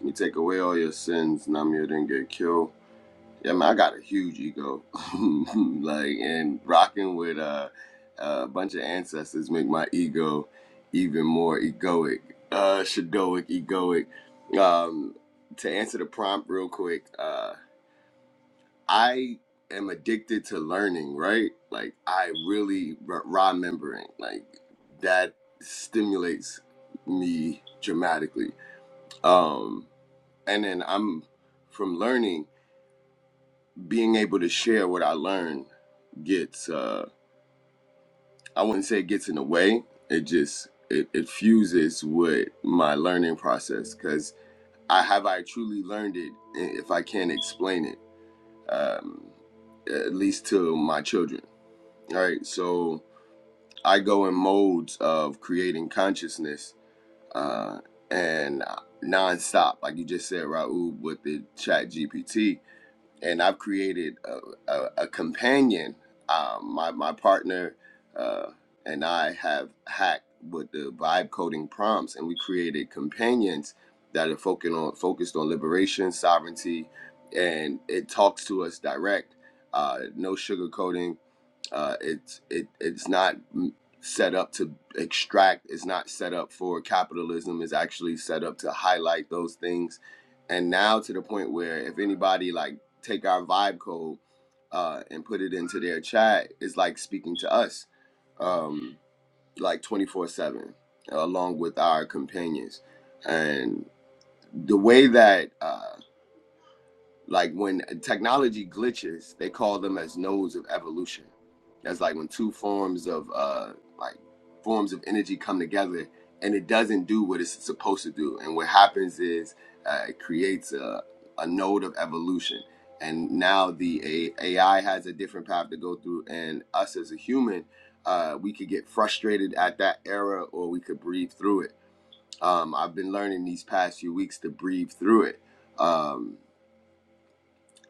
Me take away all your sins, Namir didn't get killed. Yeah, man, I got a huge ego. <laughs> like, and rocking with uh, a bunch of ancestors make my ego even more egoic, uh, shadoic, egoic. Um, to answer the prompt real quick, uh, I am addicted to learning, right? Like I really r- remembering, like that stimulates me dramatically. Um, and then I'm from learning, being able to share what I learn gets. Uh, I wouldn't say it gets in the way. It just it, it fuses with my learning process because I have I truly learned it if I can't explain it, um, at least to my children right? So I go in modes of creating consciousness uh, and nonstop, like you just said, Raul, with the Chat GPT. And I've created a, a, a companion. Um, my my partner uh, and I have hacked with the vibe coding prompts, and we created companions that are focused on focused on liberation, sovereignty, and it talks to us direct. Uh, no sugarcoating uh, it's it it's not mm, set up to extract. It's not set up for capitalism. It's actually set up to highlight those things. And now to the point where if anybody like take our vibe code uh, and put it into their chat, it's like speaking to us, um, like twenty four seven, along with our companions. And the way that uh, like when technology glitches, they call them as nodes of evolution. That's like when two forms of uh, like forms of energy come together and it doesn't do what it's supposed to do. And what happens is uh, it creates a, a node of evolution. And now the AI has a different path to go through, and us as a human, uh, we could get frustrated at that era, or we could breathe through it. Um, I've been learning these past few weeks to breathe through it. Um,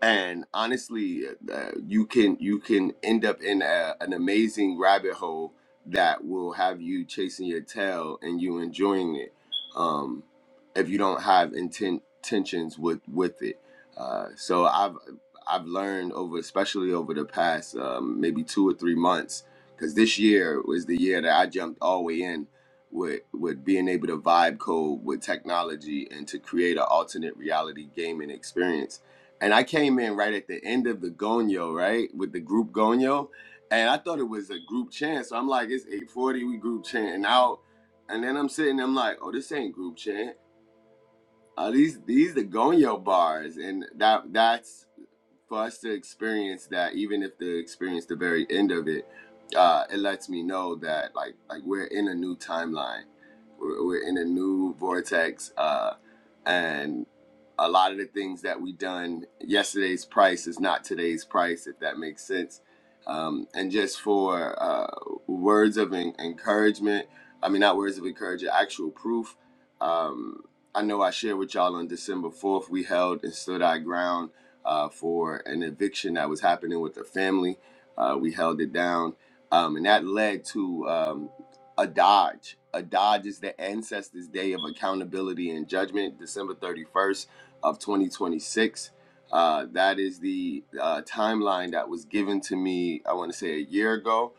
and honestly uh, you can you can end up in a, an amazing rabbit hole that will have you chasing your tail and you enjoying it um, if you don't have intent tensions with with it uh, so i've i've learned over especially over the past um, maybe two or three months because this year was the year that i jumped all the way in with with being able to vibe code with technology and to create an alternate reality gaming experience and I came in right at the end of the Gonyo, right, with the group Gonyo, and I thought it was a group chant. So I'm like, it's 840, we group chant and out. And then I'm sitting, I'm like, oh, this ain't group chant. Uh, these these the Gonyo bars, and that that's for us to experience that. Even if the experience the very end of it, uh, it lets me know that like like we're in a new timeline, we're, we're in a new vortex, uh, and a lot of the things that we done yesterday's price is not today's price if that makes sense um, and just for uh, words of en- encouragement i mean not words of encouragement actual proof um, i know i shared with y'all on december 4th we held and stood our ground uh, for an eviction that was happening with a family uh, we held it down um, and that led to um, a dodge a dodge is the ancestors day of accountability and judgment december 31st of 2026. Uh, that is the uh, timeline that was given to me. I want to say a year ago,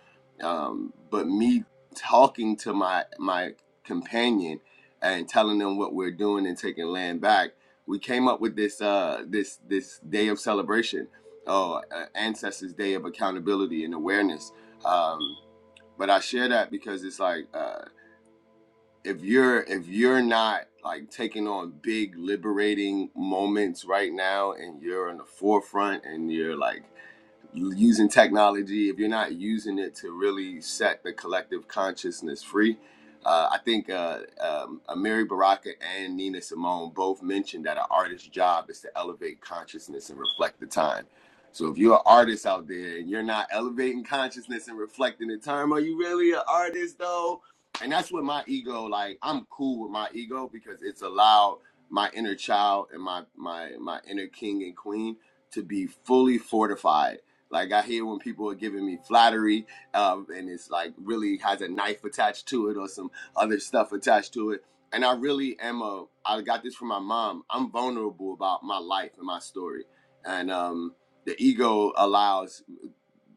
um, but me talking to my my companion and telling them what we're doing and taking land back, we came up with this uh, this this day of celebration, oh, uh, Ancestors Day of accountability and awareness. Um, but I share that because it's like. uh, if you're if you're not like taking on big liberating moments right now and you're in the forefront and you're like using technology, if you're not using it to really set the collective consciousness free, uh, I think uh, um, uh, Mary Baraka and Nina Simone both mentioned that an artist's job is to elevate consciousness and reflect the time. So if you're an artist out there and you're not elevating consciousness and reflecting the time, are you really an artist though? And that's what my ego like. I'm cool with my ego because it's allowed my inner child and my my my inner king and queen to be fully fortified like I hear when people are giving me flattery, um, and it's like really has a knife attached to it or some other stuff attached to it. And I really am a. I got this from my mom. I'm vulnerable about my life and my story, and um, the ego allows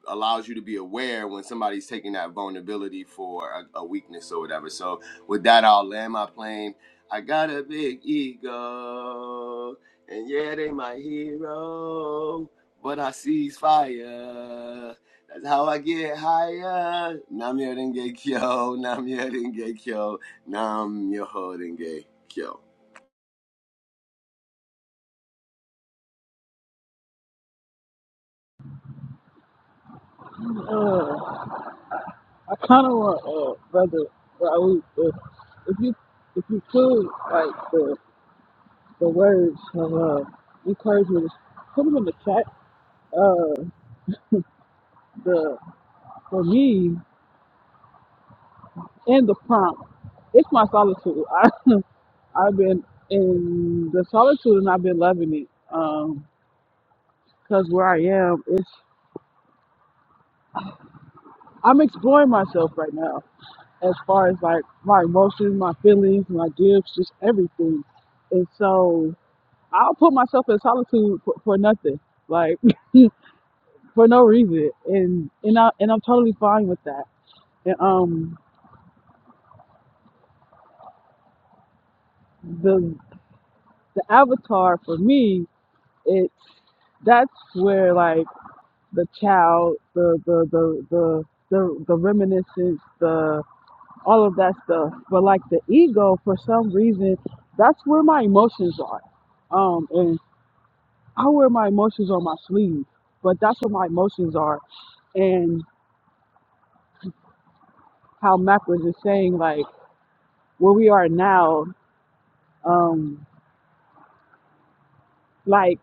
allows you to be aware when somebody's taking that vulnerability for a, a weakness or whatever. So with that, I'll land my plane. I got a big ego, and yeah, they my hero, but I seize fire. That's how I get higher. Nam yo denge kyo, nam yo denge kyo, nam yo denge kyo.
I kind of want, uh, brother Raoul, if, if you if you could, like the the words from uh, encouragement, put them in the chat. Uh, the for me and the prompt, it's my solitude. <laughs> I I've been in the solitude and I've been loving it. Um, cause where I am, it's I'm exploring myself right now as far as like my emotions, my feelings, my gifts, just everything. And so I'll put myself in solitude for, for nothing, like <laughs> for no reason, and and I and I'm totally fine with that. And um, the the avatar for me, it's that's where like the child, the the the the the, the reminiscence, the all of that stuff. But like the ego, for some reason, that's where my emotions are. Um, and I wear my emotions on my sleeve, but that's where my emotions are, and. how Mac was just saying, like where we are now, um, like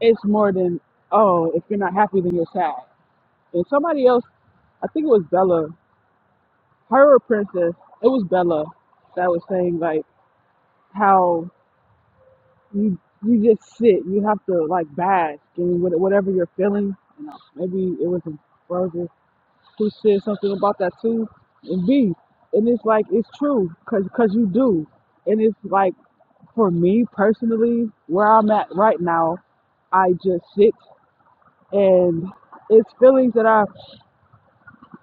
it's more than oh, if you're not happy, then you're sad. And somebody else, I think it was Bella, her or Princess, it was Bella that was saying like how you you just sit, you have to like bask in what- whatever you're feeling. You know, maybe it was Roger who said something about that too, and B, and it's like it's true because you do, and it's like For me personally, where I'm at right now, I just sit and it's feelings that I,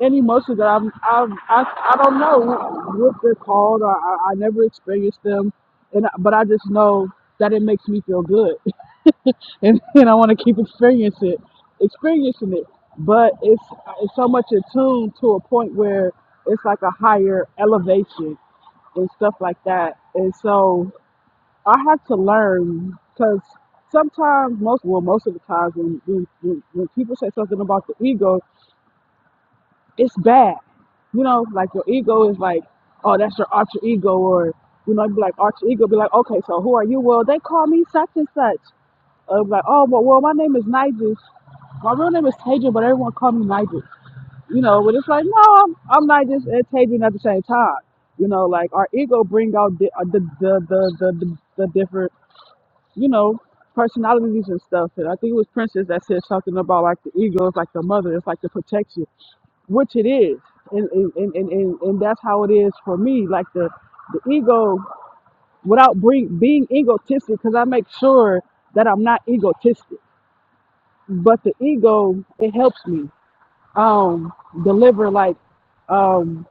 and emotions that I'm, I'm I, I don't know what they're called. Or I, I never experienced them, and but I just know that it makes me feel good, <laughs> and, and I want to keep experiencing it, experiencing it. But it's it's so much attuned to a point where it's like a higher elevation and stuff like that, and so. I had to learn because sometimes, most well, most of the times when, when when when people say something about the ego, it's bad. You know, like your ego is like, oh, that's your alter ego, or you know, it'd be like alter ego, be like, okay, so who are you? Well, they call me such and such. Or be like, oh, well, well, my name is Nigel. My real name is Tajan, but everyone call me Nigel. You know, but it's like, no, I'm I'm Nigel and Tajan at the same time. You know, like our ego bring out the uh, the the the the, the, the different you know, personalities and stuff. And I think it was Princess that said something about like the ego is like the mother, it's like the protection, which it is. And and, and, and, and and that's how it is for me. Like the, the ego, without bring, being egotistic, because I make sure that I'm not egotistic. But the ego, it helps me um, deliver like um,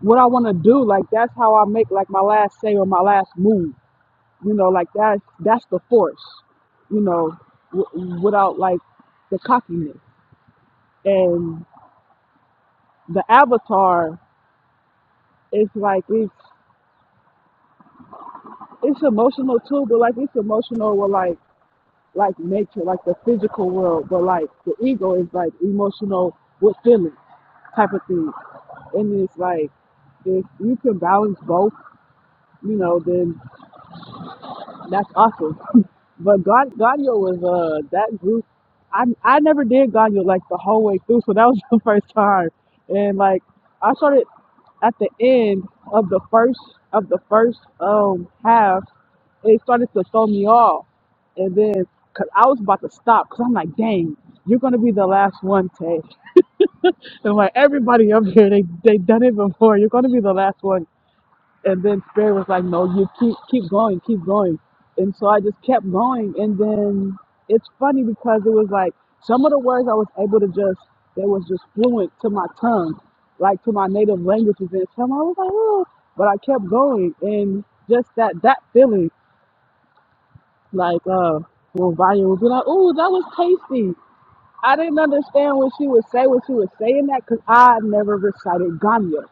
what I want to do. Like that's how I make like my last say or my last move you know like that's that's the force you know w- without like the cockiness and the avatar is like it's it's emotional too but like it's emotional with like like nature like the physical world but like the ego is like emotional with feelings type of thing and it's like if you can balance both you know then That's awesome. <laughs> But Gan- Ganyo was uh that group. I I never did Ganyo like the whole way through, <laughs> so that was <laughs> the first time. And like I started at the end of the first of the first um half, it started to throw me off, and then cause I was about to stop, cause I'm like, dang, you're gonna be the last one, Tay. <laughs> And like everybody up here, they they done it before. You're gonna be the last one and then spirit was like no you keep keep going keep going and so i just kept going and then it's funny because it was like some of the words i was able to just they was just fluent to my tongue like to my native languages and some i was like oh but i kept going and just that that feeling like uh when Vanya would be like oh that was tasty I didn't understand what she would say when she was saying that because I never recited Ganya.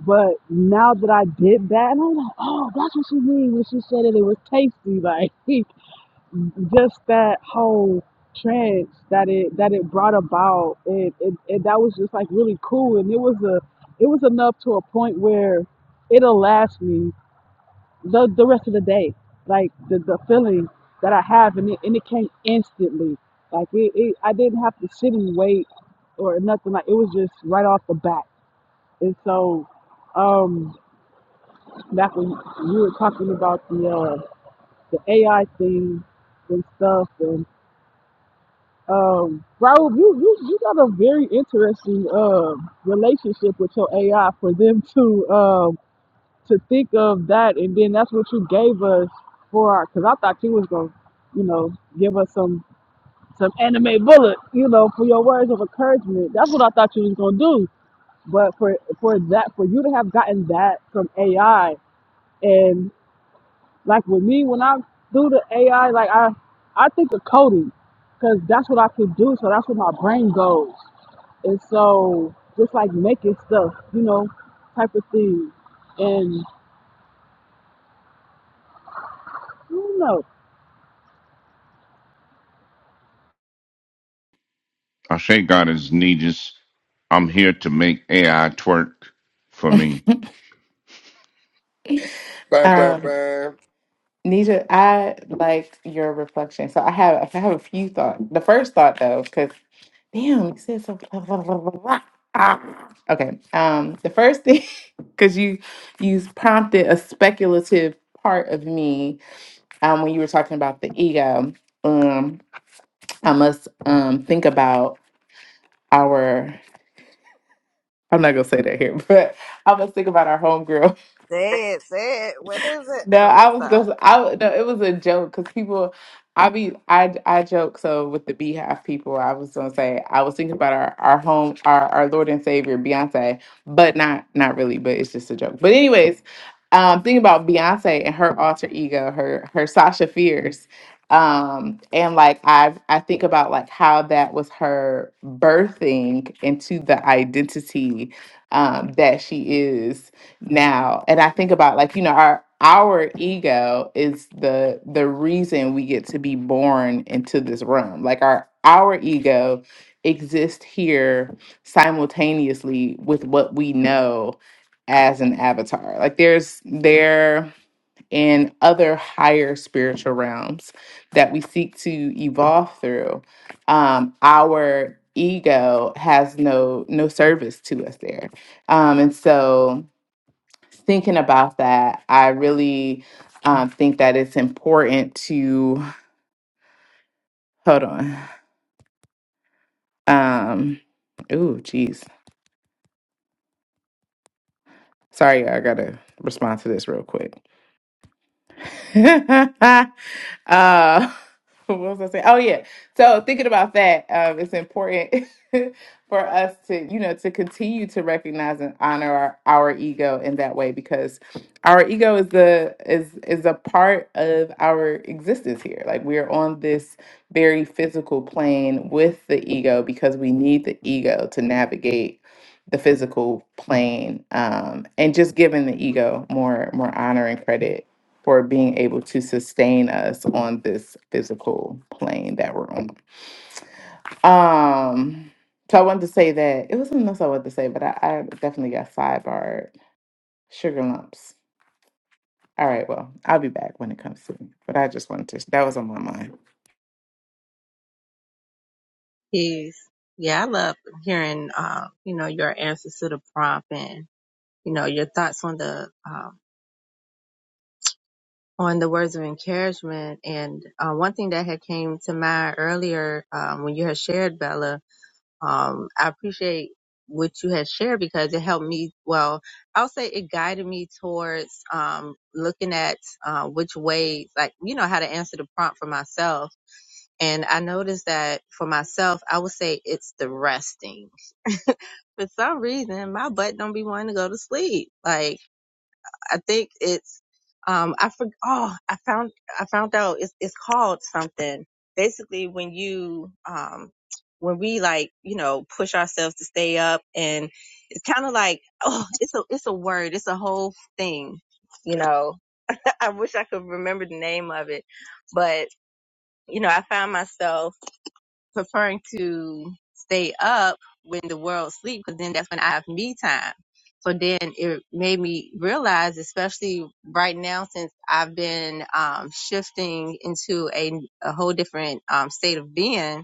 But now that I did that, and I'm like, oh, that's what she mean when she said that it was tasty. Like <laughs> just that whole trance that it that it brought about, it, it, it that was just like really cool, and it was a it was enough to a point where it'll last me the the rest of the day. Like the the feeling that I have, and it and it came instantly. Like it, it I didn't have to sit and wait or nothing. Like it was just right off the bat. And so, um, back when you were talking about the uh, the AI thing and stuff, and um, Raul, you you you got a very interesting uh relationship with your AI for them to um to think of that, and then that's what you gave us for our. Because I thought you was gonna, you know, give us some some anime bullet, you know, for your words of encouragement. That's what I thought you was gonna do. But for for that, for you to have gotten that from AI, and like with me, when I do the AI, like I I think of coding, because that's what I could do. So that's where my brain goes, and so just like making stuff, you know, type of thing, and I don't know
I say God is needed. I'm here to make AI twerk for me.
Bam, bam,
Um,
bam.
Nita, I like your reflection. So I have I have a few thoughts. The first thought though, because Damn, you said so. <laughs> Okay. Um, the first thing, <laughs> because you you prompted a speculative part of me um, when you were talking about the ego. Um, I must um think about our. I'm not gonna say that here, <laughs> but I must think about our homegirl
Say it, say it. What is it?
No,
No, let me
I was
stop.
gonna. I no, it was a joke because people, I be, I I joke. So with the Beehive people, I was gonna say I was thinking about our our home, our our Lord and Savior Beyonce, but not not really, but it's just a joke. But anyways, um, thinking about Beyonce and her alter ego, her her Sasha Fierce, um, and like i I think about like how that was her birthing into the identity um, that she is now and i think about like you know our our ego is the the reason we get to be born into this room like our our ego exists here simultaneously with what we know as an avatar like there's there in other higher spiritual realms that we seek to evolve through um our ego has no no service to us there um and so thinking about that, I really um, think that it's important to hold on. Um, ooh, geez. Sorry, I gotta respond to this real quick. <laughs> Uh, <laughs> what was I saying? Oh yeah. So thinking about that, um, it's important <laughs> for us to, you know, to continue to recognize and honor our, our ego in that way because our ego is the is is a part of our existence here. Like we are on this very physical plane with the ego because we need the ego to navigate the physical plane um, and just giving the ego more more honor and credit for being able to sustain us on this physical plane that we're on. Um, so I wanted to say that it was something else I wanted to say, but I, I definitely got sidebarred. Sugar lumps. All right, well, I'll be back when it comes to me. But I just wanted to that was on my mind.
Peace. Yeah, I love hearing um, you know, your answers to the prompt and you know, your thoughts on the um on the words of encouragement and uh, one thing that had came to mind earlier um, when you had shared Bella um, I appreciate what you had shared because it helped me. Well, I'll say it guided me towards um, looking at uh, which ways, like, you know, how to answer the prompt for myself. And I noticed that for myself, I would say it's the resting. For some reason, my butt don't be wanting to go to sleep. Like, I think it's um I for, oh I found I found out it's it's called something. Basically, when you um when we like you know push ourselves to stay up, and it's kind of like oh it's a it's a word, it's a whole thing. You know, <laughs> I wish I could remember the name of it, but you know I found myself preferring to stay up when the world sleep because then that's when I have me time. So then it made me realize, especially right now since I've been um, shifting into a, a whole different um, state of being,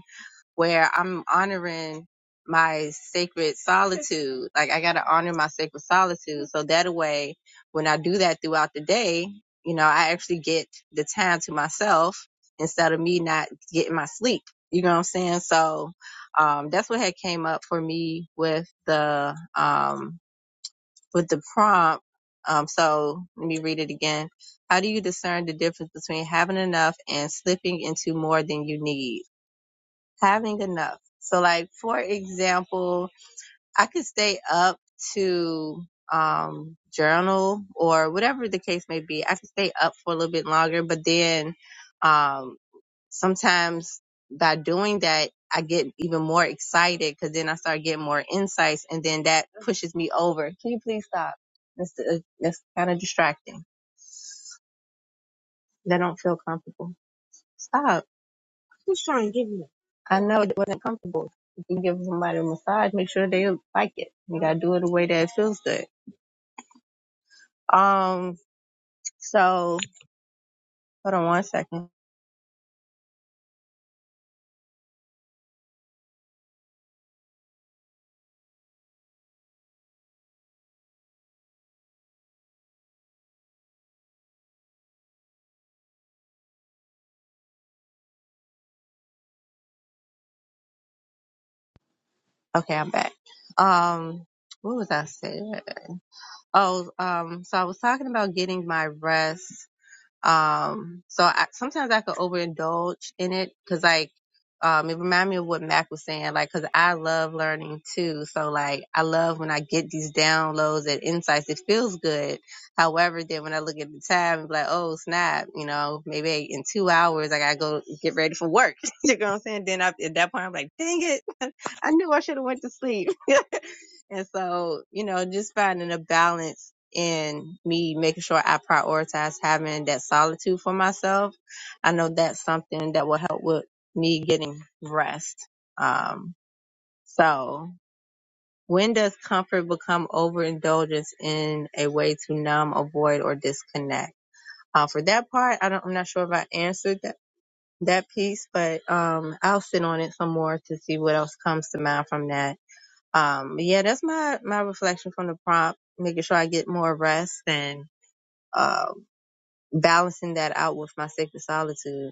where I'm honoring my sacred solitude. Like I gotta honor my sacred solitude. So that way when I do that throughout the day, you know, I actually get the time to myself instead of me not getting my sleep. You know what I'm saying? So um that's what had came up for me with the um with the prompt. Um so let me read it again. How do you discern the difference between having enough and slipping into more than you need? having enough. So like for example, I could stay up to um journal or whatever the case may be. I could stay up for a little bit longer, but then um sometimes by doing that I get even more excited because then I start getting more insights and then that pushes me over. Can you please stop? That's, uh, that's kind of distracting. They don't feel comfortable. Stop. Just try and give me. I know it wasn't comfortable. You can give somebody a massage, make sure they like it. You gotta do it the way that it feels good. Um, so hold on one second. Okay, I'm back. Um, what was I saying? Oh, um, so I was talking about getting my rest Um, so I, sometimes I could overindulge in it because like, um, it reminded me of what Mac was saying, like, cause I love learning too. So like, I love when I get these downloads and insights. It feels good. However, then when I look at the time and be like, oh snap, you know, maybe in two hours, I gotta go get ready for work. <laughs> you know what I'm saying? Then I, at that point, I'm like, dang it. <laughs> I knew I should have went to sleep. <laughs> and so, you know, just finding a balance and me making sure I prioritize having that solitude for myself. I know that's something that will help with me getting rest. Um, so when does comfort become overindulgence in a way to numb, avoid, or disconnect? Uh, for that part, I don't, I'm not sure if I answered that, that piece, but, um, I'll sit on it some more to see what else comes to mind from that. Um, but yeah, that's my, my reflection from the prompt, making sure I get more rest and uh, balancing that out with my sacred solitude.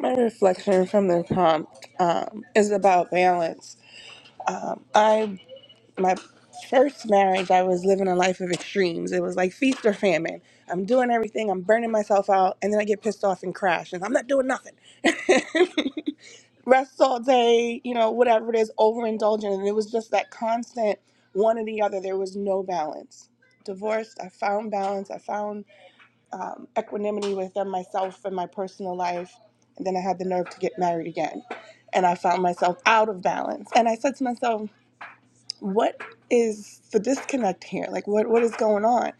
My reflection from the prompt um, is about balance. Um, I my first marriage, I was living a life of extremes. It was like feast or famine. I'm doing everything. I'm burning myself out, and then I get pissed off and crash, and I'm not doing nothing. <laughs> rest all day, you know, whatever it is, overindulgent. And it was just that constant one or the other. There was no balance. Divorced, I found balance. I found um, equanimity within myself and my personal life. And then I had the nerve to get married again. And I found myself out of balance. And I said to myself, what is the disconnect here? Like, what, what is going on?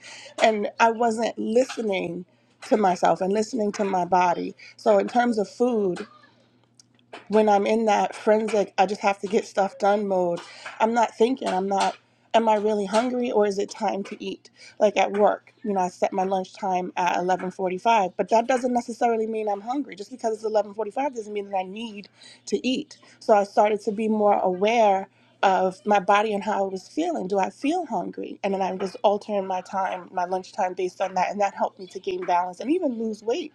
And I wasn't listening to myself and listening to my body. So, in terms of food, when I'm in that forensic, I just have to get stuff done mode, I'm not thinking, I'm not, am I really hungry or is it time to eat? Like at work, you know, I set my lunch time at 11:45, but that doesn't necessarily mean I'm hungry. Just because it's 11:45 doesn't mean that I need to eat. So I started to be more aware of my body and how it was feeling. Do I feel hungry? And then I was altering my time, my lunch time based on that, and that helped me to gain balance and even lose weight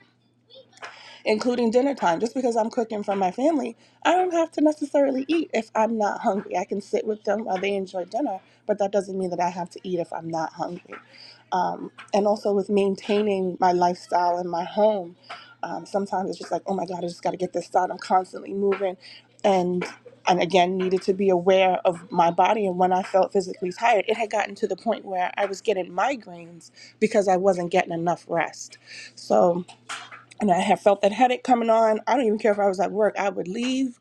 including dinner time. Just because I'm cooking for my family, I don't have to necessarily eat if I'm not hungry. I can sit with them while they enjoy dinner, but that doesn't mean that I have to eat if I'm not hungry. Um, and also with maintaining my lifestyle in my home, um, sometimes it's just like, oh my God, I just got to get this done. I'm constantly moving. And and again needed to be aware of my body and when I felt physically tired, it had gotten to the point where I was getting migraines because I wasn't getting enough rest. So and I had felt that headache coming on. I don't even care if I was at work. I would leave,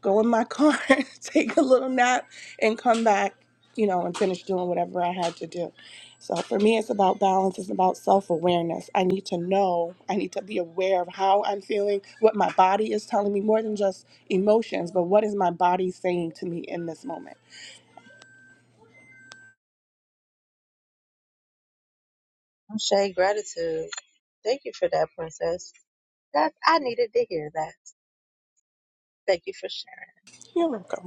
go in my car, <laughs> take a little nap, and come back, you know, and finish doing whatever I had to do. So for me, it's about balance. It's about self awareness. I need to know. I need to be aware of how I'm feeling, what my body is telling me, more than just emotions, but what is my body saying to me in this moment.
Shay, gratitude. Thank you for that, princess. That I needed to hear that. Thank you for sharing.
You're welcome.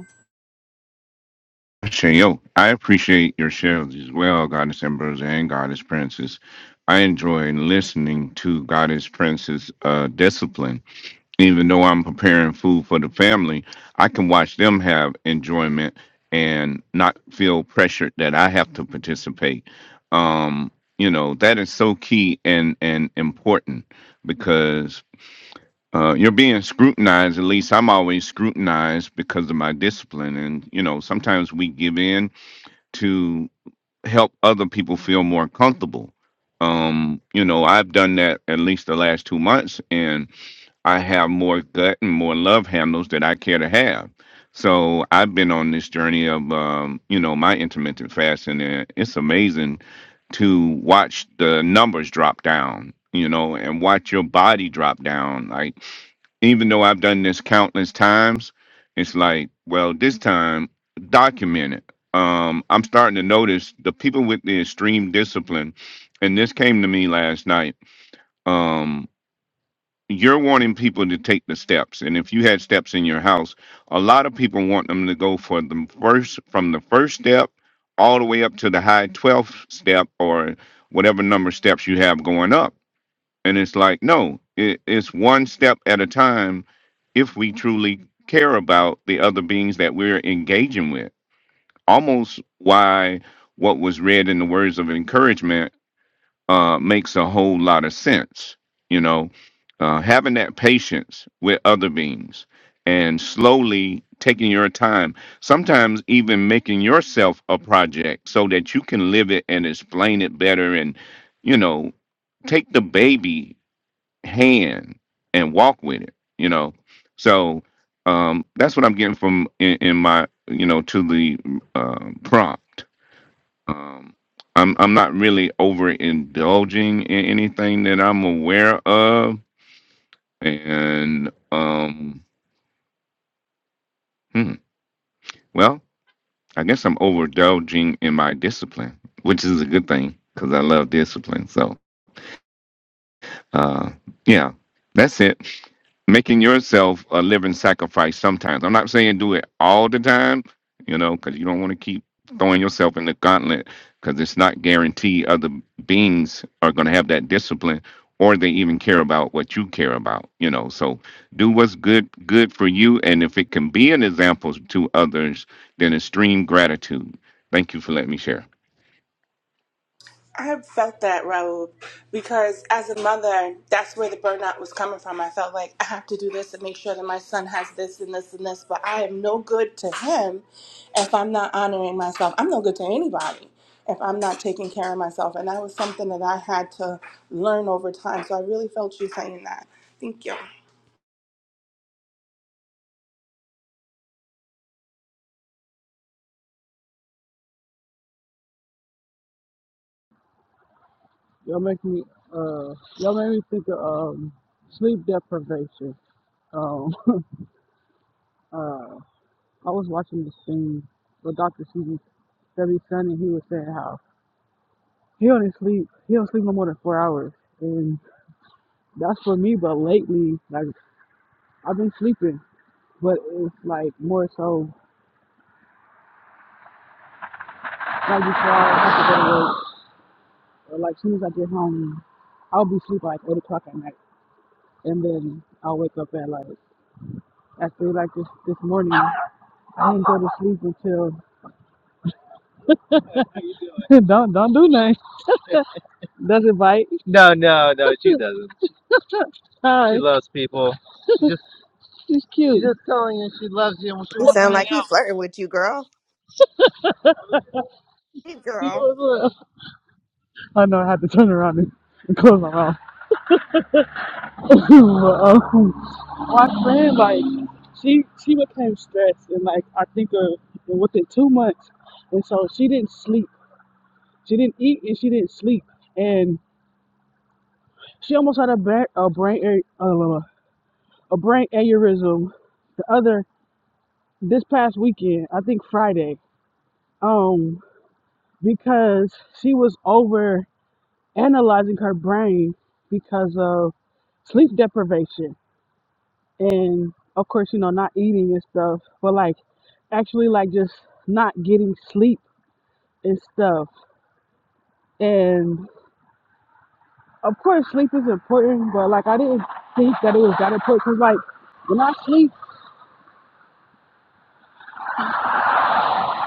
Shayo, I appreciate your shares as well, Goddess Ambrose and Goddess Princess. I enjoy listening to Goddess Princess uh, discipline. Even though I'm preparing food for the family, I can watch them have enjoyment and not feel pressured that I have to participate. Um, you know, that is so key and, and important because uh, you're being scrutinized. At least I'm always scrutinized because of my discipline. And, you know, sometimes we give in to help other people feel more comfortable. Um, you know, I've done that at least the last two months, and I have more gut and more love handles that I care to have. So I've been on this journey of, um, you know, my intermittent fasting, and it's amazing to watch the numbers drop down, you know, and watch your body drop down. Like even though I've done this countless times, it's like, well, this time document it. Um, I'm starting to notice the people with the extreme discipline, and this came to me last night. Um, you're wanting people to take the steps, and if you had steps in your house, a lot of people want them to go for the first from the first step all the way up to the high 12th step or whatever number of steps you have going up and it's like, no, it, it's one step at a time if we truly care about the other beings that we're engaging with. Almost why what was read in the words of encouragement uh, makes a whole lot of sense. You know, uh, having that patience with other beings and slowly taking your time, sometimes even making yourself a project so that you can live it and explain it better and, you know, take the baby hand and walk with it you know so um that's what i'm getting from in, in my you know to the um prompt um i'm i'm not really over indulging in anything that i'm aware of and um hmm, well i guess i'm overindulging in my discipline which is a good thing because i love discipline so Uh, yeah, that's it. Making yourself a living sacrifice sometimes. I'm not saying do it all the time, you know, because you don't want to keep throwing yourself in the gauntlet because it's not guaranteed other beings are going to have that discipline or they even care about what you care about, you know. So do what's good good for you and if it can be an example to others, then extreme gratitude. Thank you for letting me share.
I have felt that, Raul, because as a mother, that's where the burnout was coming from. I felt like I have to do this and make sure that my son has this and this and this, but I am no good to him if I'm not honoring myself. I'm no good to anybody if I'm not taking care of myself. And that was something that I had to learn over time. So I really felt you saying that. Thank you.
Y'all make me uh y'all made me think of um sleep deprivation. Um <laughs> uh I was watching this thing with Dr. CB Debbie Sun, and he was saying how he only sleep he don't sleep no more than four hours. And that's for me, but lately, like I've been sleeping. But it's like more so like before I have to go to work or like soon as I get home, I'll be asleep by like eight o'clock at night. And then I'll wake up at like at three like this this morning. I ain't go to sleep until <laughs> don't don't do nothing. Doesn't bite. No, no, no, she doesn't. <laughs> Hi. She loves people. she's She's cute. She's just telling you she loves you when she
You
wants to
sound
hang
like he
out.
flirting with you, girl. Hey,
<laughs>
girl.
I know I had to turn around and, <laughs> and close my mouth. <laughs> but, um, my friend, like, she she became stressed and like I think uh within two months, and so she didn't sleep. She didn't eat and she didn't sleep, and she almost had a, ba- a brain a, a brain aneurysm. The other this past weekend, I think Friday, um, because she was over analyzing her brain because of sleep deprivation and of course, you know, not eating and stuff, but like actually like just not getting sleep and stuff. And of course sleep is important, but like I didn't think that it was that important because like when I sleep,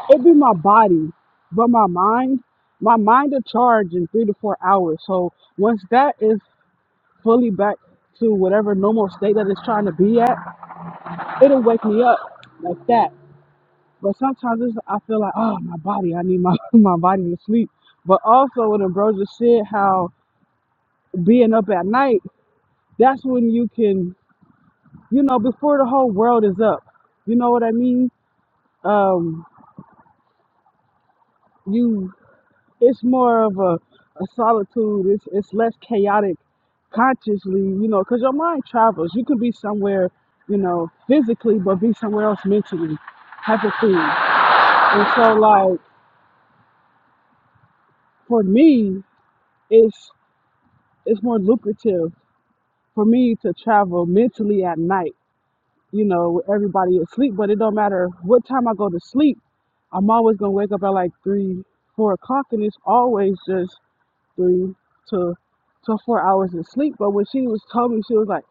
it be my body, but my mind, my mind will charge in three to four hours. So once that is fully back to whatever normal state that it's trying to be at, it'll wake me up like that. But sometimes it's, I feel like, oh, my body, I need my, <laughs> my body to sleep. But also what Ambrosia said, how being up at night, that's when you can, you know, before the whole world is up. You know what I mean? Um, you it's more of a, a solitude. It's it's less chaotic consciously, you know, because your mind travels. You could be somewhere, you know, physically, but be somewhere else mentally, type of thing. And so, like for me, it's it's more lucrative for me to travel mentally at night, you know, with everybody asleep. But it don't matter what time I go to sleep. I'm always gonna wake up at like three, four o'clock, and it's always just three to to four hours of sleep. But when she was told me, she was like,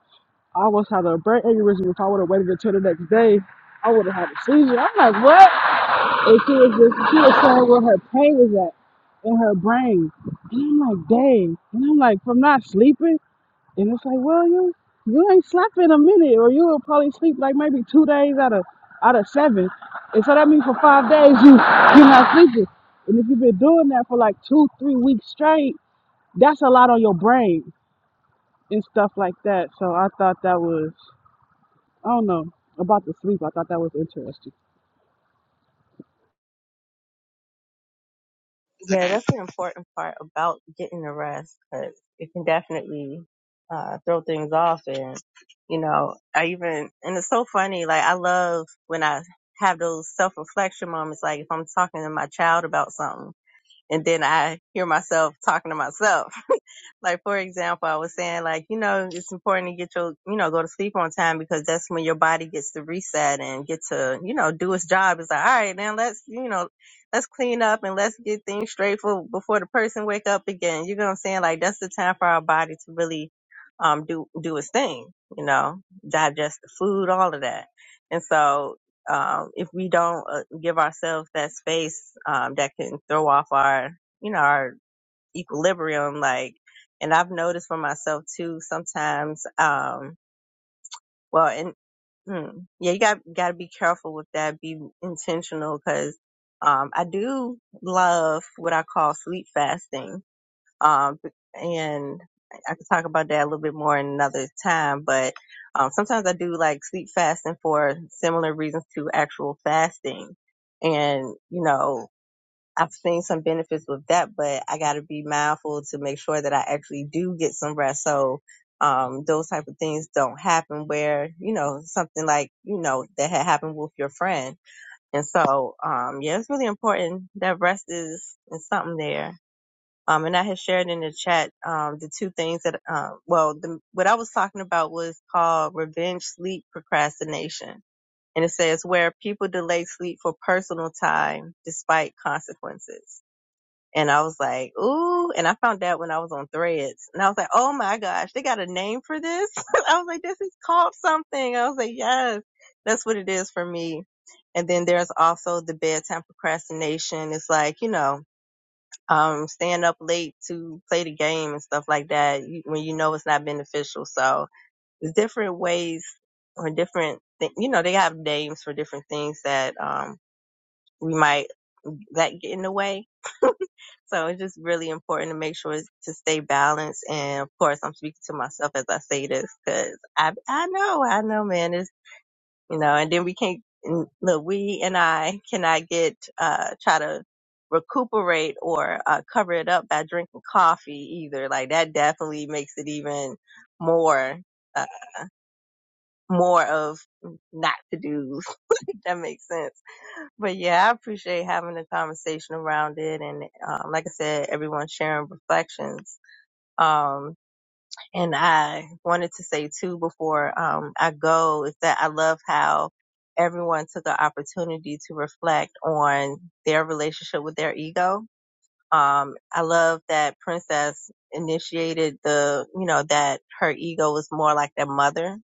I almost had a brain aneurysm. If I would have waited until the next day, I would have had a seizure. I'm like, what? And she was just, she was saying where her pain was at in her brain. And I'm like, dang. And I'm like, from not sleeping. And it's like, well, you you ain't slept in a minute, or you will probably sleep like maybe two days out of out of seven. And so that means for five days you you're not sleeping. And if you've been doing that for like two, three weeks straight that's a lot on your brain and stuff like that. So I thought that was, I don't know, about the sleep. I thought that was interesting.
Yeah, that's an important part about getting the rest because it can definitely uh, throw things off. And you know, I even and it's so funny. Like I love when I have those self reflection moments. Like if I'm talking to my child about something, and then I hear myself talking to myself like for example, I was saying like, you know, it's important to get your, you know, go to sleep on time because that's when your body gets to reset and get to, you know, do its job. It's like, all right, now let's, you know, let's clean up and let's get things straight for before the person wake up again. You know what I'm saying? Like that's the time for our body to really um do do its thing, you know, digest the food, all of that. And so um, if we don't uh, give ourselves that space, um, that can throw off our, you know, our equilibrium like and i've noticed for myself too sometimes um well and hmm, yeah you got got to be careful with that be intentional because um i do love what i call sleep fasting um and i could talk about that a little bit more in another time but um sometimes i do like sleep fasting for similar reasons to actual fasting and you know I've seen some benefits with that, but I got to be mindful to make sure that I actually do get some rest. So, um, those type of things don't happen where, you know, something like, you know, that had happened with your friend. And so, um, yeah, it's really important that rest is, is something there. Um, and I had shared in the chat, um, the two things that, um, well, the, what I was talking about was called revenge sleep procrastination. And it says where people delay sleep for personal time despite consequences and I was like, ooh. And I found out when I was on threads. And I was like, oh my gosh, they got a name for this. <laughs> I was like, this is called something. I was like, yes, that's what it is for me. And then there's also the bedtime procrastination. It's like, you know, um, staying up late to play the game and stuff like that when you know it's not beneficial. So there's different ways or different, th- you know, they have names for different things that, um, we might, that get in the way so it's just really important to make sure to stay balanced. And of course, I'm speaking to myself as I say this because I, I know, I know, man, it's, you know, and then we can't, look, we and I cannot get, uh, try to recuperate or uh, cover it up by drinking coffee either. Like that definitely makes it even more, uh, more of not to do. <laughs> If that makes sense but yeah, I appreciate having a conversation around it. And um, like I said, everyone sharing reflections. Um, and I wanted to say too before um, I go is that I love how everyone took an opportunity to reflect on their relationship with their ego. Um, I love that Princess initiated the, you know, that her ego was more like their mother.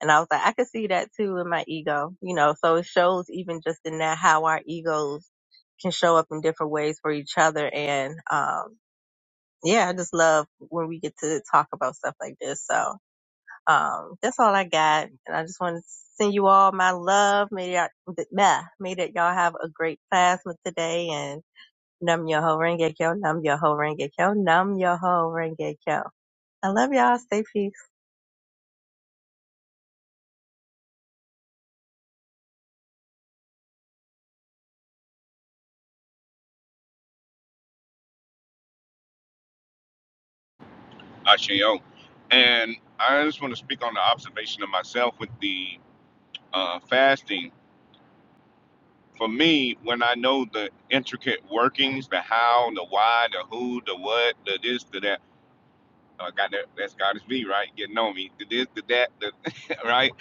And I was like, I could see that too in my ego, you know, so it shows even just in that how our egos can show up in different ways for each other. And, um, yeah, I just love when we get to talk about stuff like this. So um, that's all I got, and I just want to send you all my love. May y'all, th- meh, may that y'all have a great class with today, and num your ho renge kyo, num your ho renge kyo, num your ho renge kyo. I love y'all. Stay peace.
Ashayo. And I just want to speak on the observation of myself with the uh, fasting for me when i know the intricate workings the how the why the who the what the this the that uh, God, that, that's God is me, right? Getting on me. The this, the that, the, <laughs> right?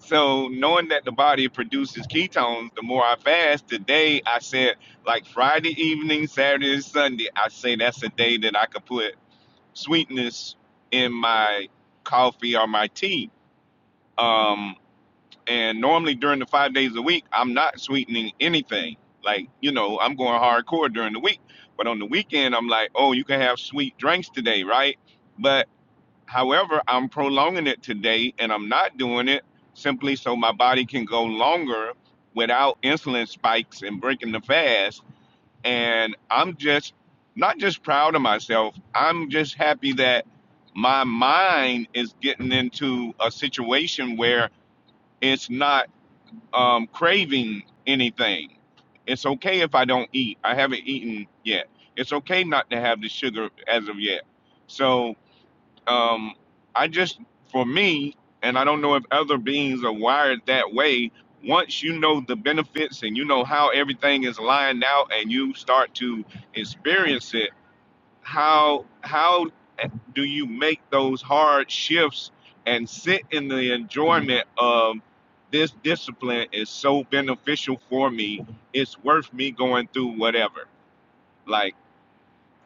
So knowing that the body produces ketones, the more I fast, today I said, like Friday evening, Saturday and Sunday, I say that's a day that I could put sweetness in my coffee or my tea. Um, And normally during the five days a week, I'm not sweetening anything. Like, you know, I'm going hardcore during the week. But on the weekend, I'm like, oh, you can have sweet drinks today, right? But however, I'm prolonging it today and I'm not doing it simply so my body can go longer without insulin spikes and breaking the fast. And I'm just not just proud of myself, I'm just happy that my mind is getting into a situation where it's not um, craving anything. It's okay if I don't eat. I haven't eaten yet. It's okay not to have the sugar as of yet. So um, I just, for me, and I don't know if other beings are wired that way. Once you know the benefits and you know how everything is lined out and you start to experience it, how how do you make those hard shifts and sit in the enjoyment of this discipline is so beneficial for me it's worth me going through whatever like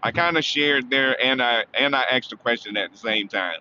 i kind of shared there and i and i asked a question at the same time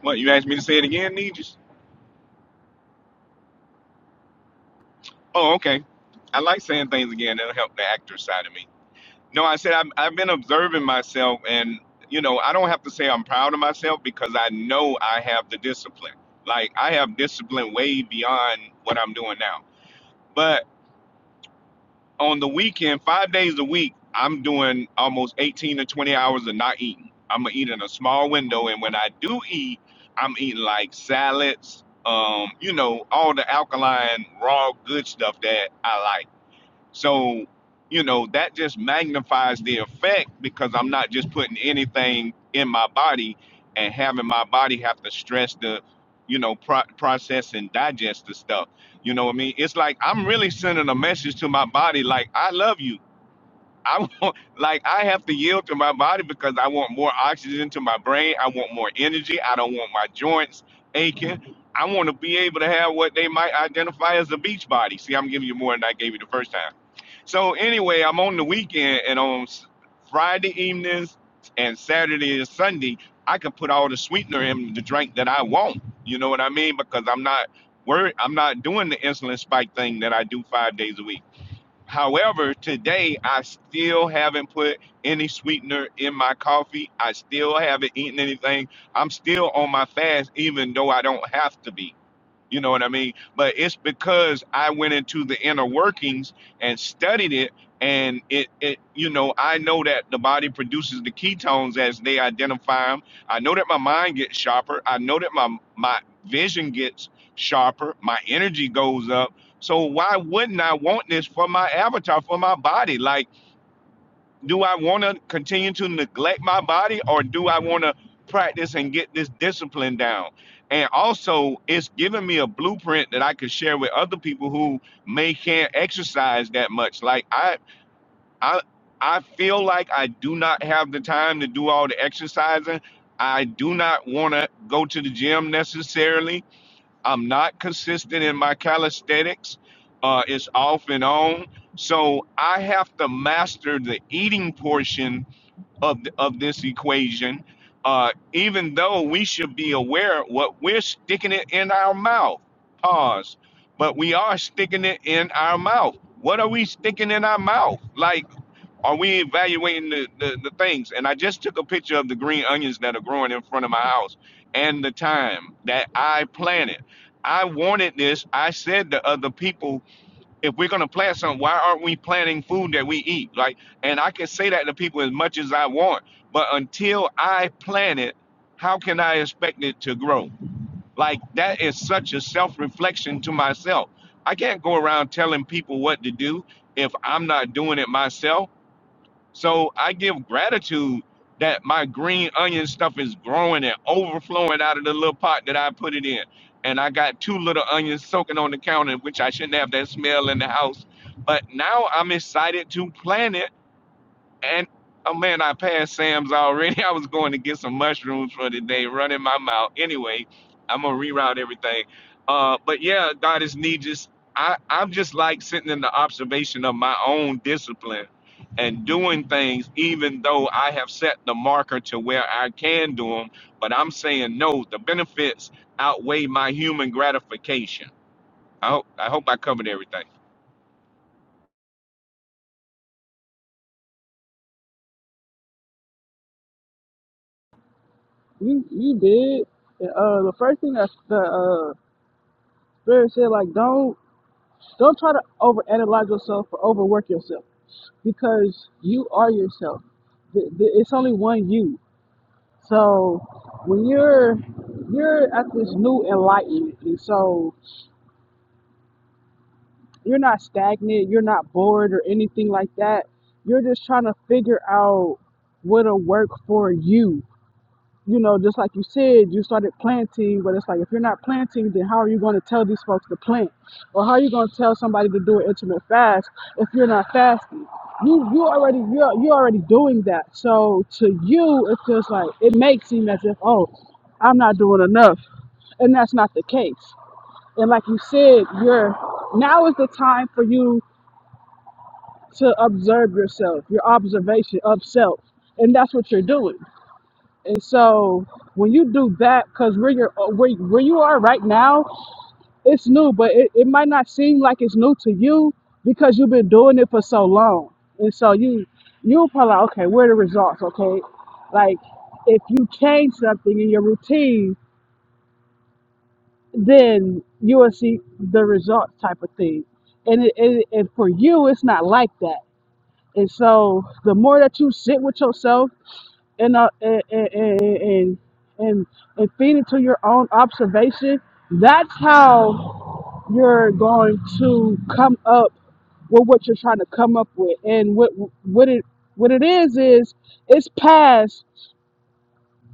what you asked me to say it again Nijis? oh okay i like saying things again it'll help the actor side of me No, I said I'm, I've been observing myself, and you know, I don't have to say I'm proud of myself because I know I have the discipline. Like I have discipline way beyond what I'm doing now. But on the weekend, five days a week, I'm doing almost 18 to 20 hours of not eating. I'm gonna eat in a small window, and when I do eat, I'm eating like salads, um, you know, all the alkaline, raw, good stuff that I like so, you know, that just magnifies the effect because I'm not just putting anything in my body and having my body have to stress the, you know, pro- process and digest the stuff. You know what I mean? It's like I'm really sending a message to my body like, I love you I <laughs> want, like, I have to yield to my body because I want more oxygen to my brain. I want more energy. I don't want my joints aching. I want to be able to have what they might identify as a beach body. See, I'm giving you more than I gave you the first time. So anyway, I'm on the weekend and on s- Friday evenings and Saturday and Sunday, I can put all the sweetener in the drink that I want. You know what I mean? Because I'm not worried. I'm not doing the insulin spike thing that I do five days a week. However, today I still haven't put any sweetener in my coffee. I still haven't eaten anything. I'm still on my fast, even though I don't have to be. You know what I mean? But it's because I went into the inner workings and studied it. And it, it, you know, I know that the body produces the ketones as they identify them. I know that my mind gets sharper. I know that my my vision gets sharper. My energy goes up. So why wouldn't I want this for my avatar, for my body? Like do I want to continue to neglect my body or do I want to practice and get this discipline down? And also, it's giving me a blueprint that I could share with other people who may can't exercise that much. Like I, I, I feel like I do not have the time to do all the exercising. I do not want to go to the gym necessarily. I'm not consistent in my calisthenics. Uh, it's off and on. So I have to master the eating portion of th- of this equation. Uh, even though we should be aware what we're sticking it in our mouth. Pause. But we are sticking it in our mouth. What are we sticking in our mouth? Like are we evaluating the, the, the things? And I just took a picture of the green onions that are growing in front of my house and the time that I planted. I wanted this. I said to other people, if we're gonna plant something, why aren't we planting food that we eat? Like, and I can say that to people as much as I want, but until I plant it, how can I expect it to grow? Like that is such a self-reflection to myself. I can't go around telling people what to do if I'm not doing it myself so I give gratitude that my green onion stuff is growing and overflowing out of the little pot that I put it in. And I got two little onions soaking on the counter, which I shouldn't have that smell in the house. But now I'm excited to plant it and oh man, I passed Sam's already. <laughs> I was going to get some mushrooms for today, running my mouth. Anyway, I'm gonna reroute everything. Uh, but yeah, God is need just I, I'm just like sitting in the observation of my own discipline and doing things, even though I have set the marker to where I can do them. But I'm saying no, the benefits outweigh my human gratification. I hope I hope I covered everything.
You you did. And, uh, the first thing that the uh, spirit said, like, don't don't try to overanalyze yourself or overwork yourself because you are yourself. The, the, it's only one you. So when you're you're at this new enlightenment, and so You're not stagnant, you're not bored or anything like that. You're just trying to figure out what'll work for you. You know, just like you said, you started planting, but it's like if you're not planting, then how are you going to tell these folks to plant? Or how are you going to tell somebody to do an intermittent fast if you're not fasting? You you already you're you're already doing that. So to you, it's just like it may seem as if, oh, I'm not doing enough. And that's not the case. And like you said, you're now is the time for you to observe yourself, your observation of self, and that's what you're doing. And so when you do that, because where you're uh, where, where you are right now, it's new, but it, it might not seem like it's new to you because you've been doing it for so long. And so you you'll probably like, okay, where are the results? Okay. Like if you change something in your routine, then you will see the results type of thing. And, it, and, and for you, it's not like that And so the more that you sit with yourself and uh, and, and and and and feed into your own observation, that's how you're going to come up with what you're trying to come up with. And what what it what it is is it's past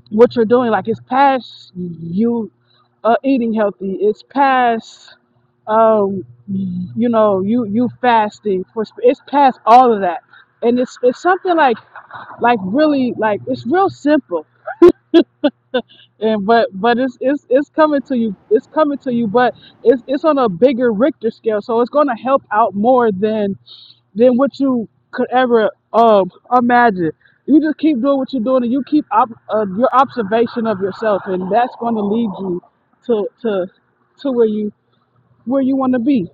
what you're doing. Like it's past you uh, eating healthy. It's past um you know you you fasting for sp- it's past all of that and it's it's something like like really like it's real simple and but but it's it's it's coming to you it's coming to you but it's it's on a bigger richter scale so it's going to help out more than than what you could ever um imagine you just keep doing what you're doing and you keep op- uh, your observation of yourself and that's going to lead you to to to where you where you want to be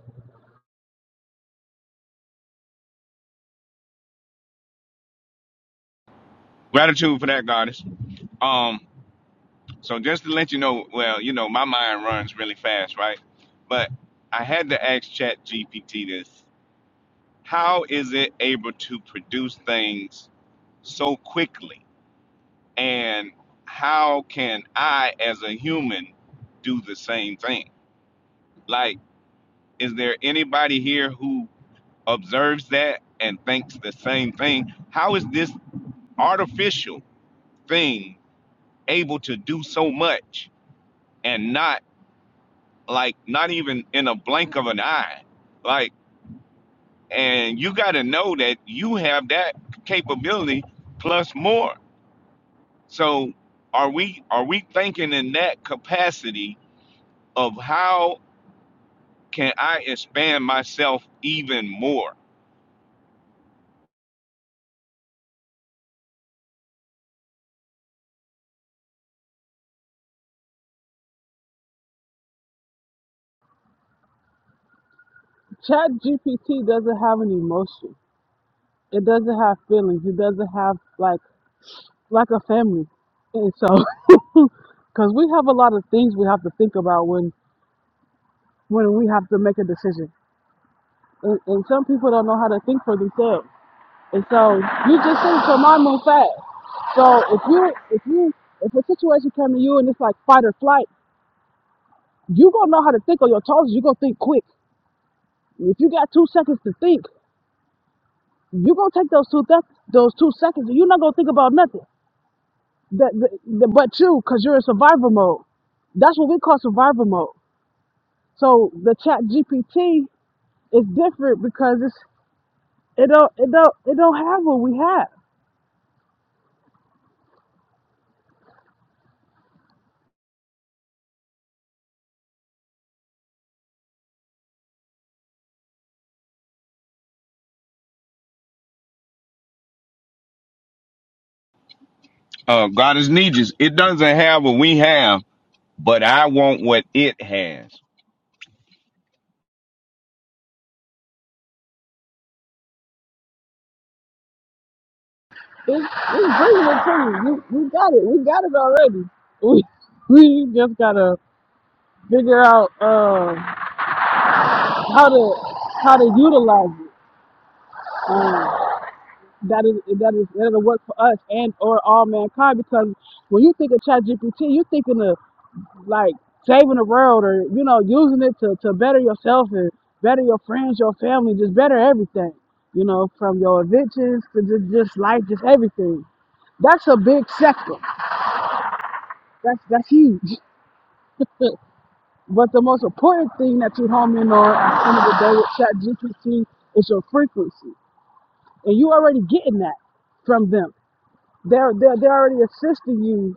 Gratitude for that, goddess. Um, So just to let you know, well, you know, my mind runs really fast, right? But I had to ask ChatGPT this. How is it able to produce things so quickly? And how can I as a human do the same thing? Like, is there anybody here who observes that and thinks the same thing? How is this artificial thing able to do so much and not like not even in a blink of an eye like and you got to know that you have that capability plus more so are we are we thinking in that capacity of how can i expand myself even more
chat gpt doesn't have an emotion it doesn't have feelings it doesn't have like like a family. And so, <laughs> because we have a lot of things we have to think about when when we have to make a decision, and, and some people don't know how to think for themselves. And so, you just think your mind moves fast. So if you if you if a situation came to you and it's like fight or flight, you gonna know how to think on your toes. You gonna think quick. If you got two seconds to think, you gonna take those two th- those two seconds, and you're not gonna think about nothing. That, that, that but you, cause you're in survival mode. That's what we call survival mode. So the Chat GPT is different because it's it don't it don't it don't have what we have.
uh god is needs it doesn't have what we have but i want what it has
It's, it's bringing it to you. You we got it. We got it already. We we just gotta figure out um how to how to utilize it. Um, that is that is that'll work for us and or all mankind because when you think of Chat GPT, you are thinking of like saving the world or you know using it to, to better yourself and better your friends your family just better everything you know from your evictions to just, just life just everything that's a big sector that's that's huge but the most important thing that you home in on at the end of the day with ChatGPT is your frequency and you already getting that from them they're they're, they're already assisting you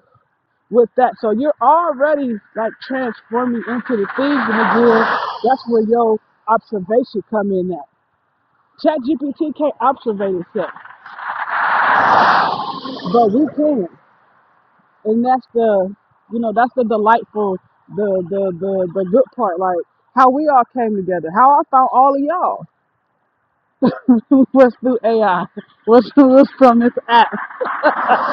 with that. So you're already like transforming into the things and again, that's where your observation come in at. ChatGPT can't observe itself, but we can. And that's the you know, that's the delightful the the the, the good part, like how we all came together, how I found all of y'all <laughs> was through AI, was, was from this app. <laughs>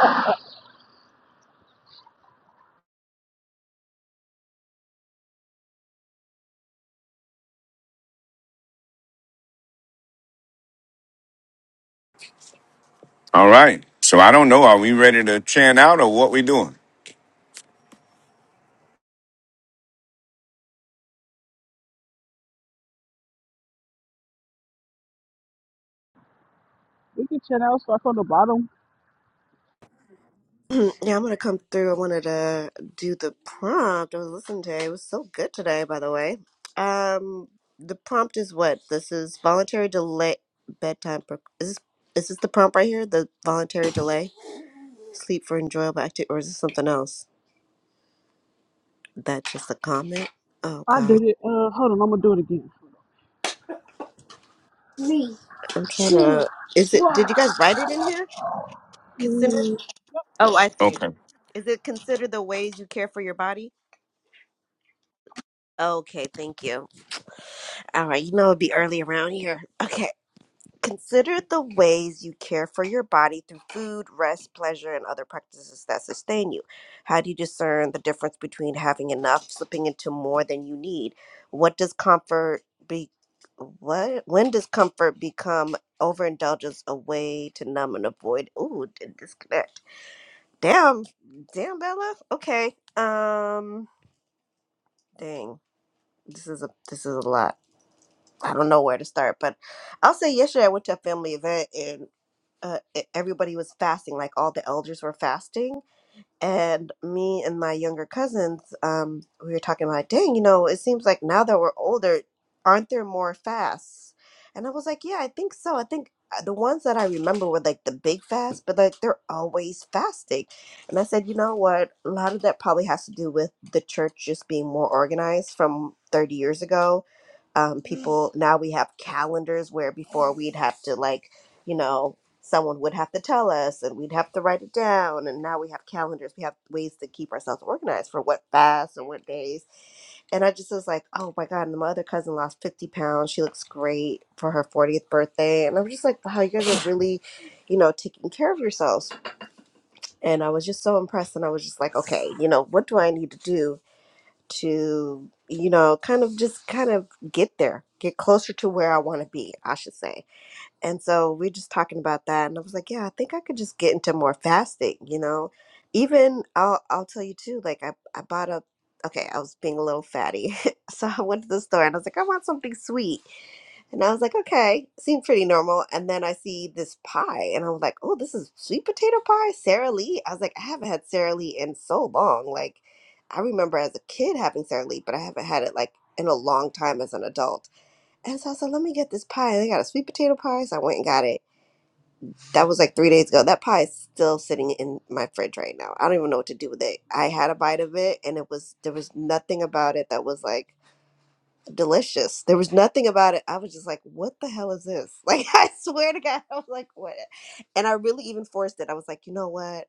All right. So I don't know. Are we ready to chant out or what we doing?
we can channel start from the bottom.
<clears throat> yeah, I'm gonna come through. I wanted to do the prompt. I was listening to it. It was so good today, by the way. Um, the prompt is what? This is voluntary delay bedtime. Pro- is this is this the prompt right here? The voluntary delay sleep for enjoyable activity, or is this something else? That's just a comment. Oh
I
God,
did it. Uh, hold on, I'm gonna do it
I'm trying to. Is it? Did you guys write it in here? Consider.
again.
Oh, I see.
okay
Is it considered the ways you care for your body? Okay, thank you. All right, you know it'd be early around here. Okay. Consider the ways you care for your body through food, rest, pleasure, and other practices that sustain you. How do you discern the difference between having enough, slipping into more than you need? What does comfort be what when does comfort become overindulgence a way to numb and avoid ooh and disconnect? Damn damn Bella. Okay. Um dang. this is a this is a lot. I don't know where to start, but I'll say yesterday I went to a family event and uh, e- everybody was fasting. Like all the elders were fasting, and me and my younger cousins, um, we were talking about, dang, you know, it seems like now that we're older, aren't there more fasts? And I was like, yeah, I think so. I think uh, the ones that I remember were like the big fasts, but like they're always fasting. And I said, you know what? A lot of that probably has to do with the church just being more organized from 30 years ago. Um, people now we have calendars where before we'd have to like, you know, someone would have to tell us and we'd have to write it down and now we have calendars we have ways to keep ourselves organized for what fasts and what days and i just was like oh my god and my other cousin lost 50 pounds she looks great for her 40th birthday and i was just like wow you guys are really you know taking care of yourselves and i was just so impressed and i was just like okay you know what do i need to do to you know kind of just kind of get there get closer to where i want to be i should say and so we are just talking about that, and I was like, yeah, I think I could just get into more fasting, you know. Even I'll I'll tell you too. Like I I bought a okay, I was being a little fatty, <laughs> so I went to the store and I was like, I want something sweet, and I was like, okay, seemed pretty normal. And then I see this pie, and I was like, oh, this is sweet potato pie, Sara Lee. I was like, I haven't had Sara Lee in so long. Like I remember as a kid having Sara Lee, but I haven't had it like in a long time as an adult and so I said, let me get this pie. They got a sweet potato pie. So I went and got it. That was like three days ago. That pie is still sitting in my fridge right now. I don't even know what to do with it. I had a bite of it and it was, there was nothing about it that was like delicious. There was nothing about it. I was just like, what the hell is this? <laughs> Like, I swear to God, I was like, what? And I really even forced it. I was like, you know what?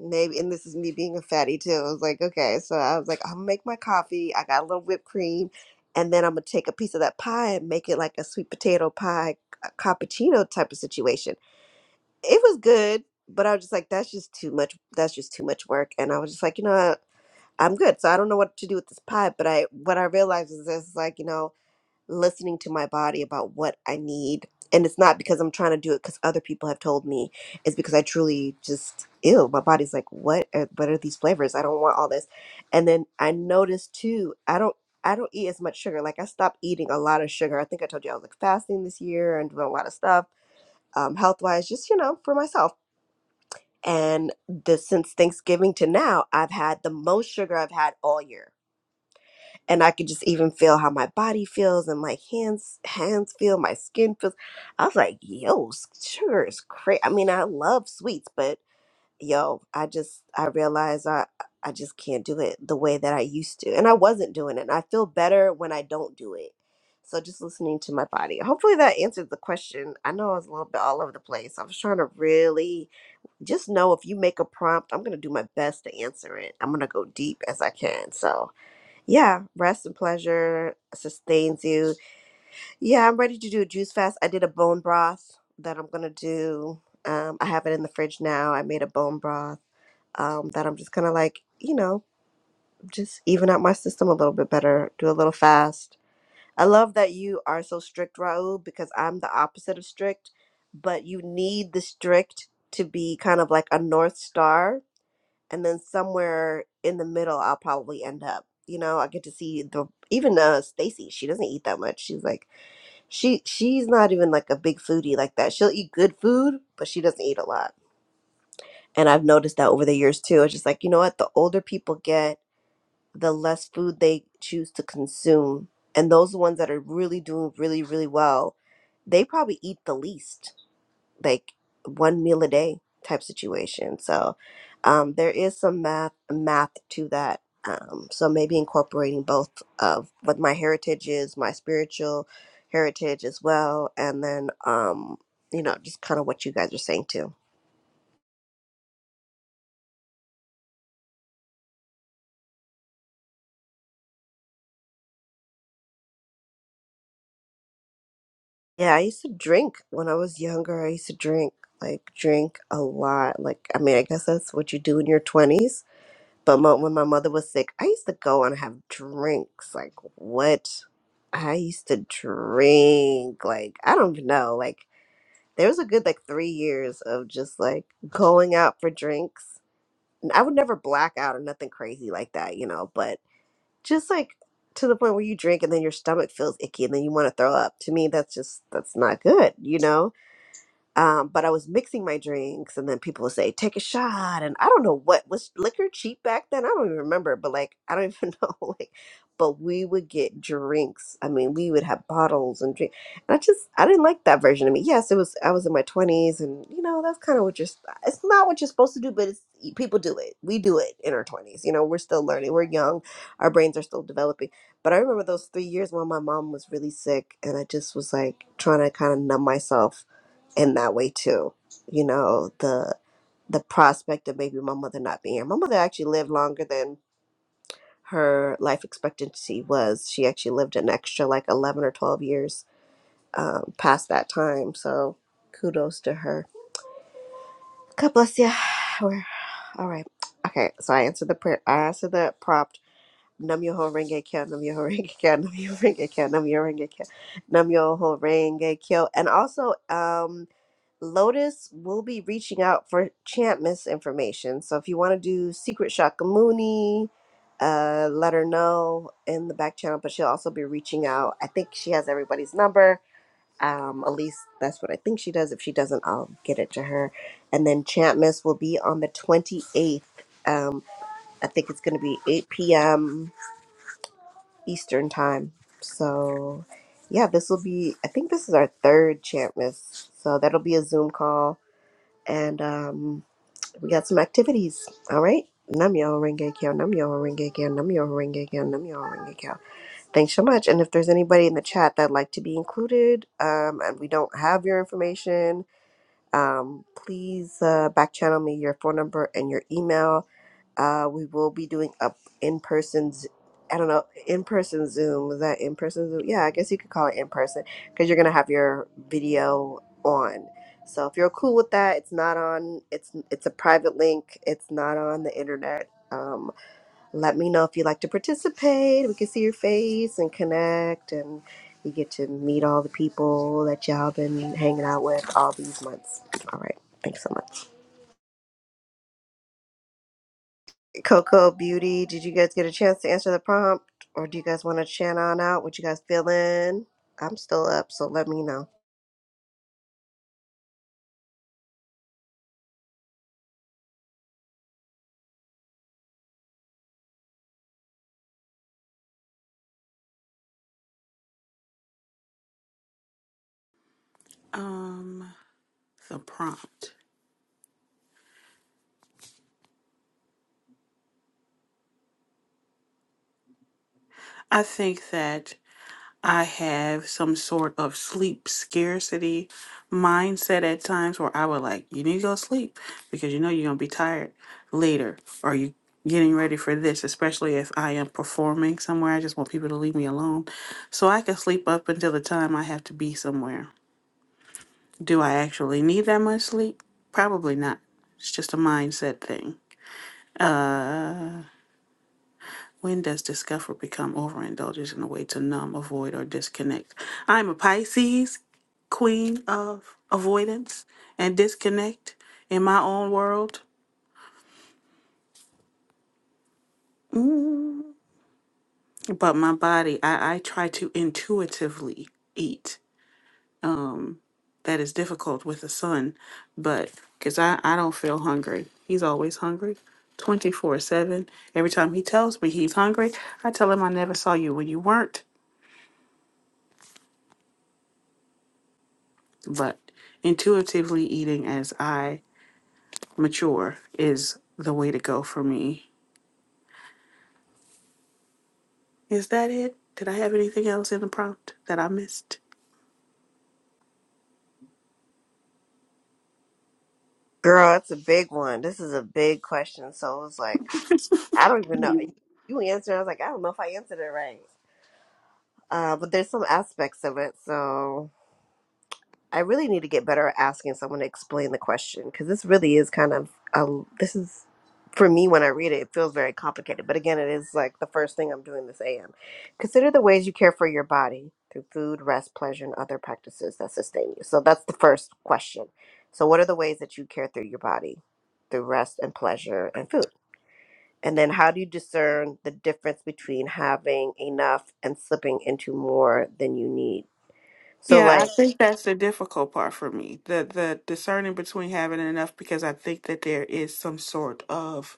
Maybe, and this is me being a fatty too. I was like, okay, so I was like, I'm gonna make my coffee. I got a little whipped cream, and then I'm gonna take a piece of that pie and make it like a sweet potato pie, a cappuccino type of situation. It was good, but I was just like, that's just too much. That's just too much work. And I was just like, you know what? I'm good. So I don't know what to do with this pie. But I, what I realized is this, like, you know listening to my body about what I need. And it's not because I'm trying to do it because other people have told me. It's because I truly just, ew, my body's like, what are, what are these flavors? I don't want all this. And then I noticed too, I don't, I don't eat as much sugar. Like I stopped eating a lot of sugar. I think I told you I was like fasting this year and doing a lot of stuff, um, health wise, just, you know, for myself. And the, since Thanksgiving to now, I've had the most sugar I've had all year and I could just even feel how my body feels and my hands hands feel, my skin feels. I was like, yo, s- sugar is crazy. I mean, I love sweets, but yo, I just I realized I I just can't do it the way that I used to, and I wasn't doing it. And I feel better when I don't do it. So just listening to my body. Hopefully that answered the question. I know I was a little bit all over the place. I was trying to really just know if you make a prompt, I'm gonna do my best to answer it. I'm gonna go deep as I can. So yeah, rest and pleasure sustains you. Yeah, I'm ready to do a juice fast. I did a bone broth that I'm gonna do. Um, I have it in the fridge now. I made a bone broth um, that I'm just gonna like, you know, just even out my system a little bit better. Do a little fast. I love that you are so strict, Raul, because I'm the opposite of strict. But you need the strict to be kind of like a north star and then somewhere in the middle I'll probably end up. You know, I get to see the even uh Stacy, she doesn't eat that much. She's like she she's not even like a big foodie like that. She'll eat good food, but she doesn't eat a lot. And I've noticed that over the years too. It's just like, you know what, the older people get, the less food they choose to consume. And those ones that are really doing really, really well, they probably eat the least like one meal a day type situation. So um, there is some math math to that. Um, so maybe incorporating both of what my heritage is, my spiritual heritage as well, and then um, you know just kind of what you guys are saying too. Yeah, I used to drink when I was younger. I used to drink like drink a lot. Like I mean, I guess that's what you do in your twenties But mo- when my mother was sick, I used to go and have drinks. Like, what? I used to drink. Like, I don't even know. Like, there was a good, like, three years of just, like, going out for drinks. And I would never black out or nothing crazy like that, you know, but just, like, to the point where you drink and then your stomach feels icky and then you want to throw up. To me, that's just, that's not good, you know? Um, but I was mixing my drinks, and then people would say, "Take a shot," and I don't know what was liquor cheap back then. I don't even remember, but like <laughs> I don't even <laughs> know. Like, but we would get drinks. I mean, we would have bottles and drink. And I just I didn't like that version of me. Yes, it was. I was in my twenties, and you know that's kind of what you're. It's not what you're supposed to do, but it's people do it. We do it in our twenties. You know, we're still learning. We're young. Our brains are still developing. But I remember those three years when my mom was really sick, and I just was like trying to kind of numb myself in that way too. You know, the the prospect of maybe my mother not being here. My mother actually lived longer than her life expectancy was. She actually lived an extra like eleven or twelve years um, past that time. So kudos to her. God bless you. <sighs> We're all right. Okay, so I answered the prayer. I answered the prompt. Num yo ho renge kyo, num yo ho renge kyo, num yo ho renge kyo, num yo ho renge kyo, num yo ho renge kyo, and also um Lotus will be reaching out for chant miss information. So if you want to do Secret Shakamuni, uh, let her know in the back channel. But she'll also be reaching out. I think she has everybody's number. Um, at least that's what I think she does. If she doesn't, I'll get it to her. And then chant miss will be on the 28th. Um, I think it's going to be 8 p.m. Eastern time. So yeah, this will be, I think this is our third chant miss. So that'll be a Zoom call and um, we got some activities. All right. Namyo Renge Kyo, Namyo Renge Kyo, Namyo Renge Kyo, Namyo Renge Kyo. Thanks so much. And if there's anybody in the chat that'd like to be included um, and we don't have your information, um, please uh, back channel me your phone number and your email uh, we will be doing up in person. I don't know, in person Zoom. Is that in person Zoom? Yeah, I guess you could call it in person because you're gonna have your video on. So if you're cool with that, it's not on. It's it's a private link. It's not on the internet. Um, let me know if you'd like to participate. We can see your face and connect, and you get to meet all the people that y'all been hanging out with all these months. All right, thanks so much. Coco Beauty, did you guys get a chance to answer the prompt? Or do you guys want to chat on out? What you guys feeling? I'm still up, so let me know.
Um, the prompt. I think that I have some sort of sleep scarcity mindset at times where I would like, you need to go sleep because you know you're going to be tired later or you getting ready for this, especially if I am performing somewhere. I just want people to leave me alone so I can sleep up until the time I have to be somewhere. Do I actually need that much sleep? Probably not. It's just a mindset thing. When does discomfort become overindulgence in a way to numb, avoid, or disconnect? I'm a Pisces, queen of avoidance and disconnect in my own world. Mm. But my body, I, I try to intuitively eat. that is difficult with a son, but because I, I don't feel hungry. He's always hungry 24 7. Every time he tells me he's hungry, I tell him I never saw you when you weren't. But intuitively eating as I mature is the way to go for me. Is that it? Did I have anything else in the prompt that I missed?
Girl, it's a big one. This is a big question. So it was like,
<laughs>
I don't even know. You answered. I was like, I don't know if I answered it right. Uh, but there's some aspects of it. So I really need to get better at asking someone to explain the question because this really is kind of um this is for me when I read it, it feels very complicated. But again, it is like the first thing I'm doing this AM. Consider the ways you care for your body through food, rest, pleasure, and other practices that sustain you. So that's the first question. So what are the ways that you care through your body through rest and pleasure and food? And then how do you discern the difference between having enough and slipping into more than you need? So
Yeah, I
like
think that's the difficult part for me. The the discerning between having enough because I think that there is some sort of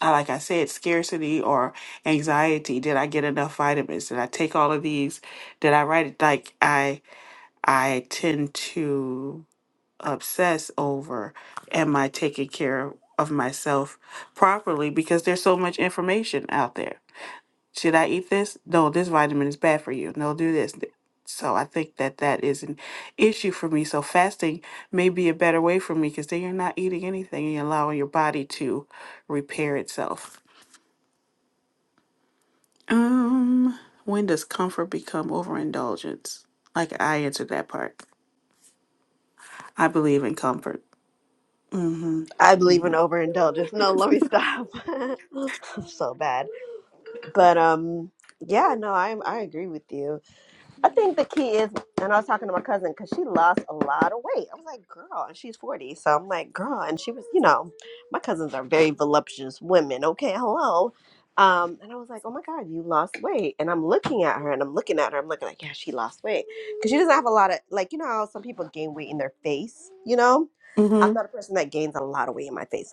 uh, like I said, scarcity or anxiety. Did I get enough vitamins? Did I take all of these? Did I write it? Like I, I tend to obsess over, am I taking care of myself properly? Because there's so much information out there. Should I eat this? No, this vitamin is bad for you. No, do this. So I think that that is an issue for me. So fasting may be a better way for me because then you're not eating anything and you're allowing your body to repair itself. Um, when does comfort become overindulgence? Like I answered that part. I believe in comfort. Mm-hmm.
I believe in
Mm-hmm.
overindulgence. No, let me stop. <laughs> I'm so bad. But um yeah, no, I I agree with you. I think the key is and I was talking to my cousin cuz she lost a lot of weight. I was like, "Girl, and she's 40." So I'm like, "Girl," and she was, you know, my cousins are very voluptuous women. Okay, hello. Um, and I was like, "Oh my god, you lost weight." And I'm looking at her and I'm looking at her. I'm looking like, "Yeah, she lost weight." Cuz she doesn't have a lot of like, you know, how some people gain weight in their face, you know? I'm not
Mm-hmm.
a person that gains a lot of weight in my face.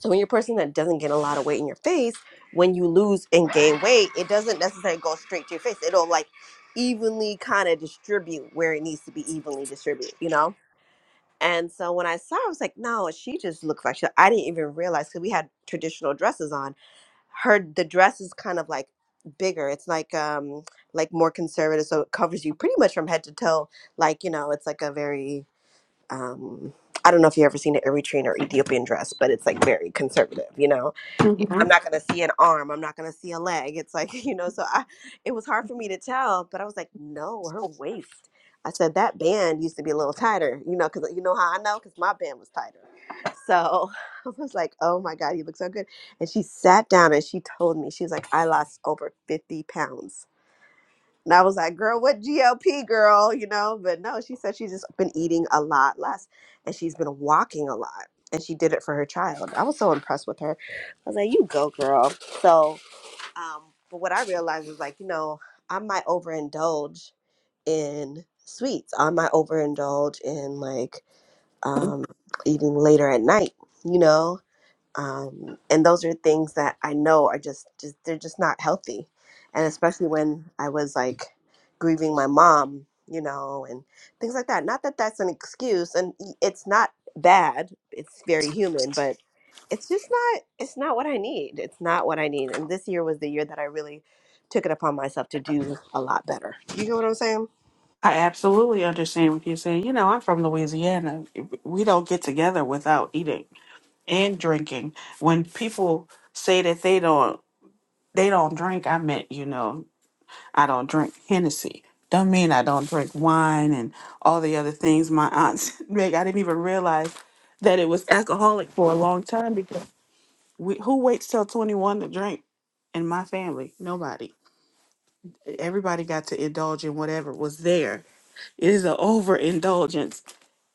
So when you're a person that doesn't get a lot of weight in your face, when you lose and gain weight, it doesn't necessarily go straight to your face. It'll like evenly kind of distribute where it needs to be evenly distributed, you know? And so when I saw, her, I was like, no, she just looks like she. I didn't even realize because we had traditional dresses on. Her the dress is kind of like bigger. It's like um like more conservative, so it covers you pretty much from head to toe. Like you know, it's like a very um I don't know if you've ever seen an Eritrean or Ethiopian dress, but it's like very conservative, you know. I'm
Mm-hmm.
not gonna see an arm, I'm not gonna see a leg. It's like, <laughs> you know, so I it was hard for me to tell, but I was like, no, her waist. I said that band used to be a little tighter, you know, because you know how I know because my band was tighter. So <laughs> I was like, oh my God, you look so good. And she sat down and she told me, she was like, I lost over 50 pounds and I was like, girl, what GLP, girl? You know, but no, she said she's just been eating a lot less and she's been walking a lot. And she did it for her child. I was so impressed with her. I was like, you go, girl. So, um, but what I realized was like, you know, I might overindulge in sweets. I might overindulge in like um, eating later at night, you know? um, and those are things that I know are just, just they're just not healthy, and especially when I was like grieving my mom, you know, and things like that. Not that that's an excuse, and y- it's not bad. It's very human, but it's just not it's not what I need. It's not what I need. And this year was the year that I really took it upon myself to do a lot better. You get what I'm saying?
I absolutely understand what you're saying. You know, I'm from Louisiana. We don't get together without eating and drinking. When people say that they don't they don't drink, I meant, you know, I don't drink Hennessy. Don't mean I don't drink wine and all the other things my aunts <laughs> make. I didn't even realize that it was alcoholic for a long time because we, who waits till 21 to drink in my family? Nobody. Everybody got to indulge in whatever was there. It is an overindulgence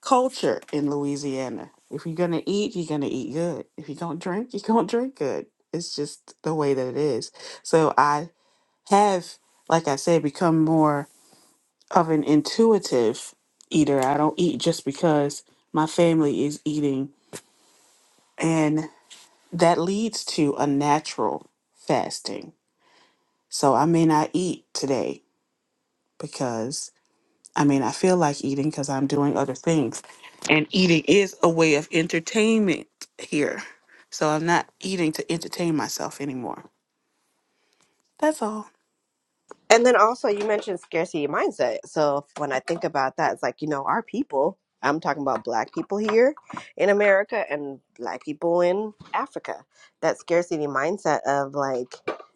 culture in Louisiana. If you're going to eat, you're going to eat good. If you don't drink, <laughs> you don't drink good. It's just the way that it is. So I have, like I said, become more of an intuitive eater. I don't eat just because my family is eating. And that leads to a natural fasting. So I may not eat today because I mean, I feel like eating because I'm doing other things. And eating is a way of entertainment here. So I'm not eating to entertain myself anymore. That's all.
And then also, you mentioned scarcity mindset. So when I think about that, it's like, you know, our people, I'm talking about black people here in America and black people in Africa, that scarcity mindset of like,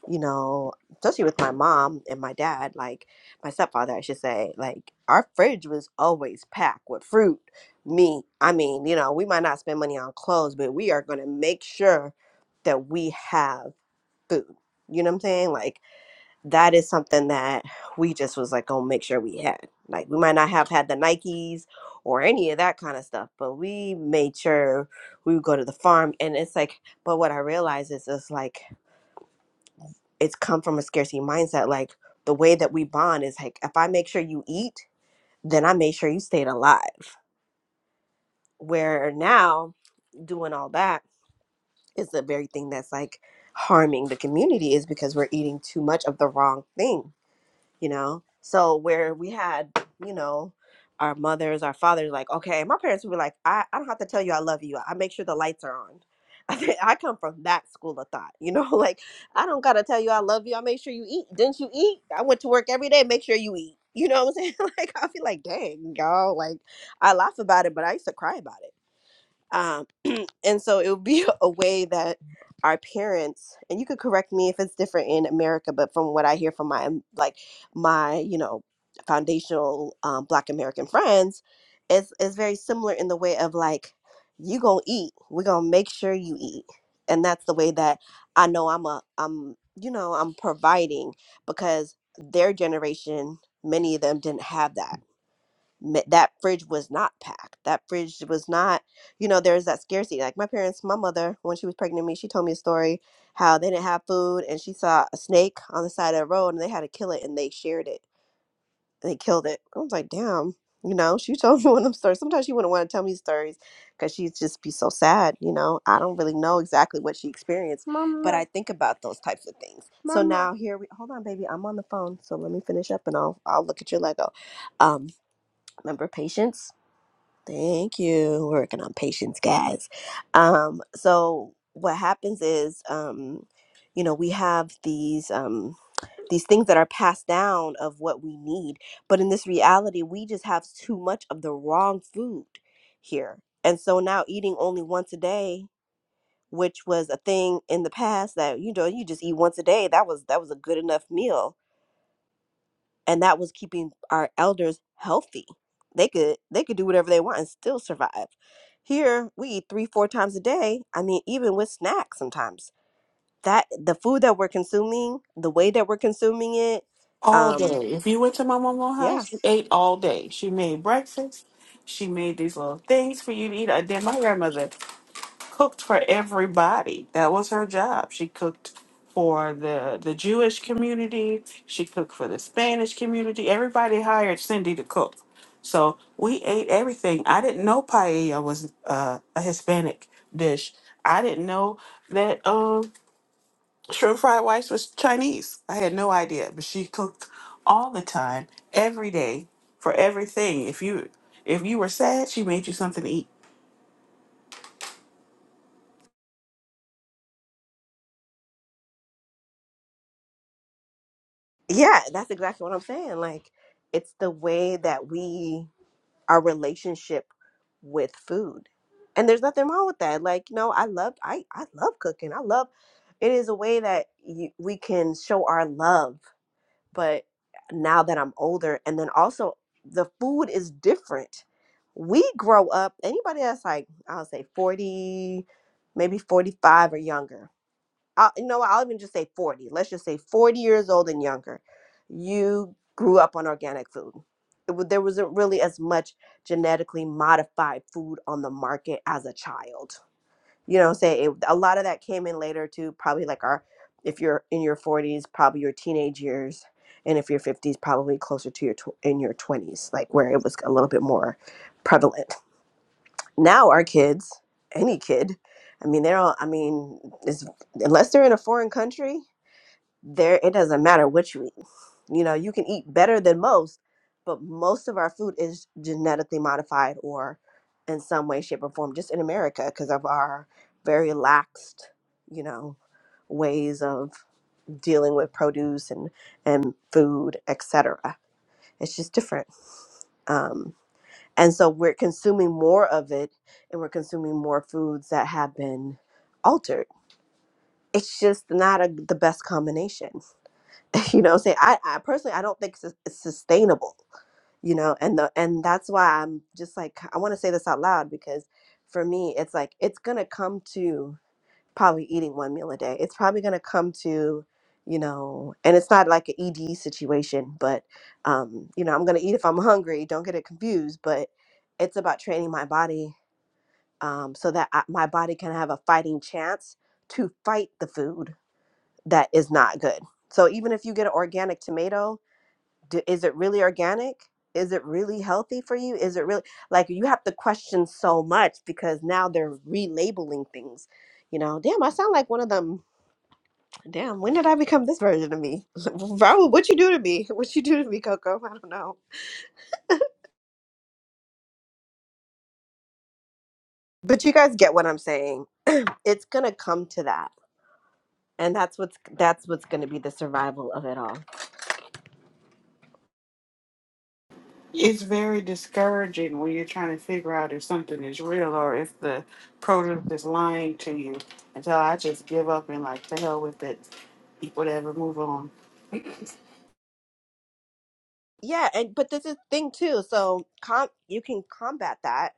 you know, especially with my mom and my dad, like my stepfather, I should say, like our fridge was always packed with fruit, meat. I mean, you know, we might not spend money on clothes, but we are going to make sure that we have food. You know what I'm saying? Like, that is something that we just was like gonna make sure we had. Like we might not have had the Nikes or any of that kind of stuff, but we made sure we would go to the farm. And it's like, but what I realize is it's like it's come from a scarcity mindset. Like the way that we bond is like if I make sure you eat, then I make sure you stayed alive. Where now doing all that is the very thing that's like harming the community is because we're eating too much of the wrong thing you know so where we had you know our mothers our fathers like okay my parents would be like i, I don't have to tell you i love you i make sure the lights are on <laughs> I, think I come from that school of thought you know <laughs> like i don't gotta tell you i love you i make sure you eat didn't you eat i went to work every day make sure you eat <laughs> you know what i'm saying <laughs> like i feel like dang y'all like i laugh about it but i used to cry about it Um, and so it would be <laughs> a way that our parents and you could correct me if it's different in america but from what i hear from my um, like my you know foundational um, black american friends it's, it's very similar in the way of like you gonna eat we're gonna make sure you eat and that's the way that i know i'm a i'm you know i'm providing because their generation many of them didn't have that ma- that fridge was not packed. That fridge was not, you know, there's that scarcity. Like my parents, my mother, when she was pregnant with me, she told me a story how they didn't have food and she saw a snake on the side of the road and they had to kill it and they shared it. They killed it. I was like, damn, you know, she told me <laughs> one of them stories. Sometimes she wouldn't want to tell me stories because she'd just be so sad, you know. I don't really know exactly what she experienced, but Mama, I think about those types of things. So mama. now here we hold on, baby, I'm on the phone. So let me finish up and I'll I'll look at your Lego. Um, remember patience Thank you. Working on patience, guys. Um, so what happens is, um, you know, we have these um, these things that are passed down of what we need, but in this reality, we just have too much of the wrong food here, and so now eating only once a day, which was a thing in the past that you know you just eat once a day. That was that was a good enough meal and that was keeping our elders healthy they could they could do whatever they want and still survive here we eat three four times a day i mean even with snacks sometimes that the food that we're consuming the way that we're consuming it
all
um
day. If you went to my mom's
yeah
house, we ate all day. She made breakfast. She made these little things for you to eat. And then my grandmother cooked for everybody. That was her job. She cooked for the the Jewish community. She cooked for the Spanish community. Everybody hired Cindy to cook. So we ate everything. I didn't know paella was uh, a Hispanic dish. I didn't know that. Um, shrimp fried rice was Chinese. I had no idea, but she cooked all the time, every day, for everything. If you if you were sad, she made you something to eat.
yeah that's exactly what i'm saying like it's the way that we our relationship with food and there's nothing wrong with that like you know i love i i love cooking i love it is a way that you, we can show our love but now that I'm older, and then also the food is different. We grow up, anybody that's like, I'll say 40, maybe 45 or younger. I'll, you know, what, I'll even just say 40. Let's just say 40 years old and younger. You grew up on organic food. It, wa- there wasn't really as much genetically modified food on the market as a child you know say it, a lot of that came in later too probably like our if you're in your 40s probably your teenage years and if you're 50s probably closer to your tw- in your 20s like where it was a little bit more prevalent now our kids any kid i mean they're all i mean is unless they're in a foreign country there it doesn't matter what you eat. You know, you can eat better than most, but most of our food is genetically modified or in some way, shape, or form, just in America because of our very laxed, you know, ways of dealing with produce and and food, et cetera. It's just different. Um, and so we're consuming more of it and we're consuming more foods that have been altered. It's just not a, the best combination. <laughs> you know, say I, I personally I don't think sus- it's sustainable, you know, and the and that's why I'm just like I want to say this out loud because for me it's like it's gonna come to probably eating one meal a day. It's probably gonna come to you know, and it's not like an ED situation, but um, you know, I'm gonna eat if I'm hungry. Don't get it confused, but it's about training my body um, so that I, my body can have a fighting chance to fight the food that is not good. So even if you get an organic tomato do, is it really organic? Is it really healthy for you? Is it really like you have to question so much because now they're relabeling things. You know, damn, I sound like one of them. Damn, when did I become this version of me? <laughs> Raul, what you do to me? <laughs> What you do to me, Coco? I don't know. But you guys get what I'm saying. <clears throat> It's gonna come to that, and that's what's that's what's gonna be the survival of it all.
It's very discouraging when you're trying to figure out if something is real or if the product is lying to you. Until I just give up and like, the hell with it. Eat whatever, move on.
Yeah, and but this is the thing too. So com you can combat that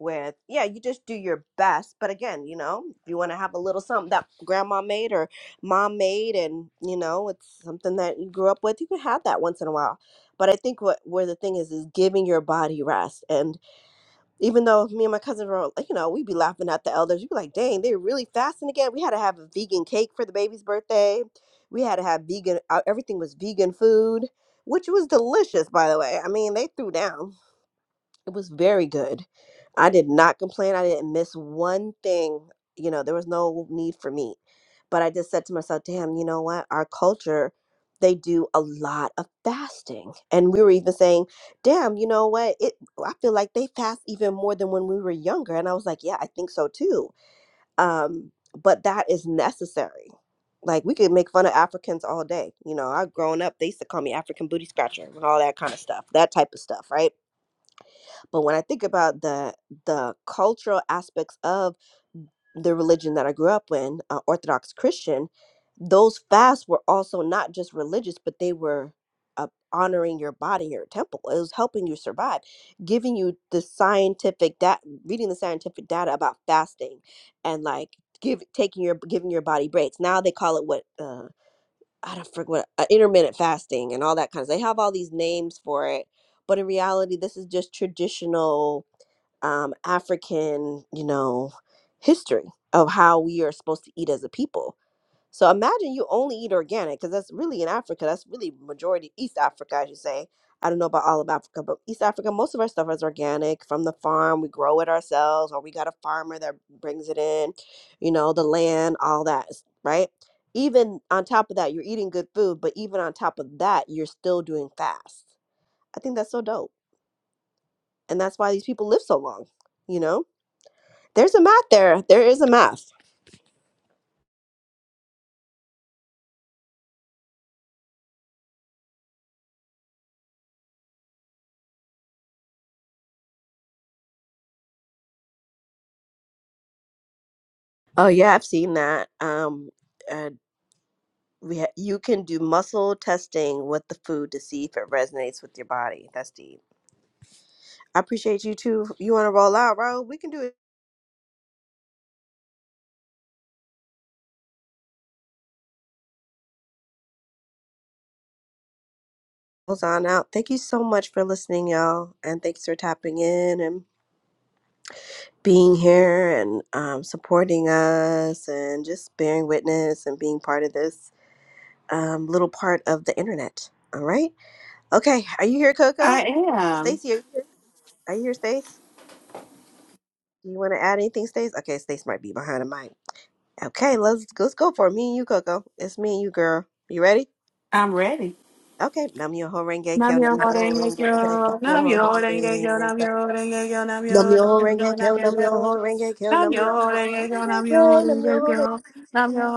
with yeah, you just do your best. But again, you know, if you want to have a little something that grandma made or mom made, and you know, it's something that you grew up with, you can have that once in a while. But I think what where the thing is is giving your body rest. And even though me and my cousin were, like, you know, we'd be laughing at the elders. We'd be like, dang, they're really fasting again. We had to have a vegan cake for the baby's birthday. We had to have vegan, uh, everything was vegan food, which was delicious, by the way. I mean, they threw down. It was very good. I did not complain. I didn't miss one thing. You know, there was no need for me. But I just said to myself, damn, you know what? Our culture, they do a lot of fasting. And we were even saying, damn, you know what? It I feel like they fast even more than when we were younger. And I was like, yeah, I think so too. Um, but that is necessary. Like we could make fun of Africans all day. You know, I growing up, they used to call me African booty scratcher and all that kind of stuff, that type of stuff, right? But when I think about the the cultural aspects of the religion that I grew up in, uh, Orthodox Christian, those fasts were also not just religious, but they were uh, honoring your body, your temple. It was helping you survive, giving you the scientific that reading the scientific data about fasting and like give taking your giving your body breaks. Now they call it what uh, I don't forget what uh, intermittent fasting and all that kind of. They have all these names for it, but in reality, this is just traditional um, African, you know, history of how we are supposed to eat as a people. So imagine you only eat organic because that's really in Africa. That's really majority East Africa, I should say. I don't know about all of Africa, but East Africa, most of our stuff is organic from the farm. We grow it ourselves, or we got a farmer that brings it in. You know, the land, all that, s- right? Even on top of that, you're eating good food, but even on top of that, you're still doing fast. I think that's so dope, and that's why these people live so long. You know there's a math there. There is a math. Oh yeah, I've seen that. Um, uh, we ha- you can do muscle testing with the food to see if it resonates with your body. That's deep. I appreciate you too. You want to roll out, bro? We can do it. Rolls on out. Thank you so much for listening, y'all, and thanks for tapping in and being here and um, supporting us and just bearing witness and being part of this. um, little part of the internet. All right. Okay. Are you here,
I
Coco?
am.
Stacey, are you here? Are you here, Stace? Do you want to add anything, Stace? Okay, Stace might be behind the mic. Okay, let's let's go for it. Me and you, Coco. It's me and you, girl. You ready?
I'm ready.
Okay. Nam yo ho renge kyo.
Namyo
Nam yo ho
renge
renge
kyo,
kyo. Nam yo ho
namyo
renge
renge kyo,
kyo.
namyo renge kyo, namyo
Nam yo ho
renge kyo,
renge
namyo
kyo.
renge
Nam
kyo,
yo ho renge kyo. Nam
namyo
yo ho
renge
renge
kyo, namyo
kyo. nam
renge
yo ho
kyo,